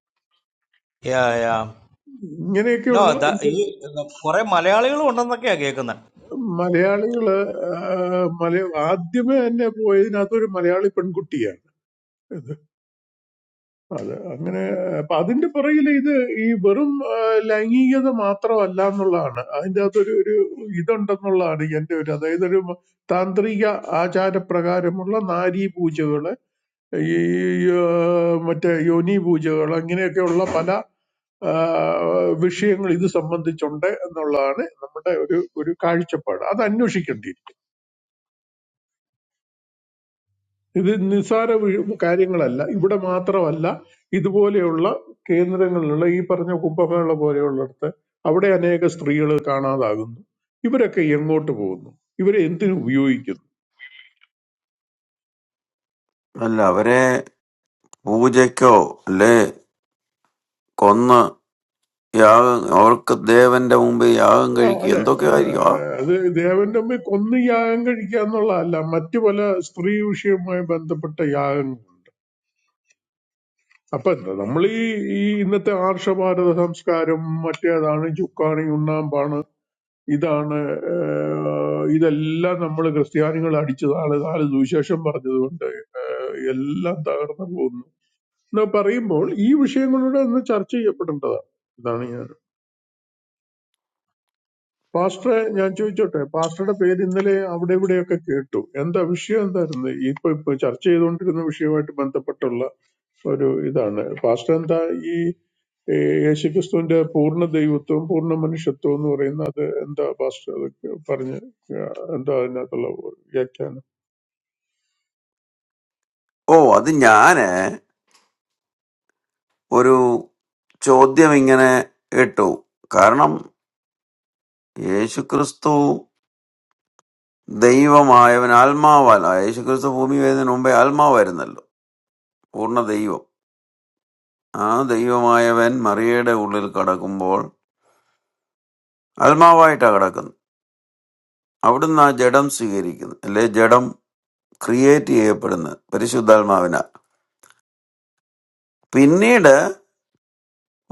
Yeah, yeah.
ഇങ്ങനെയൊക്കെയുള്ള
No, that.
ഇത്
Why Malayalee people are not coming here?
മലയാളികള് ആ, മലയ ആദ്യമേ തന്നെ പോയതിനകത്ത് ഒരു മലയാളി പെൺകുട്ടിയാണ് ഇത് അത് അങ്ങനെ അപ്പൊ അതിന്റെ പുറകിൽ ഇത് ഈ വെറും ആ, ലൈംഗികത മാത്രമല്ല എന്നുള്ളതാണ് അതിൻ്റെ അകത്തൊരു ഒരു ഇതുണ്ടെന്നുള്ളതാണ് എന്റെ ഒരു അതായത് ഒരു താന്ത്രിക ആചാരപ്രകാരമുള്ള നാരീ പൂജകള് ഈ ആ, മറ്റേ യോനി പൂജകൾ അങ്ങനെയൊക്കെയുള്ള പല ആ, വിഷയങ്ങൾ ഇത് സംബന്ധിച്ചുണ്ട് എന്നുള്ളതാണ് നമ്മുടെ ഒരു ഒരു കാഴ്ചപ്പാട് അത് അന്വേഷിക്കേണ്ടിയിരിക്കും ഇത് നിസ്സാര വി- കാര്യങ്ങളല്ല ഇവിടെ മാത്രമല്ല ഇതുപോലെയുള്ള കേന്ദ്രങ്ങളിലുള്ള ഈ പറഞ്ഞ കുംഭമേള പോലെയുള്ളിടത്ത് അവിടെ അനേക സ്ത്രീകൾ കാണാതാകുന്നു ഇവരൊക്കെ എങ്ങോട്ട് പോകുന്നു ഇവരെ എന്തിനു ഉപയോഗിക്കുന്നു
അല്ല അവരെ പൂജയ്ക്കോ ലേ കൊന്ന് യാഗം അവർക്ക് ദേവന്റെ മുമ്പിൽ യാഗം
ആ,
കഴിക്കുക
അതെ
എന്തൊക്കെയായിരിക്കും ആ
ഏഹ് അത് ദേവന്റെ അമ്മയെ കൊന്ന് യാഗം കഴിക്കുക എന്നുള്ളതല്ല മറ്റു പല സ്ത്രീ വിഷയവുമായി ബന്ധപ്പെട്ട യാഗങ്ങൾ അപ്പൊ എന്താ നമ്മൾ ഈ ഈ ഇന്നത്തെ ആർഷഭാരത സംസ്കാരം മറ്റേതാണ് ചുക്കാണി ഉണ്ണാമ്പാണ് ഇതാണ് ഏഹ് ഇതെല്ലാം നമ്മൾ ക്രിസ്ത്യാനികൾ അടിച്ചതാണ് നാല് സുവിശേഷം പറഞ്ഞതുകൊണ്ട് ഏഹ് എല്ലാം തകർന്നു പോകുന്നു എന്ന് പറയുമ്പോൾ ഈ വിഷയങ്ങളുടെ ഒന്ന് ചർച്ച ചെയ്യപ്പെടേണ്ടതാണ് ഇതാണ് ഞാൻ പാസ്റ്ററെ ഞാൻ ചോദിച്ചോട്ടെ പാസ്റ്ററുടെ പേര് ഇന്നലെ അവിടെ ഇവിടെയൊക്കെ കേട്ടു എന്താ വിഷയം എന്തായിരുന്നു ഈ ഇപ്പൊ ഇപ്പൊ ചർച്ച ചെയ്തുകൊണ്ടിരുന്ന വിഷയവുമായിട്ട് ബന്ധപ്പെട്ടുള്ള ഒരു ഇതാണ് പാസ്റ്റർ എന്താ ഈ ഏ, യേശുക്രിസ്തുവിന്റെ പൂർണ്ണ ദൈവത്വവും പൂർണ്ണ മനുഷ്യത്വവും എന്ന് പറയുന്ന അത് എന്താ പാസ്റ്റർ അത് പറഞ്ഞ് ആ, എന്താ അതിനകത്തുള്ള വ്യാഖ്യാനം
ഓ അത് ഞാന് ഒരു ചോദ്യം ഇങ്ങനെ ഇട്ടു കാരണം യേശുക്രിസ്തു ദൈവമായവൻ ആത്മാവല്ല യേശുക്രിസ്തു ഭൂമി വരുന്നതിന് മുമ്പേ ആത്മാവായിരുന്നല്ലോ പൂർണ്ണ ദൈവം ആ ദൈവമായവൻ മറിയയുടെ ഉള്ളിൽ കടക്കുമ്പോൾ ആത്മാവായിട്ടാണ് കിടക്കുന്നത് അവിടുന്ന് ആ ജഡം സ്വീകരിക്കുന്നത് അല്ലെ ജഡം ക്രിയേറ്റ് ചെയ്യപ്പെടുന്നത് പരിശുദ്ധാത്മാവിനാൽ പിന്നീട്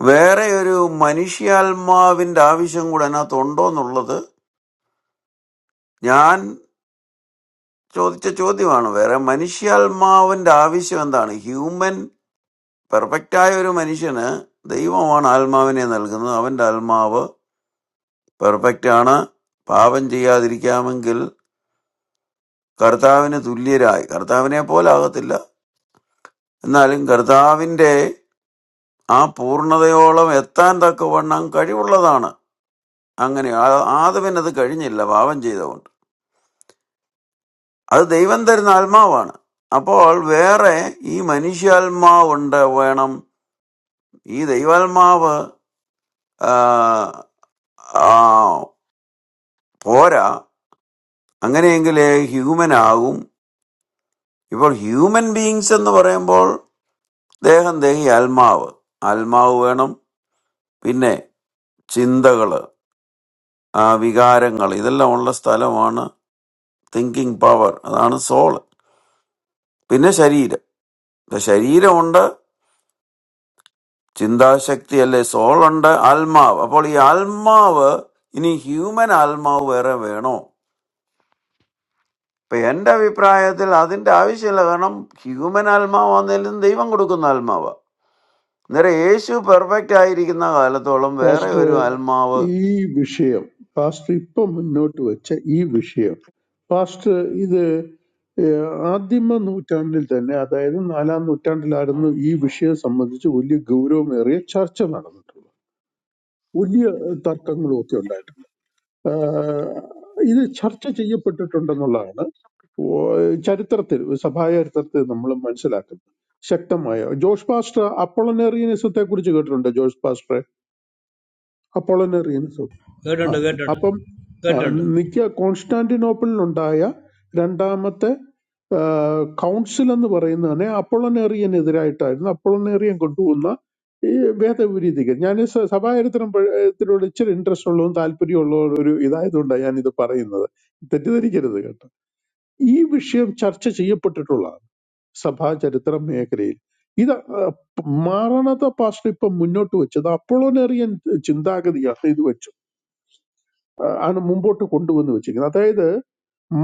വേറെ ഒരു മനുഷ്യാത്മാവിന്റെ ആവശ്യം കൂടെ അതിനകത്തുണ്ടോ എന്നുള്ളത് ഞാൻ ചോദിച്ച ചോദ്യമാണ് വേറെ മനുഷ്യാത്മാവിന്റെ ആവശ്യം എന്താണ് ഹ്യൂമൻ പെർഫെക്റ്റ് ആയ ഒരു മനുഷ്യന് ദൈവമാണ് ആത്മാവിനെ നൽകുന്നത് അവന്റെ ആത്മാവ് പെർഫെക്റ്റ് ആണ് പാപം ചെയ്യാതിരിക്കാമെങ്കിൽ കർത്താവിന് തുല്യരായി കർത്താവിനെ പോലെ ആകത്തില്ല എന്നാലും കർത്താവിന്റെ ആ പൂർണ്ണതയോളം എത്താൻ തക്കവണ്ണം കഴിവുള്ളതാണ് അങ്ങനെ ആ- ആദവിനത് കഴിഞ്ഞില്ല പാപം ചെയ്തവൻ അത് ദൈവം തരുന്ന ആത്മാവാണ്. അപ്പോൾ വേറെ ഈ മനുഷ്യാത്മാവുണ്ട് വേണം. ഈ ദൈവാത്മാവ് ആഹ്, ആഹ്, പോരാ. അങ്ങനെയെങ്കിലേ human ആകും. ഇപ്പോൾ human beings എന്ന് പറയുമ്പോൾ ദേഹം, ദേഹി, ആത്മാവ്. ആത്മാവ് വേണം. പിന്നെ ചിന്തകള്, ആ വികാരങ്ങൾ ഇതെല്ലാം ഉള്ള സ്ഥലമാണ് thinking power. അതാണ് soul. പിന്നെ ശരീരം. ഇപ്പൊ ശരീരമുണ്ട്. ചിന്താശക്തിയല്ലേ സോളുണ്ട് ആത്മാവ് അപ്പോൾ ഈ ആത്മാവ് ഇനി ഹ്യൂമൻ ആത്മാവ് വേറെ വേണോ ഇപ്പൊ എന്റെ അഭിപ്രായത്തിൽ അതിന്റെ ആവശ്യമില്ല കാരണം ഹ്യൂമൻ ആത്മാവ് ആണെങ്കിലും ദൈവം കൊടുക്കുന്ന ആത്മാവ് അന്നേരം യേശു പെർഫെക്റ്റ് ആയിരിക്കുന്ന കാലത്തോളം വേറെ
പാസ്റ്റർ
ഒരു ആത്മാവ്
ഈ വിഷയം പാസ്റ്റർ ഇപ്പം മുന്നോട്ട് വെച്ച ഈ വിഷയം പാസ്റ്റർ ഇത് ഏഹ്, ആദിമ നൂറ്റാണ്ടിൽ തന്നെ അതായത് നാലാം നൂറ്റാണ്ടിലായിരുന്നു ഈ വിഷയം സംബന്ധിച്ച് വലിയ ഗൗരവമേറിയ ചർച്ച നടന്നിട്ടുള്ളത് വലിയ തർക്കങ്ങളും ഒക്കെ ഉണ്ടായിട്ടുണ്ട് ആഹ്, ഇത് ചർച്ച ചെയ്യപ്പെട്ടിട്ടുണ്ടെന്നുള്ളതാണ് ഓ- ചരിത്രത്തിൽ സഭാ ചരിത്രത്തിൽ നമ്മൾ മനസ്സിലാക്കുന്നത് ശക്തമായ ജോഷ് പാസ്റ്റർ അപ്പോളനേറിയനിസത്തെ കുറിച്ച് കേട്ടിട്ടുണ്ട് ജോഷ് പാസ്റ്റർ അപ്പോളനേറിയനിസം ആ,
കേട്ടിട്ടുണ്ട് കേട്ടിട്ടുണ്ട്
അപ്പം ആ,
കേട്ടിട്ടുണ്ട്
നിക്ക കോൺസ്റ്റാന്റിനോപ്പിളിലുണ്ടായ രണ്ടാമത്തെ ആ, കൗൺസിൽ എന്ന് പറയുന്നത് തന്നെ അപ്പോളനേറിയനെതിരായിട്ടായിരുന്നു അപ്പോളനേറിയൻ കൊണ്ടുവന്ന ഈ ഭേദവിരീതിക്ക് ഞാൻ ഈ സ- സഭാചരിത്രം പ- ത്തിനോട് ഇച്ചിരി ഇൻട്രസ്റ്റ് ഉള്ളതും താല്പര്യമുള്ള ഒരു ഇതായതുകൊണ്ടാണ് ഞാൻ ഇത് പറയുന്നത് തെറ്റിദ്ധരിക്കരുത് കേട്ടോ ഈ വിഷയം ചർച്ച ചെയ്യപ്പെട്ടിട്ടുള്ളതാണ് സഭാചരിത്രം മേഖലയിൽ ഇത് ആ, മാറണത പാസ്റ്റ് ഇപ്പം മുന്നോട്ട് വെച്ചത് അപ്പോളോനേറിയൻ ചിന്താഗതിയാണ് ഇത് വെച്ചത് ഏഹ് ആണ് മുമ്പോട്ട് കൊണ്ടുവന്ന് വെച്ചിരിക്കുന്നത് അതായത്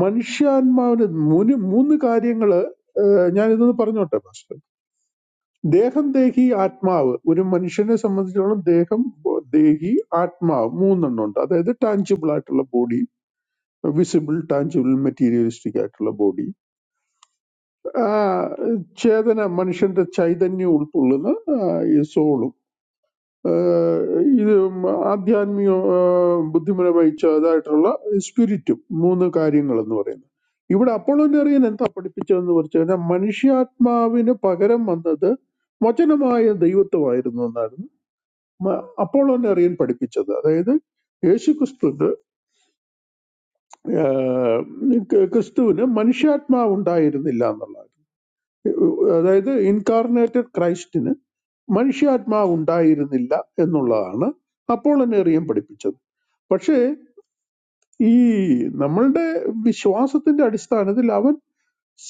മനുഷ്യാത്മാവിന് മൂന്ന് മൂന്ന് കാര്യങ്ങൾ ഞാൻ ഇതൊന്ന് പറഞ്ഞോട്ടെ മാസ്റ്റർ ദേഹം ദേഹി ആത്മാവ് ഒരു മനുഷ്യനെ സംബന്ധിച്ചോളം ദേഹം ബോ- ദേഹി ആത്മാവ് മൂന്നെണ്ണം ഉണ്ട് അതായത് ടാഞ്ചിബിൾ ആയിട്ടുള്ള ബോഡി വിസിബിൾ ടാഞ്ചിബിൾ മെറ്റീരിയലിസ്റ്റിക് ആയിട്ടുള്ള ബോഡി ചേതന മനുഷ്യന്റെ ചൈതന്യം ഉൾക്കൊള്ളുന്ന സോളും ഏഹ് ഇത് ആധ്യാത്മിക ഏഹ് ബുദ്ധിമുന വഹിച്ചതായിട്ടുള്ള സ്പിരിറ്റും മൂന്ന് കാര്യങ്ങൾ എന്ന് പറയുന്നത് ഇവിടെ അപ്പോളോനറിയൻ എന്താ പഠിപ്പിച്ചതെന്ന് പറഞ്ഞു കഴിഞ്ഞാൽ മനുഷ്യാത്മാവിന് പകരം വന്നത് വചനമായ ദൈവത്വമായിരുന്നു എന്നായിരുന്നു മ- അപ്പോളോനറിയൻ പഠിപ്പിച്ചത് അതായത് യേശു ക്രിസ്തു ക്രിസ്തുവിന് മനുഷ്യാത്മാവ് ഉണ്ടായിരുന്നില്ല എന്നുള്ളത് അതായത് ഇൻകാർണേറ്റഡ് ക്രൈസ്റ്റിന് മനുഷ്യാത്മാവ് ഉണ്ടായിരുന്നില്ല എന്നുള്ളതാണ് അപ്പോളനേറിയം പഠിപ്പിച്ചത് പക്ഷേ ഈ നമ്മളുടെ വിശ്വാസത്തിന്റെ അടിസ്ഥാനത്തിൽ അവൻ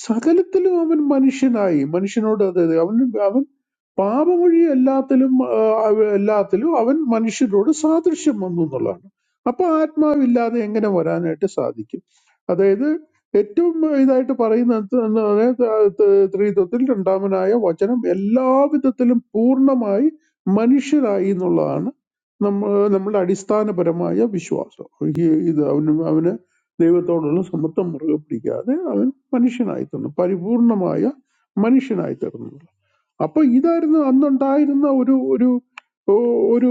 സകലത്തിലും അവൻ മനുഷ്യനായി മനുഷ്യനോട് അതായത് അവൻ അവൻ പാപമൊഴി എല്ലാത്തിലും ആ, അവ- എല്ലാത്തിലും അവൻ മനുഷ്യരോട് സാദൃശ്യം വന്നു എന്നുള്ളതാണ് അപ്പൊ ആത്മാവില്ലാതെ എങ്ങനെ വരാനായിട്ട് സാധിക്കും അതായത് ഏറ്റവും ഇതായിട്ട് പറയുന്നത് എന്ന് പറഞ്ഞാൽ, ആ, ത- ത്രിത്വത്തിൽ രണ്ടാമനായ വചനം എല്ലാവിധത്തിലും പൂർണ്ണമായി മനുഷ്യരായി എന്നുള്ളതാണ് നമ്മ നമ്മുടെ അടിസ്ഥാനപരമായ വിശ്വാസം ഈ- ഇത് അവന് അവന് ദൈവത്തോടുള്ള സമത്വം മുറുകെ പിടിക്കാതെ അവൻ മനുഷ്യനായി തീർന്നു പരിപൂർണമായ മനുഷ്യനായി തീർന്നു അപ്പൊ ഇതായിരുന്നു അന്നുണ്ടായിരുന്ന ഒരു ഒരു ഓ- ഒരു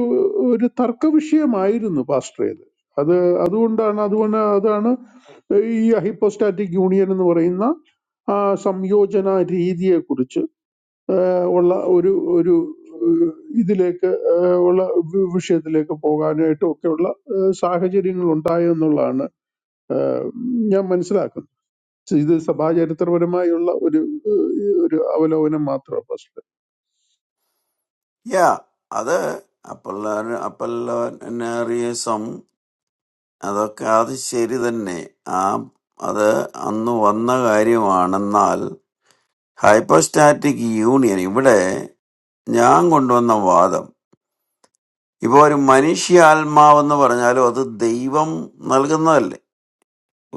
ഒരു തർക്ക വിഷയമായിരുന്നു പാസ്റ്ററേത് അത് അതുകൊണ്ടാണ് അതുകൊണ്ട് അതാണ് ഈ ഹൈപ്പോസ്റ്റാറ്റിക് യൂണിയൻ എന്ന് പറയുന്ന ആ സംയോജന രീതിയെക്കുറിച്ച് ഏഹ് ഉള്ള ഒരു ഒരു ഏഹ് ഇതിലേക്ക് ഏഹ് ഉള്ള വി- വിഷയത്തിലേക്ക് പോകാനായിട്ടും ഒക്കെയുള്ള ഏഹ് സാഹചര്യങ്ങൾ ഉണ്ടായെന്നുള്ളതാണ് ഏഹ് ഞാൻ മനസ്സിലാക്കുന്നത് So ഇത് സഭാചരിത്രപരമായുള്ള ഒരു ഏഹ്, ഒരു അവലോകനം മാത്രമാണ് ഫസ്റ്റ്
യാ അത് അപ്പല്ലാരും അപ്പല്ലാരിയസം അതൊക്കെ അത് ശരി തന്നെ ആ അത് അന്ന് വന്ന കാര്യമാണെന്നാൽ ഹൈപ്പോസ്റ്റാറ്റിക് യൂണിയൻ ഇവിടെ ഞാൻ കൊണ്ടുവന്ന വാദം ഇപ്പോൾ ഒരു മനുഷ്യ ആത്മാവെന്ന് പറഞ്ഞാലും അത് ദൈവം നൽകുന്നതല്ലേ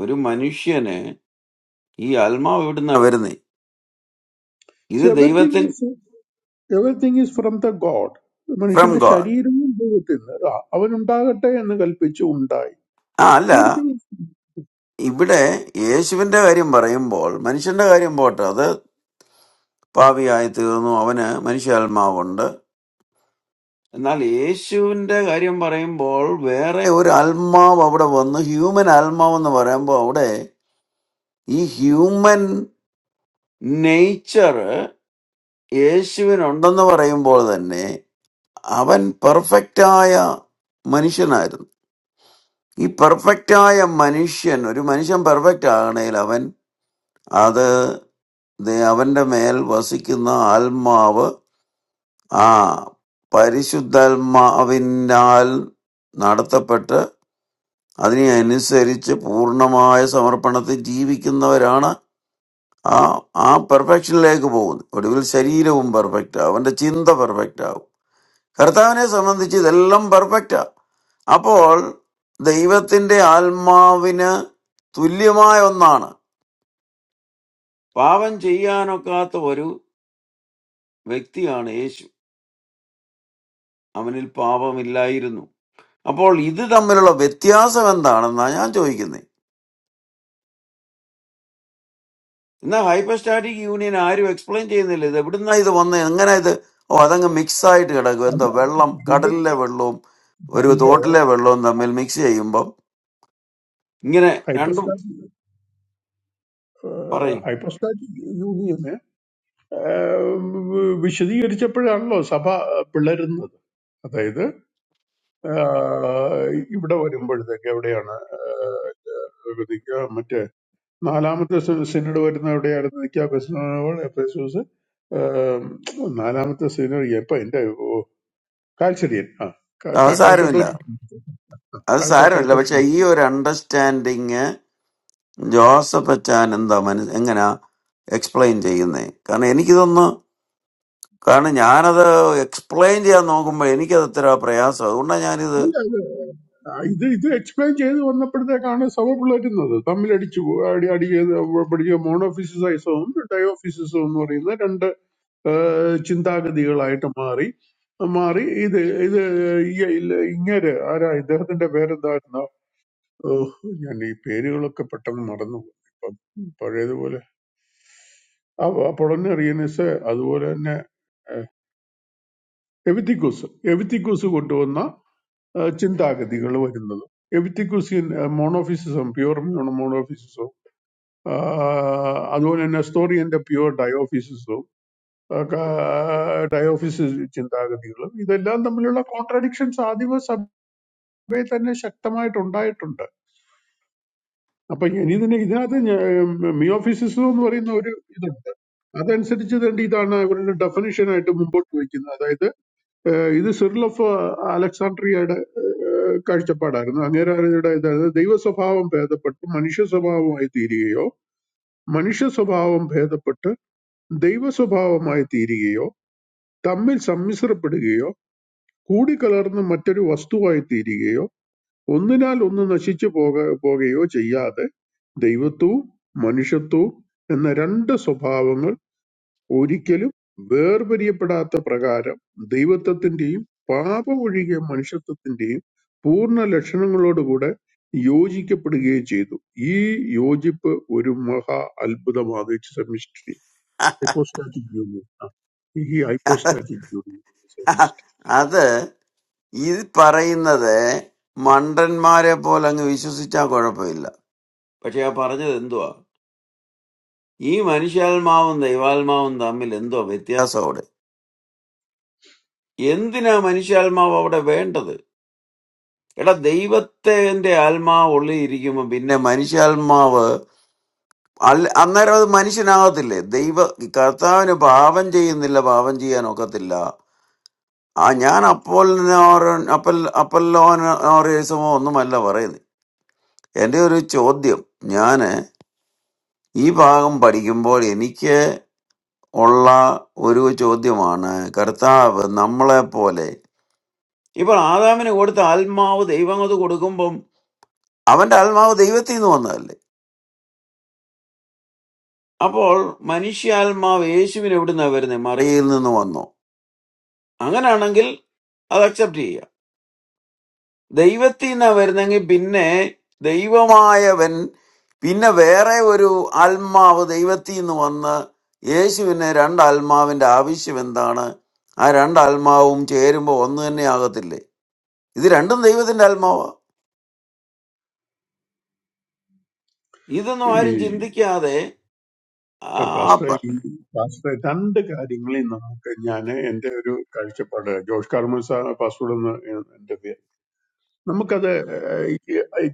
ഒരു മനുഷ്യന് ഈ ആത്മാവ് എവിടുന്ന വരുന്നേ
സി
ഇത്
എവറിങ്
ദൈവത്തിൻ
is everything is from the God
from
മനുഷ്യന്റെ
ഗോഡ്
ശരീരവും ദൈവത്തിൽ നിന്ന് ആ, അവനുണ്ടാകട്ടെ എന്ന് കൽപ്പിച്ചു ഉണ്ടായി
ആ അല്ല
എവറിങ്
ഇവിടെ യേശുവിന്റെ കാര്യം പറയുമ്പോൾ മനുഷ്യന്റെ കാര്യം പോട്ടെ അത് പാപിയായി തീർന്നു അവന് മനുഷ്യാത്മാവുണ്ട് എന്നാൽ യേശുവിന്റെ കാര്യം പറയുമ്പോൾ വേറെ ഒരു ആത്മാവ് അവിടെ വന്നു ഹ്യൂമൻ ആത്മാവ് എന്ന് പറയുമ്പോൾ അവിടെ ഈ ഹ്യൂമൻ നേച്ചർ യേശുവിനുണ്ടെന്ന് പറയുമ്പോൾ തന്നെ അവൻ പെർഫെക്റ്റായ മനുഷ്യനായിരുന്നു ഈ പെർഫെക്റ്റായ മനുഷ്യൻ ഒരു മനുഷ്യൻ പെർഫെക്റ്റ് ആകണേൽ അവൻ അത് ദേ- അവന്റെ മേൽ വസിക്കുന്ന ആത്മാവ് ആ പരിശുദ്ധാത്മാവിനാൽ നടത്തപ്പെട്ട് അതിനെ അനുസരിച്ച് പൂർണ്ണമായ സമർപ്പണത്തിൽ ജീവിക്കുന്നവരാണ് ആ ആ പെർഫെക്ഷനിലേക്ക് പോകുന്നു ഒടുവിൽ ശരീരവും പെർഫെക്റ്റ് ആവും അവന്റെ ചിന്ത പെർഫെക്റ്റ് ആവും കർത്താവിനെ സംബന്ധിച്ച് ഇതെല്ലാം പെർഫെക്റ്റാ അപ്പോൾ ദൈവത്തിന്റെ ആത്മാവിന് തുല്യമായ ഒന്നാണ് പാപം ചെയ്യാനൊക്കാത്ത ഒരു വ്യക്തിയാണ് യേശു അവനിൽ പാപമില്ലായിരുന്നു അപ്പോൾ ഇത് തമ്മിലുള്ള വ്യത്യാസം എന്താണെന്നാണ് ഞാൻ ചോദിക്കുന്നത് എന്നാ ഹൈപ്പർസ്റ്റാറ്റിക് യൂണിയൻ ആരും എക്സ്പ്ലെയിൻ ചെയ്യുന്നില്ല ഇത് എവിടുന്നാ ഇത് വന്ന് എങ്ങനെ ഇത് ഓ അതങ്ങ് മിക്സ് ആയിട്ട് കിടക്കും എന്തോ
അല്ല,
വെള്ളം
രണ്ട്
കടലിലെ വെള്ളവും ഒരു
രണ്ട്
തോട്ടിലെ വെള്ളവും തമ്മിൽ മിക്സ് ചെയ്യുമ്പം ഇങ്ങനെ രണ്ടും
ഹൈപ്പോസ്റ്റാറ്റിക്
പറയും
ഹൈപ്പോസ്റ്റാറ്റിക് യൂണിയന് വിശദീകരിച്ചപ്പോഴാണല്ലോ സഭ പിളരുന്നത് അതായത് ആ, ഇവിടെ വരുമ്പോഴത്തേക്ക് എവിടെയാണ് ആ, ഇത് മറ്റേ നാലാമത്തെ സെ- സിനഡ് വരുന്ന എവിടെയായിരുന്നു നിൽക്കുക ബെസ്നോൾ എഫേസൂസ് ആം, നാലാമത്തെ സിനഡ് എപ്പോ എന്റെ ഓ, കാൽച്ചെടിയൻ ആ ക-
അത്
ക-
സാരമില്ല
കൽക്കത്തോന്നി
അത്
കൽക്ക-
സാരമില്ല പക്ഷെ
കൽക്കത്തോന്നി
ഈ ഒരു അണ്ടർസ്റ്റാൻഡിങ് ജോസഫ് അച്ചാൻ എന്താ മനസ് എങ്ങനാ എക്സ്പ്ലെയിൻ ചെയ്യുന്നേ കാരണം എനിക്കിതൊന്ന് കാരണം ഞാനത് എക്സ്പ്ലെയിൻ ചെയ്യാൻ നോക്കുമ്പോൾ എനിക്കത് ഇത്ര പ്രയാസം അതുകൊണ്ടാണ് ഞാനിത്
അല്ല അല്ല ആ, ഇത് ഇത് എക്സ്പ്ലെയിൻ ചെയ്ത് വന്നപ്പോഴത്തേക്കാണ് സഭ പിളരുന്നത് തമ്മിലടിച്ചു പോ- അടി അടി ചെയ്ത് പഠിക്കുക മോണോഫിസിസൈസവും ഡയോഫിസിസവും എന്ന് പറയുന്ന രണ്ട് ആ, ചിന്താഗതികളായിട്ട് മാറി മാറി ഇത് ഇത് ഈ- ഇല്ല- ഇങ്ങേര് ആരാ ഇദ്ദേഹത്തിന്റെ പേരെന്താ ഓഹ്! ഞാൻ ഈ പേരുകളൊക്കെ പെട്ടെന്ന് മറന്നു പോയി. ഇപ്പം പഴയതുപോലെ ആഹ് അപ്പൊളോനിയറീനസ് അതുപോലെ തന്നെ ഏഹ് എവിത്തിക്കൂസ്. എവിത്തിക്കൂസ് കൊണ്ടുവന്ന ഏഹ് ചിന്താഗതികൾ വരുന്നത്. എവിത്തിക്കൂസിയൻ ഏഹ് മോണോഫിസിസം, പ്യുവർ മോണോ മോണോഫിസിസവും ആഹ് അതുപോലെ തന്നെ നെസ്റ്റോറിയന്റെ പ്യുവർ ഡയോഫിസിസവും ഒക്കെ ഡയോഫിസിസ് ചിന്താഗതികളും ഇതെല്ലാം തമ്മിലുള്ള കോൺട്രഡിക്ഷൻസ് ആദിമ സഭയിൽ തന്നെ ശക്തമായിട്ടുണ്ടായിട്ടുണ്ട്. അപ്പൊ ഇനി ഇതിന് ഇതിനകത്ത് ഞ- മിയോഫിസിസം എന്ന് പറയുന്ന ഒരു ഇതുണ്ട് അതനുസരിച്ച് തന്നെ ഇതാണ് ഇവരുടെ ഡെഫിനിഷൻ ആയിട്ട് മുമ്പോട്ട് വയ്ക്കുന്നത് അതായത് ഏഹ്, ഇത് സിറിൽ ഓഫ് അലക്സാണ്ട്രിയയുടെ ഏഹ്, കാഴ്ചപ്പാടായിരുന്നു അങ്ങേരുടെ ഇതായത് ദൈവ സ്വഭാവം ഭേദപ്പെട്ട് മനുഷ്യ സ്വഭാവമായി തീരുകയോ മനുഷ്യ സ്വഭാവം ഭേദപ്പെട്ട് ദൈവ സ്വഭാവമായി തീരുകയോ തമ്മിൽ സമ്മിശ്രപ്പെടുകയോ കൂടിക്കലർന്ന് മറ്റൊരു വസ്തുവായി തീരുകയോ ഒന്നിനാൽ ഒന്ന് നശിച്ചു പോക പോകുകയോ ചെയ്യാതെ ദൈവത്വവും മനുഷ്യത്വവും എന്ന രണ്ട് സ്വഭാവങ്ങൾ ഒരിക്കലും വേർപിരിയപ്പെടാത്ത പ്രകാരം ദൈവത്വത്തിന്റെയും പാപം ഒഴികെ മനുഷ്യത്വത്തിന്റെയും പൂർണ്ണ ലക്ഷണങ്ങളോടുകൂടെ യോജിക്കപ്പെടുകയും ചെയ്തു ഈ യോജിപ്പ് ഒരു മഹാ അത്ഭുതമാണ് it's a mystery hypostatic union ഈ ഹൈപ്പോസ്റ്റാറ്റിക് യൂണിയൻ
അത് ഇത് പറയുന്നത് മണ്ടന്മാരെ പോലെ അങ്ങ് വിശ്വസിച്ചാൽ കുഴപ്പമില്ല പക്ഷെ ആ പറഞ്ഞത് എന്തുവാ ഈ മനുഷ്യാത്മാവും ദൈവാത്മാവും തമ്മിൽ എന്തോ വ്യത്യാസം അവിടെ എന്തിനാ മനുഷ്യാത്മാവ് അവിടെ വേണ്ടത് എടാ ദൈവത്തിന്റെ ആത്മാവ് ഉള്ളിൽ ഇരിക്കുമ്പോ പിന്നെ മനുഷ്യാത്മാവ് അല്ല- അന്നേരം അത് മനുഷ്യനാകത്തില്ലേ ദൈവ കർത്താവിന് പാപം ചെയ്യുന്നില്ല പാപം ചെയ്യാൻ ഒക്കത്തില്ല ആ ഞാൻ അപ്പോൾ അപ്പൽ അപ്പല്ലോനോ ഒന്നുമല്ല പറയുന്നത് എന്റെ ഒരു ചോദ്യം ഞാൻ ഈ ഭാഗം പഠിക്കുമ്പോൾ എനിക്ക് ഉള്ള ഒരു ചോദ്യമാണ് കർത്താവ് നമ്മളെ പോലെ ഇപ്പോൾ ആദാമിന് കൊടുത്ത ആത്മാവ് ദൈവം അത് കൊടുക്കുമ്പം അവന്റെ ആത്മാവ് ദൈവത്തിൽ നിന്ന് വന്നതല്ലേ അപ്പോൾ മനുഷ്യാത്മാവ് യേശുവിന് എവിടുന്നാ വരുന്നത് മറിയിൽ നിന്ന് വന്നു അങ്ങനെയാണെങ്കിൽ അത് അക്സെപ്റ്റ് ചെയ്യുക The eventi na ver dangi pinnae theiva maaya ven pinnae veerae voru alma av the eventi novana yeshi venne rand alma ven daabishi vendana ay rand alma umche erima vondheni agatille isirandam the eventi alma va idum ayirin
ഈ
jindikiyade ap
pastor pastor രണ്ട് കാര്യങ്ങളിൽ നമുക്ക് ഞാൻ എന്റെ ഒരു കാഴ്ചപ്പാട് Josh Carmel പാസ്റ്റോട് ഒന്ന് എന്റെ പേര് നമുക്കത് ഏഹ്, ഈ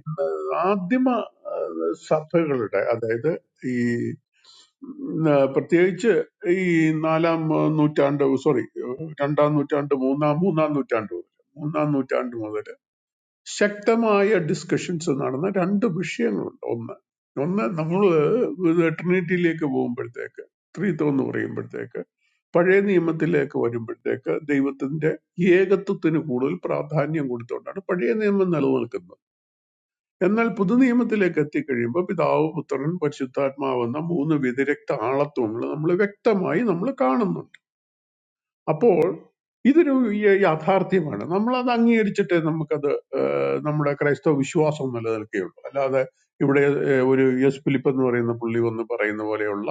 ആദിമ ഏഹ്, സഭകളുടെ അതായത് ഈ ഉം, ആ, പ്രത്യേകിച്ച് ഈ നാലാം നൂറ്റാണ്ട് സോറി രണ്ടാം നൂറ്റാണ്ട് മൂന്നാം മൂന്നാം നൂറ്റാണ്ട് മുതൽ മൂന്നാം നൂറ്റാണ്ട് മുതൽ ശക്തമായ ഡിസ്കഷൻസ് നടന്ന രണ്ട് വിഷയങ്ങളുണ്ട് ഒന്ന് ഒന്ന് നമ്മൾ ട്രിനിറ്റിയിലേക്ക് പോകുമ്പോഴത്തേക്ക് ത്രീത്വം എന്ന് പറയുമ്പോഴത്തേക്ക് പഴയ നിയമത്തിലേക്ക് വരുമ്പോഴത്തേക്ക് ദൈവത്തിന്റെ ഏകത്വത്തിന് കൂടുതൽ പ്രാധാന്യം കൊടുത്തുകൊണ്ടാണ് പഴയ നിയമം നിലനിൽക്കുന്നത് എന്നാൽ പുതു നിയമത്തിലേക്ക് എത്തിക്കഴിയുമ്പോൾ പിതാവ് പുത്രൻ പരിശുദ്ധാത്മാവെന്ന മൂന്ന് വ്യതിരക്ത ആളത്വങ്ങൾ നമ്മൾ വ്യക്തമായി നമ്മൾ കാണുന്നുണ്ട് അപ്പോൾ ഇതൊരു യ- യാഥാർത്ഥ്യമാണ് നമ്മളത് അംഗീകരിച്ചിട്ട് നമുക്കത് ഏഹ്, നമ്മുടെ ക്രൈസ്തവ വിശ്വാസം നിലനിൽക്കുകയുള്ളൂ അല്ലാതെ ഇവിടെ ഏഹ്, ഒരു യെസ് ഫിലിപ്പ് എന്ന് പറയുന്ന പുള്ളി ഒന്ന് പറയുന്ന പോലെയുള്ള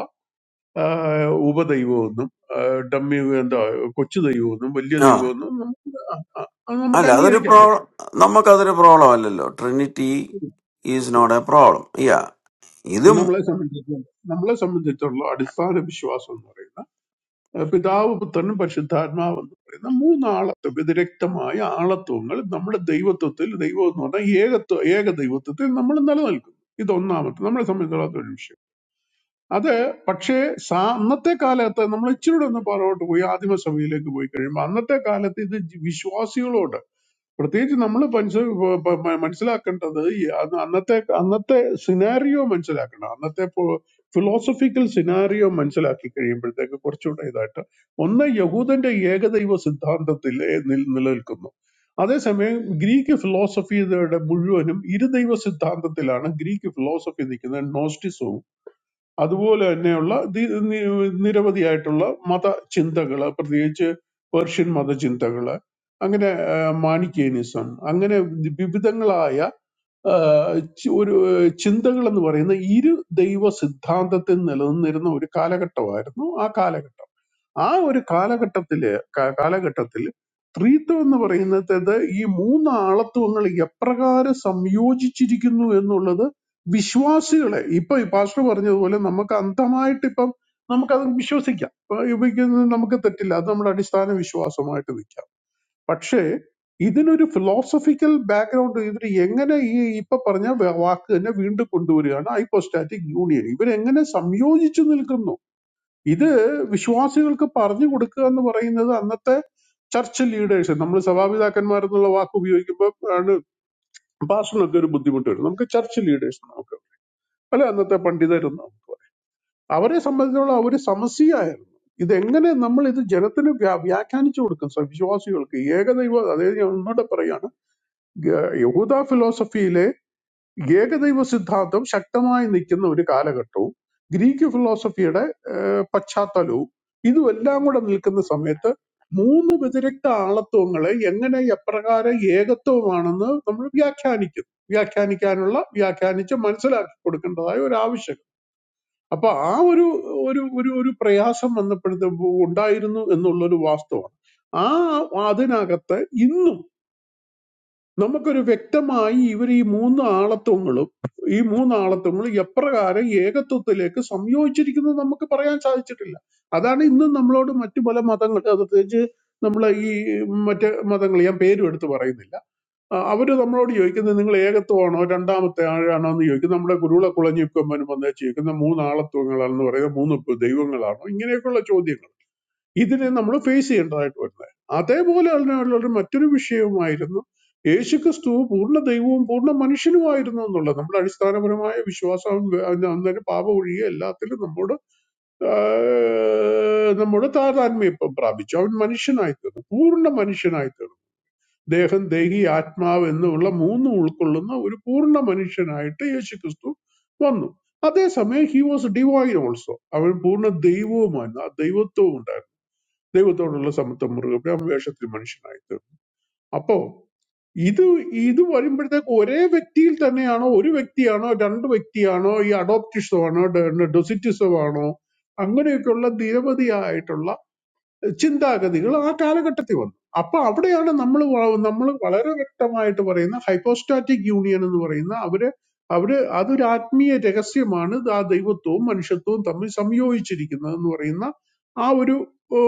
ആഹ്, ഉപദൈവമെന്നും ആഹ്, ഡമ്മി എന്താ കൊച്ചു ദൈവമെന്നും വലിയ
aala
ദൈവമെന്നും നമുക്ക് അ- അ- അത് നമുക്ക് അംഗീകരിക്കാൻ പറ്റും
adariprod namma kaderiprodlo vallelo trinity is not a problem yeah idum
നമ്മളെ സംബന്ധിച്ച് നമ്മളെ സംബന്ധിച്ചുള്ള അടിസ്ഥാന വിശ്വാസം എന്ന് പറയുന്നത് ഏഹ് പിതാവ് പുത്രനും പരിശുദ്ധാത്മാവ് എന്ന് പറയുന്ന മൂന്നാളത്വ വ്യതിരക്തമായ ആളത്വങ്ങൾ നമ്മുടെ ദൈവത്വത്തിൽ ദൈവം എന്ന് പറഞ്ഞാൽ ഏകത്വ ഏക ദൈവത്വത്തിൽ നമ്മൾ നിലനിൽക്കുന്നു ഇത് ഒന്നാമത്തെ നമ്മളെ സംബന്ധിച്ചിടത്തോളം ഒരു വിഷയം അത് പക്ഷേ സാ അന്നത്തെ കാലത്ത് നമ്മൾ ഇച്ചിരൂടെ ഒന്ന് പുറകോട്ട് പോയി ആദിമസഭയിലേക്ക് പോയി കഴിയുമ്പോൾ അന്നത്തെ കാലത്ത് ഇത് ജി- വിശ്വാസികളോട് പ്രത്യേകിച്ച് നമ്മൾ മനസ്സിലാക്കേണ്ടത് ഈ അന്ന് അന്നത്തെ അന്നത്തെ സിനാരിയോ മനസ്സിലാക്കണം അന്നത്തെ ഫിലോസഫിക്കൽ സിനാരിയോ മനസ്സിലാക്കി കഴിയുമ്പോഴത്തേക്ക് കുറച്ചുകൂടെ ഇതായിട്ട് ഒന്ന് യഹൂദന്റെ ഏകദൈവ സിദ്ധാന്തത്തിൽ നിൽ- നിലനിൽക്കുന്നു അതേസമയം ഗ്രീക്ക് ഫിലോസഫിയുടെ മുഴുവനും ഇരുദൈവ സിദ്ധാന്തത്തിലാണ് ഗ്രീക്ക് ഫിലോസഫി നിൽക്കുന്നത് നോസ്റ്റിസവും അതുപോലെ തന്നെയുള്ള ദി- നി- നിരവധിയായിട്ടുള്ള മതചിന്തകള് പ്രത്യേകിച്ച് പേർഷ്യൻ മതചിന്തകള് അങ്ങനെ മാണിക്യനിസം അങ്ങനെ വിവിധങ്ങളായ ആ, ചി- ഒരു ചിന്തകൾ എന്ന് പറയുന്ന ഇരു ദൈവ സിദ്ധാന്തത്തിൽ നിലനിന്നിരുന്ന ഒരു കാലഘട്ടമായിരുന്നു ആ കാലഘട്ടം ആ ഒരു കാലഘട്ടത്തില് കാ- കാലഘട്ടത്തിൽ സ്ത്രീത്വം എന്ന് പറയുന്നത് ഈ മൂന്ന് ആളത്വങ്ങൾ എപ്രകാരം സംയോജിച്ചിരിക്കുന്നു എന്നുള്ളത് വിശ്വാസികളെ ഇപ്പൊ ഈ പാസ്റ്റർ പറഞ്ഞതുപോലെ നമുക്ക് അന്ധമായിട്ട് ഇപ്പം നമുക്കത് വിശ്വസിക്കാം ഇപ്പൊ ഉപയോഗിക്കുന്നത് നമുക്ക് തെറ്റില്ല അത് നമ്മുടെ അടിസ്ഥാന വിശ്വാസമായിട്ട് നിൽക്കാം പക്ഷേ ഇതിനൊരു ഫിലോസഫിക്കൽ ബാക്ക്ഗ്രൗണ്ട് ഇവർ എങ്ങനെ ഈ ഇപ്പൊ പറഞ്ഞ വ- വാക്ക് തന്നെ വീണ്ടും കൊണ്ടുവരികയാണ് ഹൈപ്പോസ്റ്റാറ്റിക് യൂണിയൻ ഇവരെങ്ങനെ സംയോജിച്ചു നിൽക്കുന്നു ഇത് വിശ്വാസികൾക്ക് പറഞ്ഞു കൊടുക്കുക എന്ന് പറയുന്നത് അന്നത്തെ ചർച്ച് ലീഡേഴ്സ് നമ്മൾ സഭാപിതാക്കന്മാർ എന്നുള്ള വാക്ക് ഉപയോഗിക്കുമ്പോൾ ആണ് പാസ്റ്ററിനൊക്കെ ഒരു ബുദ്ധിമുട്ട് വരും നമുക്ക് ചർച്ച് ലീഡേഴ്സ് അല്ല അന്നത്തെ പണ്ഡിതരെന്ന് നമുക്ക് പറയാം അവരെ സംബന്ധിച്ചുള്ള അവർ സമസ്യയായിരുന്നു ഇതെങ്ങനെ നമ്മൾ ഇത് ജനത്തിന് വ്യാ- വ്യാഖ്യാനിച്ചു കൊടുക്കും സ- വിശ്വാസികൾക്ക് ഏകദൈവ അതായത് ഞാൻ ഒന്നുകൂടെ പറയാണ് ഗ- യഹൂദ ഫിലോസഫിയിലെ ഏകദൈവ സിദ്ധാന്തം ശക്തമായി നിൽക്കുന്ന ഒരു കാലഘട്ടവും ഗ്രീക്ക് ഫിലോസഫിയുടെ ഏഹ്, പശ്ചാത്തലവും ഇതും എല്ലാം കൂടെ നിൽക്കുന്ന സമയത്ത് മൂന്ന് വ്യതിരിക്ത ആളത്വങ്ങളെ എങ്ങനെ എപ്രകാരം ഏകത്വമാണെന്ന് നമ്മൾ വ്യാഖ്യാനിക്കും വ്യാഖ്യാനിക്കാനുള്ള വ്യാഖ്യാനിച്ച് മനസ്സിലാക്കി കൊടുക്കേണ്ടതായ ഒരു ആവശ്യം അപ്പൊ ആ ഒരു ഒരു ഒരു ഒരു പ്രയാസം വന്നപ്പോഴത്തെ ഉണ്ടായിരുന്നു എന്നുള്ളൊരു വാസ്തവമാണ് ആ അതിനകത്ത് ഇന്നും നമുക്കൊരു വ്യക്തമായി ഇവർ ഈ മൂന്ന് ആളത്വങ്ങളും ഈ മൂന്ന് ആളത്വങ്ങളും എപ്രകാരം ഏകത്വത്തിലേക്ക് സംയോജിച്ചിരിക്കുന്നത് നമുക്ക് പറയാൻ സാധിച്ചിട്ടില്ല അതാണ് ഇന്നും നമ്മളോട് മറ്റു പല മതങ്ങൾ പ്രത്യേകിച്ച് നമ്മളെ ഈ മറ്റ് മതങ്ങൾ ഞാൻ പേരും എടുത്ത് പറയുന്നില്ല അവർ നമ്മളോട് ചോദിക്കുന്നത് നിങ്ങൾ ഏകത്വമാണോ രണ്ടാമത്തെ ആഴാണോ എന്ന് ചോദിക്കും നമ്മുടെ കുരുവിള കുളഞ്ഞിക്കൊമ്പനും വന്ന് ചോദിക്കുന്ന മൂന്ന് ആളത്വങ്ങളാണെന്ന് പറയുന്നത് മൂന്ന് പ് ദൈവങ്ങളാണോ ഇങ്ങനെയൊക്കെയുള്ള ചോദ്യങ്ങൾ ഇതിനെ നമ്മൾ ഫേസ് ചെയ്യേണ്ടതായിട്ട് വരുന്നത് അതേപോലെ അതിനുള്ള മറ്റൊരു വിഷയവുമായിരുന്നു യേശുക്രിസ്തു പൂർണ്ണ ദൈവവും പൂർണ്ണ മനുഷ്യനുമായിരുന്നു എന്നുള്ളത് നമ്മുടെ അടിസ്ഥാനപരമായ വിശ്വാസം അന്നേരം പാപം ഒഴികെ എല്ലാത്തിലും നമ്മോട് ആ, നമ്മോട് താതാത്മ്യം ഇപ്പം പ്രാപിച്ചു അവൻ മനുഷ്യനായി തീർന്നു പൂർണ്ണ മനുഷ്യനായി തീർന്നു ദേഹം ദേഹി ആത്മാവ് എന്നുള്ള മൂന്നും ഉൾക്കൊള്ളുന്ന ഒരു പൂർണ്ണ മനുഷ്യനായിട്ട് യേശു ക്രിസ്തു വന്നു അതേസമയം ഹി വാസ് ഡിവൈൻ ഓൾസോ അവൻ പൂർണ്ണ ദൈവവുമായിരുന്നു ആ ദൈവത്വവും ഉണ്ടായിരുന്നു ദൈവത്തോടുള്ള സമത്വം മുറുകെ പിടിച്ച് അവൻ വേഷത്തിൽ മനുഷ്യനായി തീർന്നു അപ്പോ ഇത് ഇത് വരുമ്പോഴത്തേക്ക് ഒരേ വ്യക്തിയിൽ തന്നെയാണോ ഒരു വ്യക്തിയാണോ രണ്ട് വ്യക്തിയാണോ ഈ അഡോപ്റ്റിസമാണോ ഡെസിറ്റിസമാണോ അങ്ങനെയൊക്കെയുള്ള നിരവധിയായിട്ടുള്ള ചിന്താഗതികൾ ആ കാലഘട്ടത്തിൽ വന്നു അപ്പൊ അവിടെയാണ് നമ്മൾ നമ്മൾ വളരെ വ്യക്തമായിട്ട് പറയുന്ന ഹൈപ്പോസ്റ്റാറ്റിക് യൂണിയൻ എന്ന് പറയുന്ന അവര് അവര് അതൊരു ആത്മീയ രഹസ്യമാണ് ആ ദൈവത്വവും മനുഷ്യത്വവും തമ്മിൽ സംയോജിച്ചിരിക്കുന്നത് എന്ന് പറയുന്ന ആ ഒരു ഓ,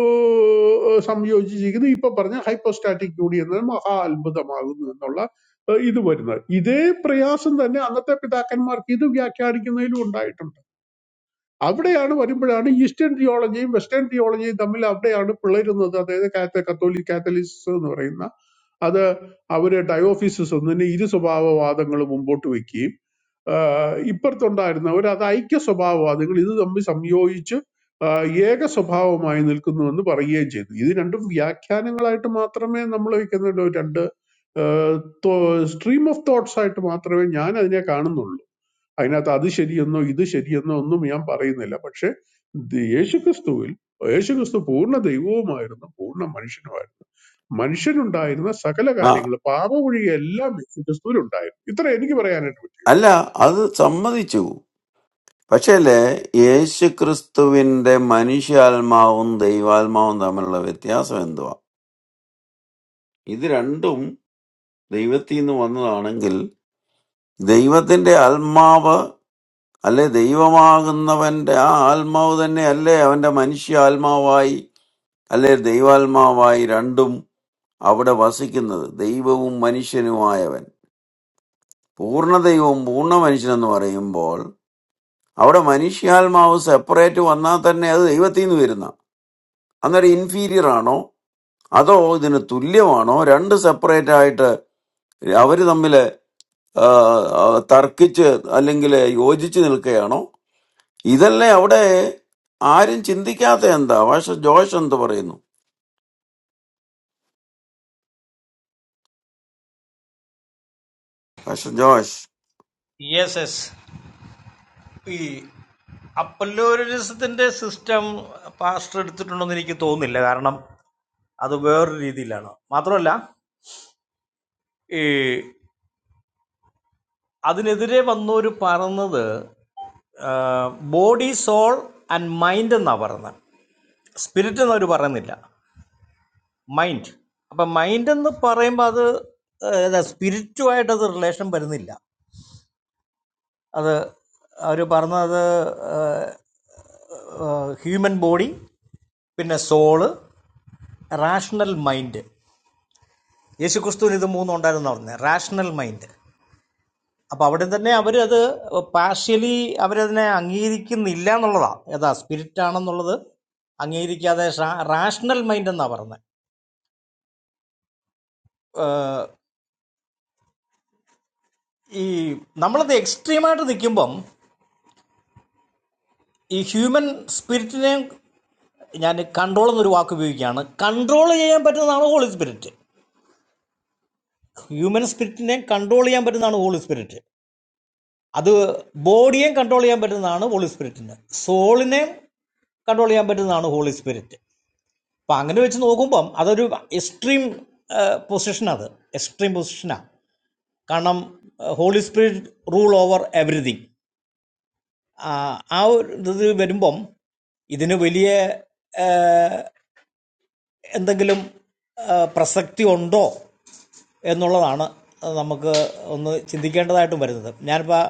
സംയോജിച്ചിരിക്കുന്നത് ഇപ്പൊ പറഞ്ഞ ഹൈപ്പോസ്റ്റാറ്റിക് യൂണിയൻ എന്നത് മഹാ അത്ഭുതമാകുന്നു എന്നുള്ള ഏ, ഇത് വരുന്നത് ഇതേ പ്രയാസം തന്നെ അന്നത്തെ പിതാക്കന്മാർക്ക് ഇത് വ്യാഖ്യാനിക്കുന്നതിലും ഉണ്ടായിട്ടുണ്ട് അവിടെയാണ് വരുമ്പോഴാണ് ഈസ്റ്റേൺ തിയോളജിയും വെസ്റ്റേൺ തിയോളജിയും തമ്മിൽ അവിടെയാണ് പിളരുന്നത് അതായത് കാത്ത കത്തോലിക് കാത്തലിസ് എന്ന് പറയുന്ന അത് അവര് ഡയോഫിസിസ് ഒന്നിനെ ഇരു സ്വഭാവവാദങ്ങൾ മുമ്പോട്ട് വെക്കുകയും ആഹ് ഇപ്പുറത്തുണ്ടായിരുന്നവർ അത് ഐക്യ സ്വഭാവവാദികൾ ഇത് തമ്മിൽ സംയോജിച്ച് ആഹ് ഏക സ്വഭാവമായി നിൽക്കുന്നുവെന്ന് പറയുകയും ചെയ്തു ഇത് രണ്ടും വ്യാഖ്യാനങ്ങളായിട്ട് മാത്രമേ നമ്മൾ വെക്കുന്നുള്ളൂ രണ്ട് സ്ട്രീം ഓഫ് തോട്ട്സ് ആയിട്ട് മാത്രമേ ഞാൻ അതിനെ കാണുന്നുള്ളൂ അതിനകത്ത് അത് ശരിയെന്നോ ഇത് ശരിയെന്നോ ഒന്നും ഞാൻ പറയുന്നില്ല പക്ഷെ ദി- യേശുക്രിസ്തുവിൽ യേശുക്രിസ്തു പൂർണ്ണ ദൈവവുമായിരുന്നു പൂർണ്ണ മനുഷ്യനുമായിരുന്നു മനുഷ്യനുണ്ടായിരുന്ന സകല
a
കാര്യങ്ങൾ പാപമൊഴികെ എല്ലാം യേശുക്രിസ്തുവിൽ ഉണ്ടായിരുന്നു ഇത്ര എനിക്ക് പറയാനായിട്ട് പറ്റും
aala adar sammadi chu പക്ഷേലേ യേശുക്രിസ്തുവിന്റെ മനുഷ്യാത്മാവും ദൈവാത്മാവും തമ്മിലുള്ള വ്യത്യാസം എന്തുവാ? ഇത് രണ്ടും ദൈവത്തിൽ നിന്ന് വന്നതാണെങ്കിൽ ദൈവത്തിന്റെ ആത്മാവ് അല്ലെ ദൈവമാകുന്നവന്റെ ആ ആത്മാവ് തന്നെ അല്ലേ അവന്റെ മനുഷ്യാത്മാവായി അല്ലെ ദൈവാത്മാവായി രണ്ടും അവിടെ വസിക്കുന്നത് ദൈവവും മനുഷ്യനുമായവൻ പൂർണ്ണ ദൈവവും പൂർണ്ണ മനുഷ്യനെന്ന് പറയുമ്പോൾ അവിടെ മനുഷ്യാത്മാവ് സെപ്പറേറ്റ് വന്നാൽ തന്നെ അത് ദൈവത്തിൽ നിന്ന് വരുന്ന അന്നേരം ഇൻഫീരിയർ ആണോ അതോ ഇതിന് തുല്യമാണോ രണ്ട് സെപ്പറേറ്റ് ആയിട്ട് അവര് തമ്മിൽ തർക്കിച്ച് അല്ലെങ്കിൽ യോജിച്ച് നിൽക്കുകയാണോ ഇതല്ലേ അവിടെ ആരും ചിന്തിക്കാത്ത എന്താ ഭാഷ ജോഷ് എന്ത് പറയുന്നു ഭാഷ ജോഷ്
യെസ് യെസ് ഈ അപ്പല്ലോരലിസത്തിന്റെ സിസ്റ്റം പാസ്റ്റർ എടുത്തിട്ടുണ്ടെന്ന് എനിക്ക് തോന്നുന്നില്ല കാരണം അത് വേറൊരു രീതിയിലാണ് മാത്രമല്ല ഈ അതിനെതിരെ വന്നവർ പറഞ്ഞത് ബോഡി സോൾ ആൻഡ് മൈൻഡ് എന്നാണ് പറയുന്നത് സ്പിരിറ്റ് എന്ന് അവർ പറയുന്നില്ല മൈൻഡ് അപ്പം മൈൻഡ് എന്ന് പറയുമ്പോൾ അത് സ്പിരിറ്റുമായിട്ട് അത് റിലേഷൻ വരുന്നില്ല അത് അവർ പറഞ്ഞത് ഹ്യൂമൻ ബോഡി പിന്നെ സോള് റാഷണൽ മൈൻഡ് യേശുക്രിസ്തുവിന് ഇത് മൂന്നും ഉണ്ടായിരുന്നു പറഞ്ഞത് റാഷണൽ മൈൻഡ് അപ്പോൾ അവിടെ തന്നെ അവരത് പാർഷ്യലി അവരതിനെ അംഗീകരിക്കുന്നില്ല എന്നുള്ളതാണ് ഏതാ സ്പിരിറ്റ് ആണെന്നുള്ളത് അംഗീകരിക്കാതെ റാഷണൽ മൈൻഡ് എന്നാണ് പറഞ്ഞത് ഈ നമ്മളത് എക്സ്ട്രീമായിട്ട് നിൽക്കുമ്പം ഈ ഹ്യൂമൻ സ്പിരിറ്റിനെയും ഞാൻ കൺട്രോൾ എന്നൊരു വാക്ക് ഉപയോഗിക്കുകയാണ് കൺട്രോൾ ചെയ്യാൻ പറ്റുന്നതാണ് holy spirit Human spirit ne control yam badan na holy spirit. Ado body ne control yam badan na holy spirit na soul ne control yam badan na holy spirit. Pangne vechan ogumpam. Ado jo extreme position ado. Extreme position. Karna holy spirit rule over everything. Ah, our this badum pump. Idene bolie. എന്തെങ്കിലും പ്രസക്തി ഉണ്ടോ എന്നുള്ളതാണ് നമുക്ക് ഒന്ന് ചിന്തിക്കേണ്ടതായിട്ടും വരുന്നത് ഞാനിപ്പോൾ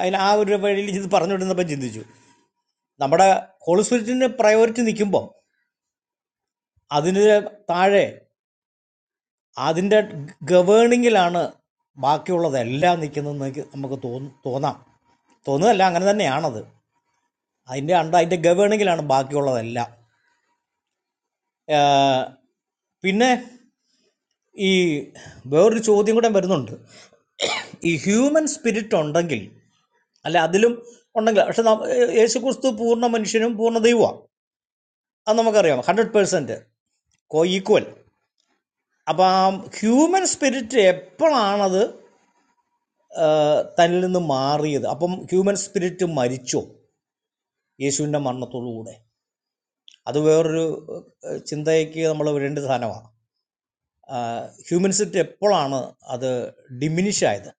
അതിന് ആ ഒരു വഴിയിൽ ഇത് പറഞ്ഞുകൊണ്ടിരുന്നപ്പോൾ ചിന്തിച്ചു നമ്മുടെ ഹോളി സ്പിരിറ്റിന് പ്രയോറിറ്റി നിൽക്കുമ്പോൾ അതിന് താഴെ അതിൻ്റെ ഗവേണിങ്ങിലാണ് ബാക്കിയുള്ളതെല്ലാം നിൽക്കുന്നതെന്ന് എനിക്ക് നമുക്ക് തോന്നും തോന്നാം തോന്നുകയല്ല അങ്ങനെ തന്നെയാണത് അതിൻ്റെ അണ്ട അതിൻ്റെ ഗവേണിങ്ങിലാണ് ബാക്കിയുള്ളതെല്ലാം പിന്നെ ഈ വേറൊരു ചോദ്യം കൂടെ വരുന്നുണ്ട് ഈ ഹ്യൂമൻ സ്പിരിറ്റ് ഉണ്ടെങ്കിൽ അല്ല അതിലും ഉണ്ടെങ്കിൽ പക്ഷെ ന- യേശു ക്രിസ്തു പൂർണ്ണ മനുഷ്യനും പൂർണ്ണ ദൈവമാണ് അത് നമുക്കറിയാം ഹൺഡ്രഡ് പേഴ്സൻറ്റ് കോ ഈക്വൽ അപ്പം ആ ഹ്യൂമൻ സ്പിരിറ്റ് എപ്പോഴാണത് ആ, തന്നിൽ നിന്ന് മാറിയത് അപ്പം ഹ്യൂമൻ സ്പിരിറ്റ് മരിച്ചോ യേശുവിൻ്റെ മരണത്തോടുകൂടെ അത് വേറൊരു ആ, ചിന്തയ്ക്ക് നമ്മൾ വിടേണ്ട സാധനമാണ് ഹ്യൂമൻ സ്പിരിറ്റ് എപ്പോഴാണ് അത് ഡിമിനിഷ് ആയത്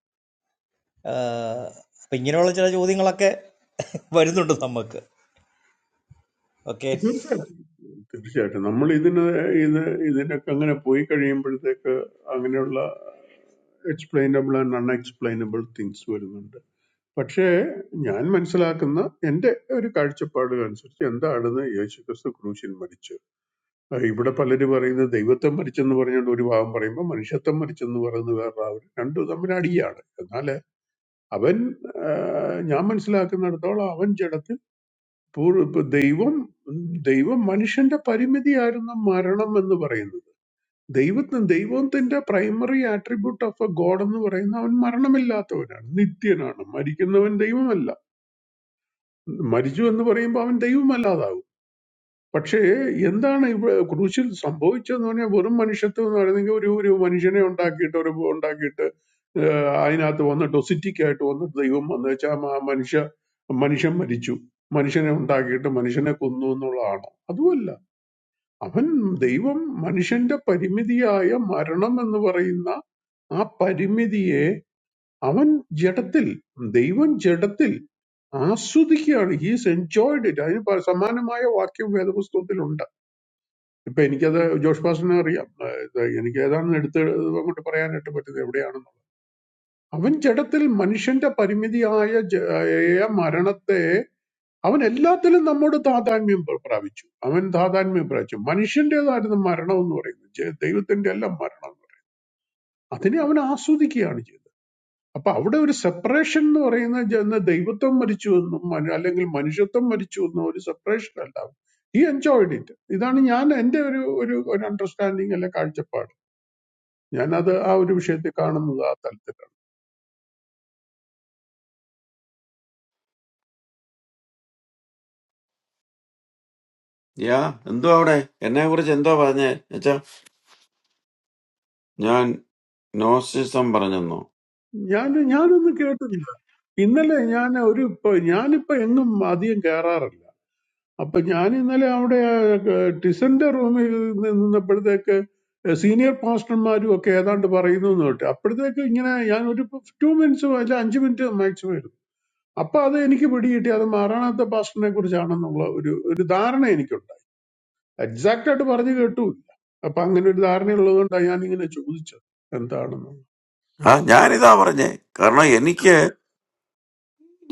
അപ്പം ഇങ്ങനെയുള്ള ചില ചോദ്യങ്ങളൊക്കെ വരുന്നുണ്ട് നമുക്ക് ഓക്കെ
തീർച്ചയായിട്ടും തീർച്ചയായിട്ടും നമ്മൾ ഇതിന് ഇത് ഇതിനൊക്കെ അങ്ങനെ പോയി കഴിയുമ്പോഴത്തേക്ക് അങ്ങനെയുള്ള എക്സ്പ്ലെയിനബിൾ ആൻഡ് അൺഎക്സ്പ്ലെയിനബിൾ തിങ്സ് വരുന്നുണ്ട് പക്ഷേ ഞാൻ മനസ്സിലാക്കുന്ന എന്റെ ഒരു കാഴ്ചപ്പാട് അനുസരിച്ച് എന്താണെന്ന് യേശുക്രിസ്തു ക്രൂശിൽ മരിച്ചു ആ, ഇവിടെ പലരും പറയുന്നത് ദൈവത്വം മരിച്ചെന്ന് പറഞ്ഞുകൊണ്ട് ഒരു ഭാഗം പറയുമ്പോൾ മനുഷ്യത്വം മരിച്ചെന്ന് പറയുന്നത് വേറെ ആവും രണ്ടു തമ്മിൽ അടിയാണ് എന്നാൽ അവൻ ആ, ഞാൻ മനസ്സിലാക്കുന്നിടത്തോളം അവൻ ജഡത്തിൽ പൂർ- ഇപ്പൊ ദൈവം ദൈവം മനുഷ്യന്റെ പരിമിതിയായിരുന്നു മരണം എന്ന് പറയുന്നത് ദൈവത്തിന് ദൈവത്തിന്റെ primary attribute of a God എന്ന് പറയുന്ന അവൻ മരണമില്ലാത്തവനാണ് നിത്യനാണ് മരിക്കുന്നവൻ ദൈവമല്ല മരിച്ചു എന്ന് പറയുമ്പോൾ അവൻ ദൈവമല്ലാതാവും പക്ഷേ എന്താണ് ഇവിടെ ക്രൂശിൽ സംഭവിച്ചതെന്ന് പറഞ്ഞാൽ വെറും മനുഷ്യത്വം എന്ന് പറയുന്നെങ്കിൽ ഒരു ഒരു മനുഷ്യനെ ഉണ്ടാക്കിയിട്ട് ഒരു ഉണ്ടാക്കിയിട്ട് ഏഹ് അതിനകത്ത് വന്നിട്ട് ഒസിറ്റിക്കായിട്ട് വന്നിട്ട് ദൈവം വന്ന് വെച്ചാൽ മനുഷ്യ മനുഷ്യൻ മരിച്ചു മനുഷ്യനെ ഉണ്ടാക്കിയിട്ട് മനുഷ്യനെ കൊന്നു എന്നുള്ളതാണോ അതുമല്ല അവൻ ദൈവം മനുഷ്യന്റെ പരിമിതിയായ മരണം എന്ന് പറയുന്ന ആ പരിമിതിയെ അവൻ ജഡത്തിൽ ദൈവം ജഡത്തിൽ ആസ്വദിക്കുകയാണ് ഹീസ് എൻജോയ്ഡ് ഇറ്റ് അതിന് പ- സമാനമായ വാക്യം വേദപുസ്തകത്തിലുണ്ട് ഇപ്പൊ എനിക്കത് ജോഷ് പാസ്റ്റിനെ അറിയാം ഏഹ് ഇത് എനിക്ക് ഏതാണെന്ന് എടുത്ത് അങ്ങോട്ട് പറയാനായിട്ട് പറ്റുന്നത് എവിടെയാണെന്നുള്ളത് അവൻ ജഡത്തിൽ മനുഷ്യന്റെ പരിമിതിയായ ജ- ആയ മരണത്തെ അവൻ എല്ലാത്തിലും നമ്മോട് താതാത്മ്യം പ്ര- പ്രാപിച്ചു അവൻ താതാത്മ്യം പ്രാപിച്ചു മനുഷ്യന്റേതായിരുന്നു മരണം എന്ന് പറയുന്നത് ജ- ദൈവത്തിന്റെ അല്ല മരണം എന്ന് പറയുന്നത് അതിനെ അവൻ ആസ്വദിക്കുകയാണ് ചെയ്തത് അപ്പൊ അവിടെ ഒരു സെപ്പറേഷൻ എന്ന് പറയുന്ന ജ- എന്ന ദൈവത്വം മരിച്ചു എന്നും മനു- അല്ലെങ്കിൽ മനുഷ്യത്വം മരിച്ചു എന്നും ഒരു സെപ്പറേഷൻ അല്ല ഹി എൻജോയ്ഡ് ഇറ്റ് ഇതാണ് ഞാൻ എന്റെ ഒരു ഒരു അണ്ടർസ്റ്റാൻഡിങ് അല്ലെ കാഴ്ചപ്പാട് ഞാനത് ആ ഒരു വിഷയത്തിൽ കാണുന്നത് ആ തലത്തിലാണ്
യാ എന്തോ അവിടെ എന്നെ കുറിച്ച് എന്തോ പറഞ്ഞേ വെച്ചാ ഞാൻ നോസിസം പറഞ്ഞെന്നോ
ഞാൻ ഞാനൊന്നും കേട്ടില്ല ഇന്നലെ ഞാൻ ഒരു ഇപ്പൊ- ഞാനിപ്പോ എങ്ങും അധികം കേറാറില്ല അപ്പൊ ഞാൻ ഇന്നലെ അവിടെ ഏർ, ടിസന്റെ റൂമിൽ നിന്നപ്പോഴത്തേക്ക് സീനിയർ പാസ്റ്റർമാരും ഒക്കെ ഏതാണ്ട് പറയുന്നു എന്ന് കേട്ടു അപ്പോഴത്തേക്ക് ഇങ്ങനെ ഞാൻ ഒരു ടു മിനിറ്റ്സ് അല്ല അഞ്ച് മിനിറ്റ് മാക്സിമം ഇരുന്നു അപ്പൊ അത് എനിക്ക് പിടികിട്ടി അത് മാറാണാത്ത പാസ്റ്ററിനെ കുറിച്ചാണെന്നുള്ള ഒരു ഒരു ധാരണ എനിക്കുണ്ടായി എക്സാക്റ്റ് ആയിട്ട് പറഞ്ഞു കേട്ടു അപ്പൊ അങ്ങനെ ഒരു ധാരണ ഉള്ളതുകൊണ്ടാണ് ഞാൻ ഇങ്ങനെ ചോദിച്ചത് എന്താണെന്ന്
ആ ഞാനിതാ പറഞ്ഞേ കാരണം എനിക്ക്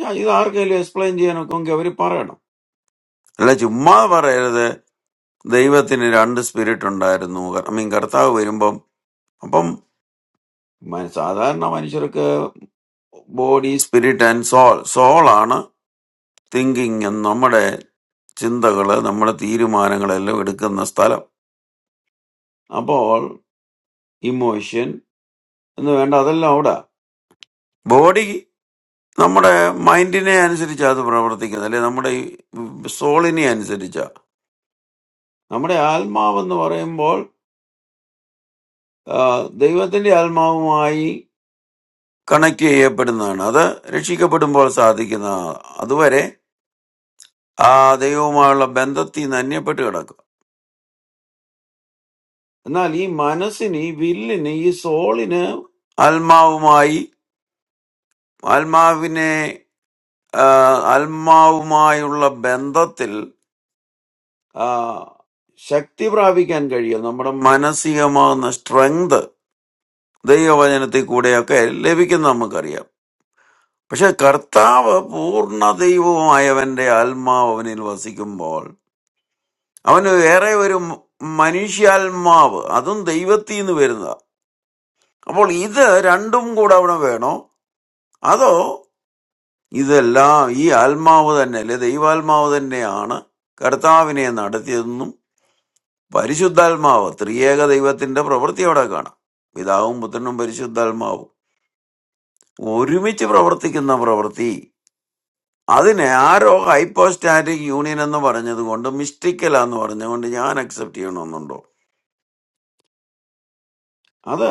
ഞാൻ ഇത് ആർക്കെങ്കിലും എക്സ്പ്ലെയിൻ ചെയ്യാനൊക്കെ അവർ പറയണം അല്ല ചുമ്മാ പറയരുത് ദൈവത്തിന് രണ്ട് സ്പിരിറ്റ് ഉണ്ടായിരുന്നു ഐ മീൻ കർത്താവ് വരുമ്പം അപ്പം മ- സാധാരണ മനുഷ്യർക്ക് ബോഡി സ്പിരിറ്റ് ആൻഡ് സോൾ സോളാണ് തിങ്കിങ് നമ്മുടെ ചിന്തകള് നമ്മുടെ തീരുമാനങ്ങളെല്ലാം എടുക്കുന്ന സ്ഥലം അപ്പോൾ ഇമോഷൻ എന്ന് വേണ്ട അതെല്ലാം അവിടെ ബോഡി നമ്മുടെ മൈൻഡിനെ അനുസരിച്ച് അത് പ്രവർത്തിക്കുന്നത് അല്ലെ നമ്മുടെ സോളിനെ അനുസരിച്ചാ നമ്മുടെ ആത്മാവെന്ന് പറയുമ്പോൾ ആ, ദൈവത്തിന്റെ ആത്മാവുമായി കണക്ട് ചെയ്യപ്പെടുന്നതാണ് അത് രക്ഷിക്കപ്പെടുമ്പോൾ സാധിക്കുന്ന അതുവരെ ആ ദൈവവുമായുള്ള ബന്ധത്തിൽ നിന്ന് അന്യപ്പെട്ട് കിടക്കുക എന്നാൽ ഈ മനസ്സിന് ഈ വില്ലിന് ഈ സോളിന് ആത്മാവുമായി ആത്മാവിനെ ആ, ആത്മാവുമായുള്ള ബന്ധത്തിൽ ആ, ശക്തി പ്രാപിക്കാൻ കഴിയും നമ്മുടെ മാനസികമാകുന്ന സ്ട്രെങ്ത് ദൈവവചനത്തിൽ കൂടെയൊക്കെ ലഭിക്കുന്ന നമുക്കറിയാം പക്ഷെ കർത്താവ് പൂർണ്ണ ദൈവവുമായവന്റെ ആത്മാവ് അവനിൽ വസിക്കുമ്പോൾ അവന് വേറെ ഒരു മ- മനുഷ്യാത്മാവ് അതും ദൈവത്തിൽ നിന്ന് വരുന്നതാ അപ്പോൾ ഇത് രണ്ടും കൂടെ അവിടെ വേണോ അതോ ഇതെല്ലാം ഈ ആത്മാവ് തന്നെ അല്ലെ ദൈവാത്മാവ് തന്നെയാണ് കർത്താവിനെ നടത്തിയതെന്നും പരിശുദ്ധാത്മാവ് ത്രിയേക ദൈവത്തിന്റെ പ്രവൃത്തി അവിടെ കാണാം പിതാവും പുത്രനും പരിശുദ്ധാത്മാവും ഒരുമിച്ച് പ്രവർത്തിക്കുന്ന പ്രവൃത്തി അതിനെ ആരോ ഹൈപ്പോസ്റ്റാറ്റിക് യൂണിയൻ എന്ന് പറഞ്ഞത് കൊണ്ട് മിസ്റ്റിക്കലാന്ന് പറഞ്ഞുകൊണ്ട് ഞാൻ അക്സെപ്റ്റ് ചെയ്യണമെന്നുണ്ടോ അത്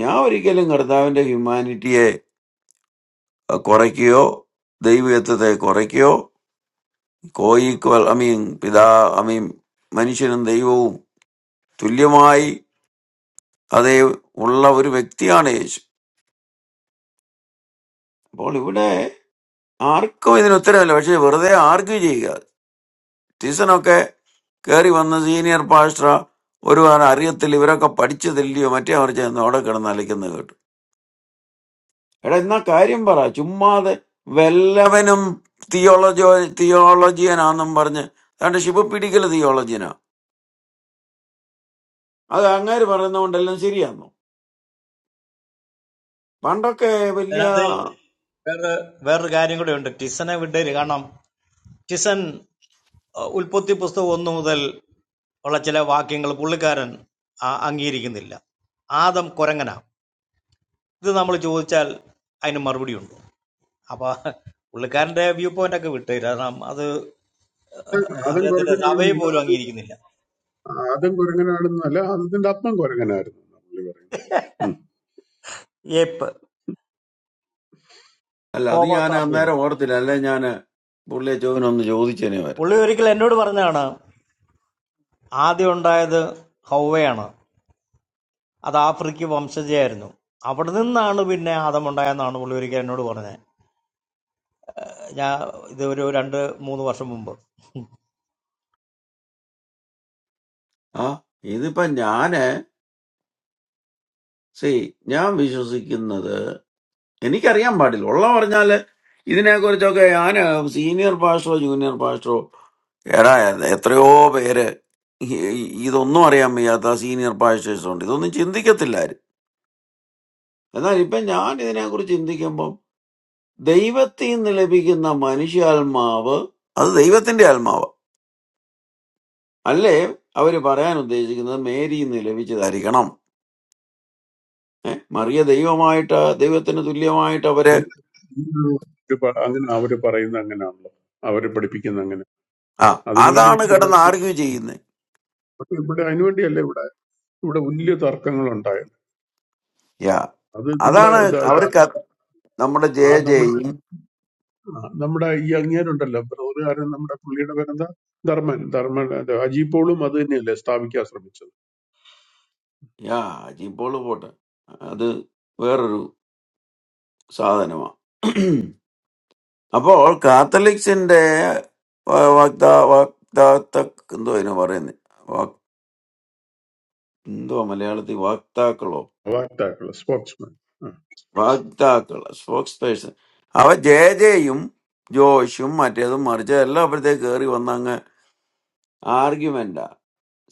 ഞാൻ ഒരിക്കലും കർത്താവിന്റെ ഹ്യൂമാനിറ്റിയെ കുറയ്ക്കുകയോ ദൈവത്വത്തെ കുറയ്ക്കുകയോ കോയിക്വൽ ഐ മീൻ പിതാ ഐ മീൻ മനുഷ്യനും ദൈവവും തുല്യമായി അതേ ഉള്ള ഒരു വ്യക്തിയാണ് യേശു അപ്പോൾ ഇവിടെ ആർക്കും ഇതിന് ഉത്തരമില്ല പക്ഷെ വെറുതെ ആർഗ്യൂ ചെയ്യുക ടീസനൊക്കെ കയറി വന്ന സീനിയർ പാസ്റ്റർ ഒരു അറിയത്തില്ല ഇവരൊക്കെ പഠിച്ചതില്ലയോ മറ്റേ അവർ ചെന്ന് അവിടെ കിടന്ന് അലയ്ക്കുന്നത് കേട്ടു. എടാ എന്നാ കാര്യം പറ ചുമ്മാതെ വല്ലവനും തിയോളജി തിയോളജിയനാന്നും പറഞ്ഞ് അതുകൊണ്ട് ശിവ പിടിക്കൽ തിയോളജിയനാ അത് അങ്ങേര് പറയുന്നതുകൊണ്ടെല്ലാം ശരിയാന്നോ പണ്ടൊക്കെ വലിയ
അതിനകത്ത് വേറെ വേറൊരു കാര്യം കൂടെ ഉണ്ട് ടിസനെ വിട്ടേര് കാരണം ടിസൻ അഹ് ഉൽപ്പത്തി പുസ്തകം ഒന്ന് മുതൽ ഉള്ള ചില വാക്യങ്ങൾ പുള്ളിക്കാരൻ ആ- അംഗീകരിക്കുന്നില്ല ആദം കുരങ്ങനാ ഇത് നമ്മൾ ചോദിച്ചാൽ അതിന് മറുപടി ഉണ്ട് അപ്പൊ പുള്ളിക്കാരന്റെ വ്യൂ പോയിന്റ് ഒക്കെ വിട്ടു കാരണം അത്
ആദം
അദ്ദേഹത്തിന്റെ സഭയും
കുരങ്ങനാണെന്നില്ല
പോലും
അത്
അംഗീകരിക്കുന്നില്ല
ആദം കുരങ്ങനാണെന്നല്ല ആദത്തിന്റെ ആത്മം കുരങ്ങനായിരുന്നു എന്നാ പുള്ളി പറയുന്നത് ഉം.
ഏപ്പ്
അല്ല അത് ഞാൻ
ഹോമോസാപ്പിയൻ
അന്നേരം ഓർത്തില്ല അല്ലെ ഞാൻ പുള്ളിയെ ചോദിനൊന്ന് ചോദിച്ചേനെ വരും
പുള്ളി ഒരിക്കൽ എന്നോട് പറഞ്ഞാണ് ആദ്യം ഉണ്ടായത് ഹൗവയാണ് അത് ആഫ്രിക്ക വംശജയായിരുന്നു അവിടെ നിന്നാണ് പിന്നെ ആദം ഉണ്ടായെന്നാണ് പുള്ളി ഒരിക്കൽ എന്നോട് പറഞ്ഞത് ഞാൻ ഇത് ഒരു രണ്ട് മൂന്ന് വർഷം മുമ്പ്
ആ ഇതിപ്പോ ഞാന് സി ഞാൻ വിശ്വസിക്കുന്നത് എനിക്കറിയാൻ പാടില്ല ഉള്ള പറഞ്ഞാല് ഇതിനെ കുറിച്ചൊക്കെ ഞാൻ സീനിയർ പാസ്റ്ററോ ജൂനിയർ പാസ്റ്ററോ എടാ എ- എത്രയോ പേര് ഈ- ഈ- ഇതൊന്നും അറിയാൻ വയ്യാത്ത സീനിയർ പാസ്റ്റേഴ്സ് ഉണ്ട് ഇതൊന്നും ചിന്തിക്കത്തില്ല ആരും എന്നാൽ ഇപ്പൊ ഞാൻ ഇതിനെക്കുറിച്ച് ചിന്തിക്കുമ്പോൾ ദൈവത്തിൽ നിന്ന് ലഭിക്കുന്ന മനുഷ്യാത്മാവ് അത് ദൈവത്തിന്റെ ആത്മാവ് അല്ലേ അവര് പറയാൻ ഉദ്ദേശിക്കുന്നത് മേരിയിൽ നിന്ന് ലഭിച്ചതായിരിക്കണം ഏ? മറിയ ദൈവമായിട്ട് ദൈവത്തിന് തുല്യമായിട്ട് അവര്
അങ്ങനെ അങ്ങനെയുള്ള ഒരു പ- അങ്ങനെ അവര് പറയുന്ന അങ്ങനെയാണല്ലോ അവര് പഠിപ്പിക്കുന്ന അങ്ങനെ
ആ അതാണ്
അതിനുവേണ്ടിയല്ലേ ഇവിടെ
കിടന്ന് ആർഗ്യൂ ചെയ്യുന്നത്
പക്ഷെ ഇവിടെ അതിനുവേണ്ടിയല്ലേ ഇവിടെ ഇവിടെ വലിയ തർക്കങ്ങൾ ഉണ്ടായത്
യാ
അത് നമ്മുടെ
അതാണ്
ഇത- ഇത-
അവർക്ക് നമ്മുടെ ജയ
ആ നമ്മുടെ
ജയും
ആ നമ്മുടെ ഈ അങ്ങേരുണ്ടല്ലോ ബ്രോറുകാരൻ നമ്മുടെ പുള്ളിയുടെ പേരെന്താ ധർമ്മൻ ധർമ്മൻ അത് അജീപോളും അത് തന്നെയല്ലേ സ്ഥാപിക്കാൻ ശ്രമിച്ചത്
യാ അജിപ്പോൾ പോട്ടെ അത് വേറൊരു സാധനമാണ് അപ്പോൾ കാത്തലിക്സിന്റെ വ- വാഗ്ദാ വാഗ്ദാത്ത എന്തോ അതിന് പറയുന്നത് എന്തോ മലയാളത്തിൽ വാക്താക്കളോ
വാക്താക്കള് സ്പോക്സ്മാൻ
വാഗ്ദാക്കൾ സ്പോക്സ് പേഴ്സൺ അവ ജെ ജെയും ജോഷും മറ്റേതും മറിച്ച് എല്ലാം അപ്പോഴത്തേക്ക് കയറി വന്ന അങ്ങ് ആർഗ്യുമെന്റാ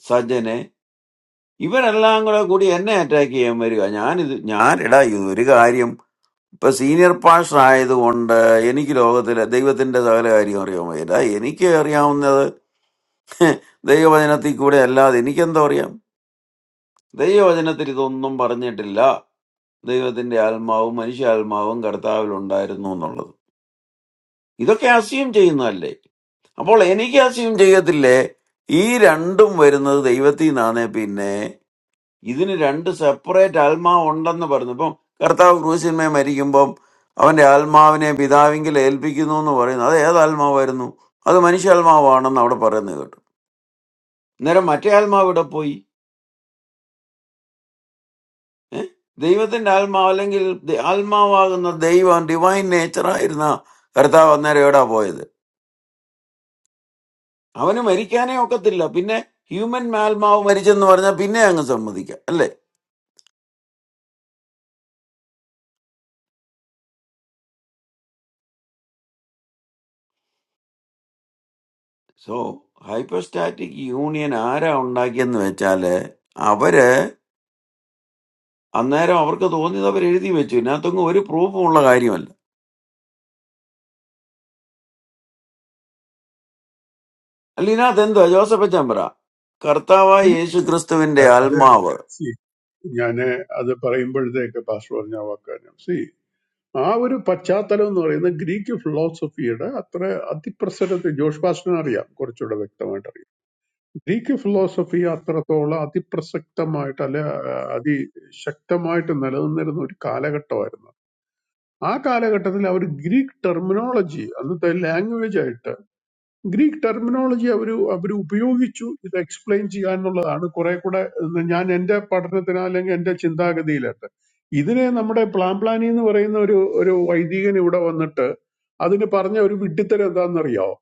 സജ്ജനെ ഇവരെല്ലാം കൂടെ കൂടി എന്നെ അറ്റാക്ക് ചെയ്യാൻ വരിക ഞാനിത് ഞാനിടാ ഇത് ഒരു കാര്യം ഇപ്പൊ സീനിയർ പാസ്റ്റർ ആയതുകൊണ്ട് എനിക്ക് ലോകത്തിലെ ദൈവത്തിന്റെ സകല കാര്യം അറിയാൻ വയ്യ എനിക്ക് അറിയാവുന്നത് [LAUGHS] ദൈവവചനത്തിൽ കൂടെ അല്ലാതെ എനിക്കെന്താ അറിയാം ദൈവവചനത്തിൽ ഇതൊന്നും പറഞ്ഞിട്ടില്ല ദൈവത്തിന്റെ ആത്മാവും മനുഷ്യാത്മാവും കർത്താവിലുണ്ടായിരുന്നു എന്നുള്ളത് ഇതൊക്കെ അസ്യൂം ചെയ്യുന്നതല്ലേ അപ്പോൾ എനിക്ക് അസ്യൂം ചെയ്യത്തില്ലേ ഈ രണ്ടും വരുന്നത് ദൈവത്തിൽ നിന്നാണേ പിന്നെ ഇതിന് രണ്ട് സെപ്പറേറ്റ് ആത്മാവ് ഉണ്ടെന്ന് പറഞ്ഞു ഇപ്പം കർത്താവ് ക്രൂശിന്മേ മരിക്കുമ്പം അവന്റെ ആത്മാവിനെ പിതാവിങ്കിൽ ഏൽപ്പിക്കുന്നു എന്ന് പറയുന്നു അത് ഏത് ആത്മാവായിരുന്നു അത് മനുഷ്യാത്മാവാണെന്ന് അവിടെ പറയുന്നത് കേട്ടു അന്നേരം മറ്റേ ആത്മാവ് ഇവിടെ പോയി Deivathen almaalengil almaavag na deivan divine nature ra irna karthavam na reyada boyde. How many Mary kya na okathil a? Pinnae human almaav Mary chandwar na pinnae angamamadiya. Alle so hypostatic union aare onda kyanu vechalle. Aapere annaere aapar ka dhodni aapere erdi vechu. Na thongu mary prove onla gariyanda. Ali na thendu ajosa pechambara karthavai es grhasthavindi almaav.
അതെ ഞാൻ അത് പറയുമ്പോഴത്തേക്ക് pastor പറഞ്ഞ ആ വാക്കാണ് C ആ ഒരു പശ്ചാത്തലം എന്ന് പറയുന്ന ഗ്രീക്ക് ഫിലോസഫിയുടെ അത്ര അതിപ്രസരത്തെ ജോഷ് പാസ്റ്ററിനെ അറിയാം കുറച്ചുകൂടെ വ്യക്തമായിട്ട് അറിയാം ഗ്രീക്ക് ഫിലോസഫി അത്രത്തോളം അതിപ്രസക്തമായിട്ട് അല്ലെ ആ, അതിശക്തമായിട്ട് നിലനിന്നിരുന്ന ഒരു കാലഘട്ടമായിരുന്നു ആ കാലഘട്ടത്തിൽ അവർ ഗ്രീക്ക് ടെർമിനോളജി അന്നത്തെ ലാംഗ്വേജ് ആയിട്ട് ഗ്രീക്ക് ടെർമിനോളജി അവർ അവർ ഉപയോഗിച്ചു ഇത് എക്സ്പ്ലെയിൻ ചെയ്യാന്നുള്ളതാണ് കുറെ കൂടെ ഇത് ഞാൻ എൻ്റെ പഠനത്തിന് അല്ലെങ്കിൽ എൻ്റെ ചിന്താഗതിയിലട്ട് ഇതിനെ നമ്മുടെ പ്ലാൻ പ്ലാനി എന്ന് പറയുന്ന ഒരു ഒരു വൈദികൻ ഇവിടെ വന്നിട്ട് അതിന് പറഞ്ഞ ഒരു വിഡ്ഢിത്തരം എന്താണെന്നറിയാവോ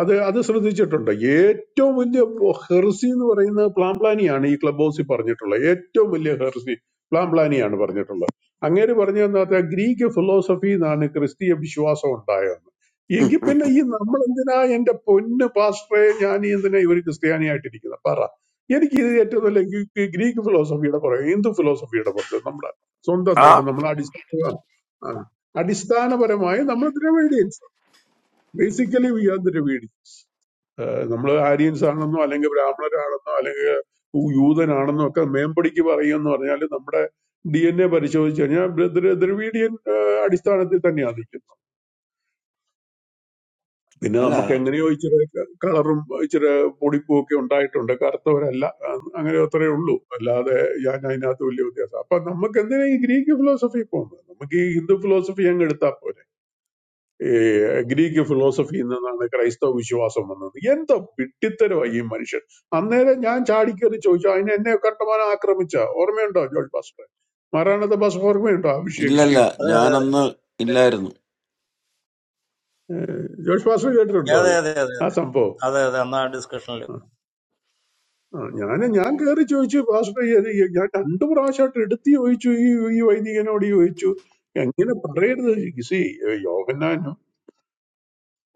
അത് അത് ശ്രദ്ധിച്ചിട്ടുണ്ട് ഏറ്റവും വലിയ ഹെർസി എന്ന് പറയുന്ന പ്ലാൻ പ്ലാനിയാണ് ഈ ക്ലബ് ഹൗസിൽ പറഞ്ഞിട്ടുള്ളത് ഏറ്റവും വലിയ ഹെർസി പ്ലാൻ പ്ലാനിയാണ് പറഞ്ഞിട്ടുള്ളത് അങ്ങേര് പറഞ്ഞു എന്താ ഗ്രീക്ക് ഫിലോസഫി എന്നാണ് ക്രിസ്തീയ വിശ്വാസം ഉണ്ടായത് എങ്കിൽ പിന്നെ ഈ നമ്മൾ എന്തിനാ എന്റെ പൊന്ന് പാസ്റ്ററെ ഞാൻ ഈ എന്തിനാ ഒരു ക്രിസ്ത്യാനിയായിട്ടിരിക്കുന്നത് പറ എനിക്ക് ഇത് ഏറ്റവും നല്ല ഈ- ഈ ഗ്രീക്ക് ഫിലോസഫിയുടെ പുറകെ ഹിന്ദു ഫിലോസഫിയുടെ പുറത്ത് നമ്മുടെ സ്വന്തം നാട്
Ah?
നമ്മുടെ അടിസ്ഥാന ആ, അടിസ്ഥാനപരമായി നമ്മൾ ദ്രവിഡിയൻസ് ബേസിക്കലി വി ആർ ദ്രവിഡി നമ്മൾ ആര്യൻസ് ആണെന്നോ അല്ലെങ്കിൽ ബ്രാഹ്മണരാണെന്നോ അല്ലെങ്കിൽ യൂ- യൂതനാണെന്നോ ഒക്കെ മേമ്പടിക്ക് പറയുമെന്ന് പറഞ്ഞാൽ നമ്മുടെ ഡി എൻ എ പരിശോധിച്ച് കഴിഞ്ഞാൽ ദ്ര- ദ്ര- ദ്രവീഡിയൻ ആ, അടിസ്ഥാനത്തിൽ തന്നെയാണ് നിൽക്കുന്നത് പിന്നെ നമുക്ക്
Ala?
എങ്ങനെയോ ഇച്ചിരി കളറും ഇച്ചിരി പൊടിപ്പും ഒക്കെ ഉണ്ടായിട്ടുണ്ട് കറുത്തവരല്ല അ- അങ്ങനെ അത്രേ ഉള്ളൂ അല്ലാതെ ഞാൻ അതിനകത്ത് വലിയ വ്യത്യാസം അപ്പൊ നമുക്ക് എന്തിനാ ഈ ഗ്രീക്ക് ഫിലോസഫി പോകുന്നത് നമുക്ക് ഈ ഹിന്ദു ഫിലോസഫി അങ്ങ് എടുത്താൽ പോരെ ഈ ഗ്രീക്ക് ഫിലോസഫിയിൽ നിന്നാണ് ക്രൈസ്തവ വിശ്വാസം വന്നത് എന്തോ പിട്ടിത്തരമായി ഈ മനുഷ്യൻ അന്നേരം ഞാൻ ചാടിക്കറി ചോദിച്ചു അതിന് എന്നെ കട്ടമാനം ആക്രമിച്ച ഓർമ്മയുണ്ടോ ജോർജ് പാസ്റ്റർ മാറാണത്തെ പാസ്റ്റർ ഓർമ്മയുണ്ടോ ആ
Illa
വിഷയങ്ങൾ
illa.
അതെ അതെ
Janna na illa irnu.
ഏഹ് ജോർജ് പാസ്റ്റർ കേട്ടിട്ടുണ്ടോ
അതെ
അത്
അതെ അതെ അതെ
ആ സംഭവം
അതെ അതെ അന്ന് ആ ഡിസ്കഷനിൽ
ആ, ഞാന് ഞാൻ കയറി ചോദിച്ചു പാസ്റ്റർ ഇത് ഈ- ഞാൻ രണ്ടു പ്രാവശ്യമായിട്ട് എടുത്ത് ചോദിച്ചു ഈ ഈ വൈദികനോട് ചോദിച്ചു എങ്ങനെ പറയരുത് സി യോഹന്നാൻ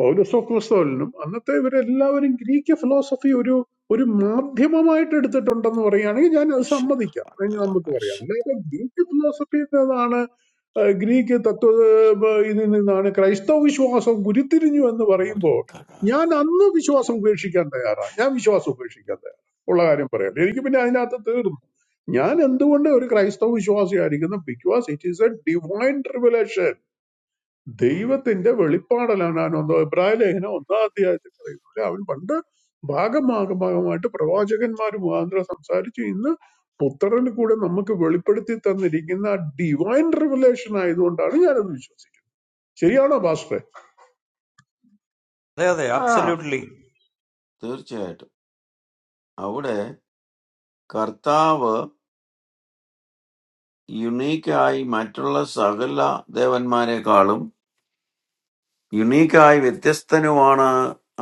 പൗലോസോ ക്രിസ്തോലിനും അന്നത്തെ ഇവരെല്ലാവരും ഗ്രീക്ക് ഫിലോസഫി ഒരു ഒരു മാധ്യമമായിട്ട് എടുത്തിട്ടുണ്ടെന്ന് പറയുകയാണെങ്കിൽ ഞാൻ അത് സമ്മതിക്കാം എന്ന് നമുക്ക് പറയാം അല്ലാതെ ഗ്രീക്ക് ഫിലോസഫി എന്നതാണ് ആ, ഗ്രീക്ക് തത്വ ആ, ഇതിൽ നിന്നാണ് ക്രൈസ്തവ വിശ്വാസം ഉരുത്തിരിഞ്ഞു എന്ന് പറയുമ്പോൾ ഞാൻ അന്ന് വിശ്വാസം ഉപേക്ഷിക്കാൻ തയ്യാറാണ് ഞാൻ വിശ്വാസം ഉപേക്ഷിക്കാൻ തയ്യാറാണ് ഉള്ള കാര്യം പറയാം എനിക്ക് പിന്നെ അതിനകത്ത് തീർന്നു ഞാൻ എന്തുകൊണ്ട് ഒരു ക്രൈസ്തവ വിശ്വാസിയായിരിക്കുന്നു because it is a divine revelation ദൈവത്തിന്റെ വെളിപ്പാടലാണ് ഞാൻ ഒന്നോ ഇബ്രാഹിം ലേഖനം ഒന്നാം അധ്യായത്തിൽ പറയുന്നത് അവൻ പണ്ട് ഭാഗം ഭാഗം ഭാഗമായിട്ട് പ്രവാചകന്മാർ മുഖാന്തരം സംസാരിച്ചു ഇന്ന് പുത്രന് കൂടെ നമുക്ക് വെളിപ്പെടുത്തി തന്നിരിക്കുന്ന ഡിവൈൻ റിവലേഷൻ ആയതുകൊണ്ടാണ് ഞാനത് വിശ്വസിക്കുന്നത് ശരിയാണോ ഭാസ്കർ
അതെ അതെ
ആ
അബ്സല്യൂട്ട്ലി
തീർച്ചയായിട്ടും അവിടെ കർത്താവ് യുണീക്കായി മറ്റുള്ള സകല ദേവന്മാരെക്കാളും യുണീക്കായി വ്യത്യസ്തനുമാണ്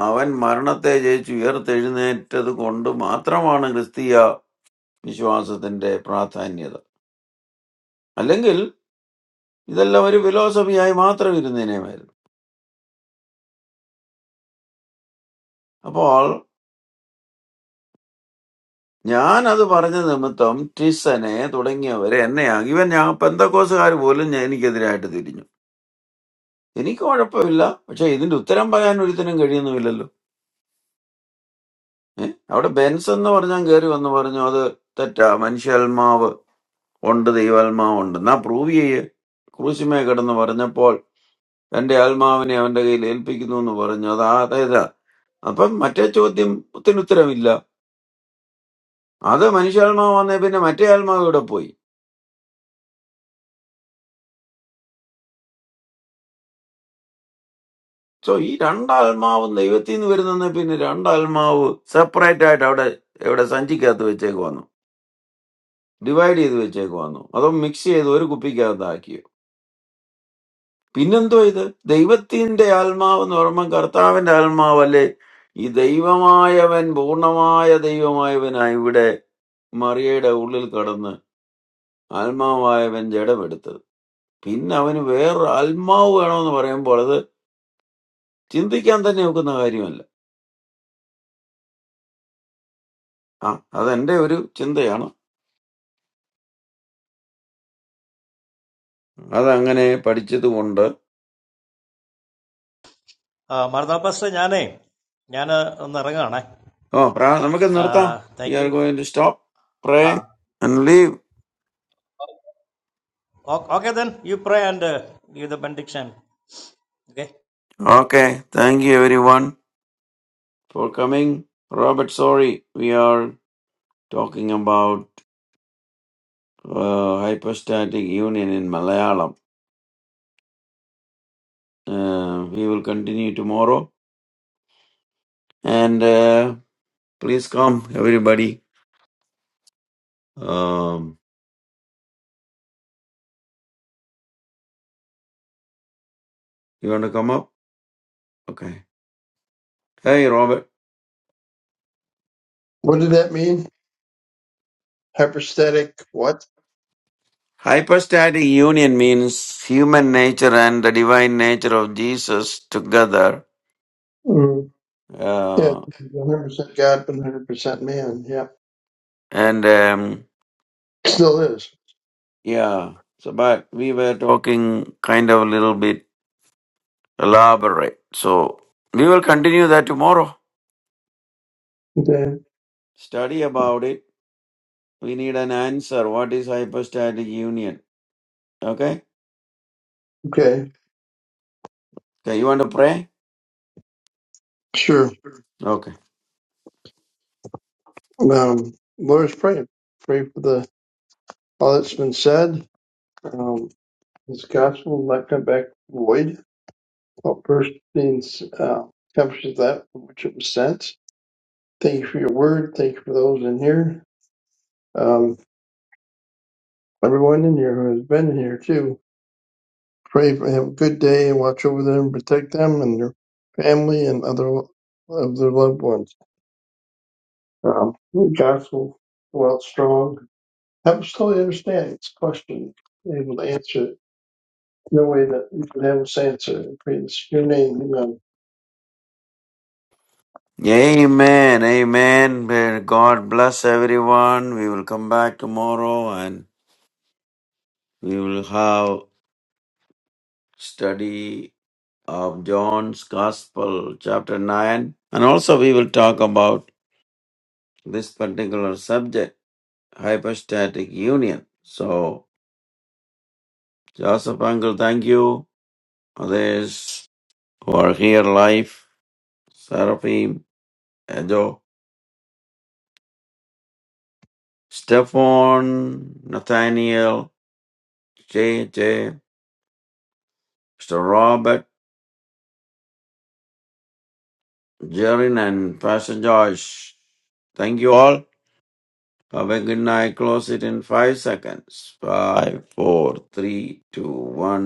അവൻ മരണത്തെ ജയിച്ച് ഉയർത്തെഴുന്നേറ്റത് കൊണ്ട് മാത്രമാണ് ക്രിസ്തീയ വിശ്വാസത്തിന്റെ പ്രാധാന്യത അല്ലെങ്കിൽ ഇതെല്ലാം ഒരു ഫിലോസഫിയായി മാത്രം ഇരുന്നേനെയുമായിരുന്നു അപ്പോൾ ഞാൻ അത് പറഞ്ഞ നിമിത്തം ടിസനെ തുടങ്ങിയവരെ എന്നെ ഇവൻ ഞാൻ പെന്തക്കോസുകാർ പോലും ഞാൻ എനിക്കെതിരായിട്ട് തിരിഞ്ഞു എനിക്ക് കുഴപ്പമില്ല പക്ഷെ ഇതിന്റെ ഉത്തരം പറയാൻ ഒരുത്തിനും കഴിയുന്നുമില്ലല്ലോ ഏഹ് അവിടെ ബെൻസ് എന്ന് പറഞ്ഞാൽ കയറി വന്ന് പറഞ്ഞു അത് തെറ്റാ മനുഷ്യാത്മാവ് ഉണ്ട് ദൈവാത്മാവ് ഉണ്ട് എന്നാ പ്രൂവ് ചെയ്യേ ക്രൂശിമേ കിടന്ന് പറഞ്ഞപ്പോൾ തന്റെ ആത്മാവിനെ അവന്റെ കയ്യിൽ ഏൽപ്പിക്കുന്നു എന്ന് പറഞ്ഞു അത് അതേതാ അപ്പം മറ്റേ ചോദ്യത്തിന് ഉത്തരവില്ല അത് മനുഷ്യാത്മാവ് വന്നേ പിന്നെ മറ്റേ ആത്മാവ് ഇവിടെ പോയി So he ran dalmau, dayvat tin virdan ne pinni ran dalmau. Surprise at our, our sanji ke adhuveche gano. Divide idhuveche gano. Madam mixi idhu or kupi ke adakiye. Pinnan to idhu. Dayvat tin de dalmau normal karthaavan dalmau valle. Idayiva maayavan boona maayadayiva maayavanaiyude mariyeda uril karunnna. Dalmau maayavan jada bittu. Pinnavan wear dalmau garanu parayam borade. Chinti ke andha nevo ko na gariyam le. Ha? Ado ende oru chinti ya na? That's अंगने पढ़ी ची तो border
മറുനാൾ pastor ഞാനേ ഞാൻ ഒന്ന് ഇറങ്ങുകയാണേ
हो प्राण समेकन नर्ता we
thank you
are going to stop
ah
pray and leave
okay then you pray and give the benediction okay
okay thank you everyone for coming Robert sorry we are talking about hypostatic union in Malayalam we will continue tomorrow and please come everybody um you want to come up okay hey Robert
What did that mean? Hypostatic what?
Hypostatic union means human nature and the divine nature of Jesus together.
Mm, yeah,
Uh,
100% God, but 100% man. Yeah,
and um,
still is.
yeah, so but we were talking kind of a little bit elaborate. So we will continue that tomorrow.
Okay,
Study about it. We need an answer. What is hypostatic union? Okay.
okay,
Okay. You want to pray?
sure.
Okay.
Um, Lord is praying. Pray for the all that's been said. Um, this gospel will not come back void. All first things uh, accomplishes that for which it was sent. Thank you for your word. Thank you for those in here. Um, everyone in here who has been in here too. Pray for him. Good day and watch over them protect them and their family and other of their loved ones. Um, the gospel go out strong. Help us totally understand this question. Able to answer it in a way that we can have us answer. I pray this in your name. Amen.
Amen. Amen. May God bless everyone. We will come back tomorrow and we will have study of John's Gospel, chapter 9. And also, we will talk about this particular subject, hypostatic union. So, Joseph Uncle, thank you. Others who are here live, Seraphim, Edo, Stefan, Nathaniel, J J, Mr. Robert, Jerin, and Pastor Joyce. Thank you all. Have a good night. Close it in five seconds. Five, four, three, two, one.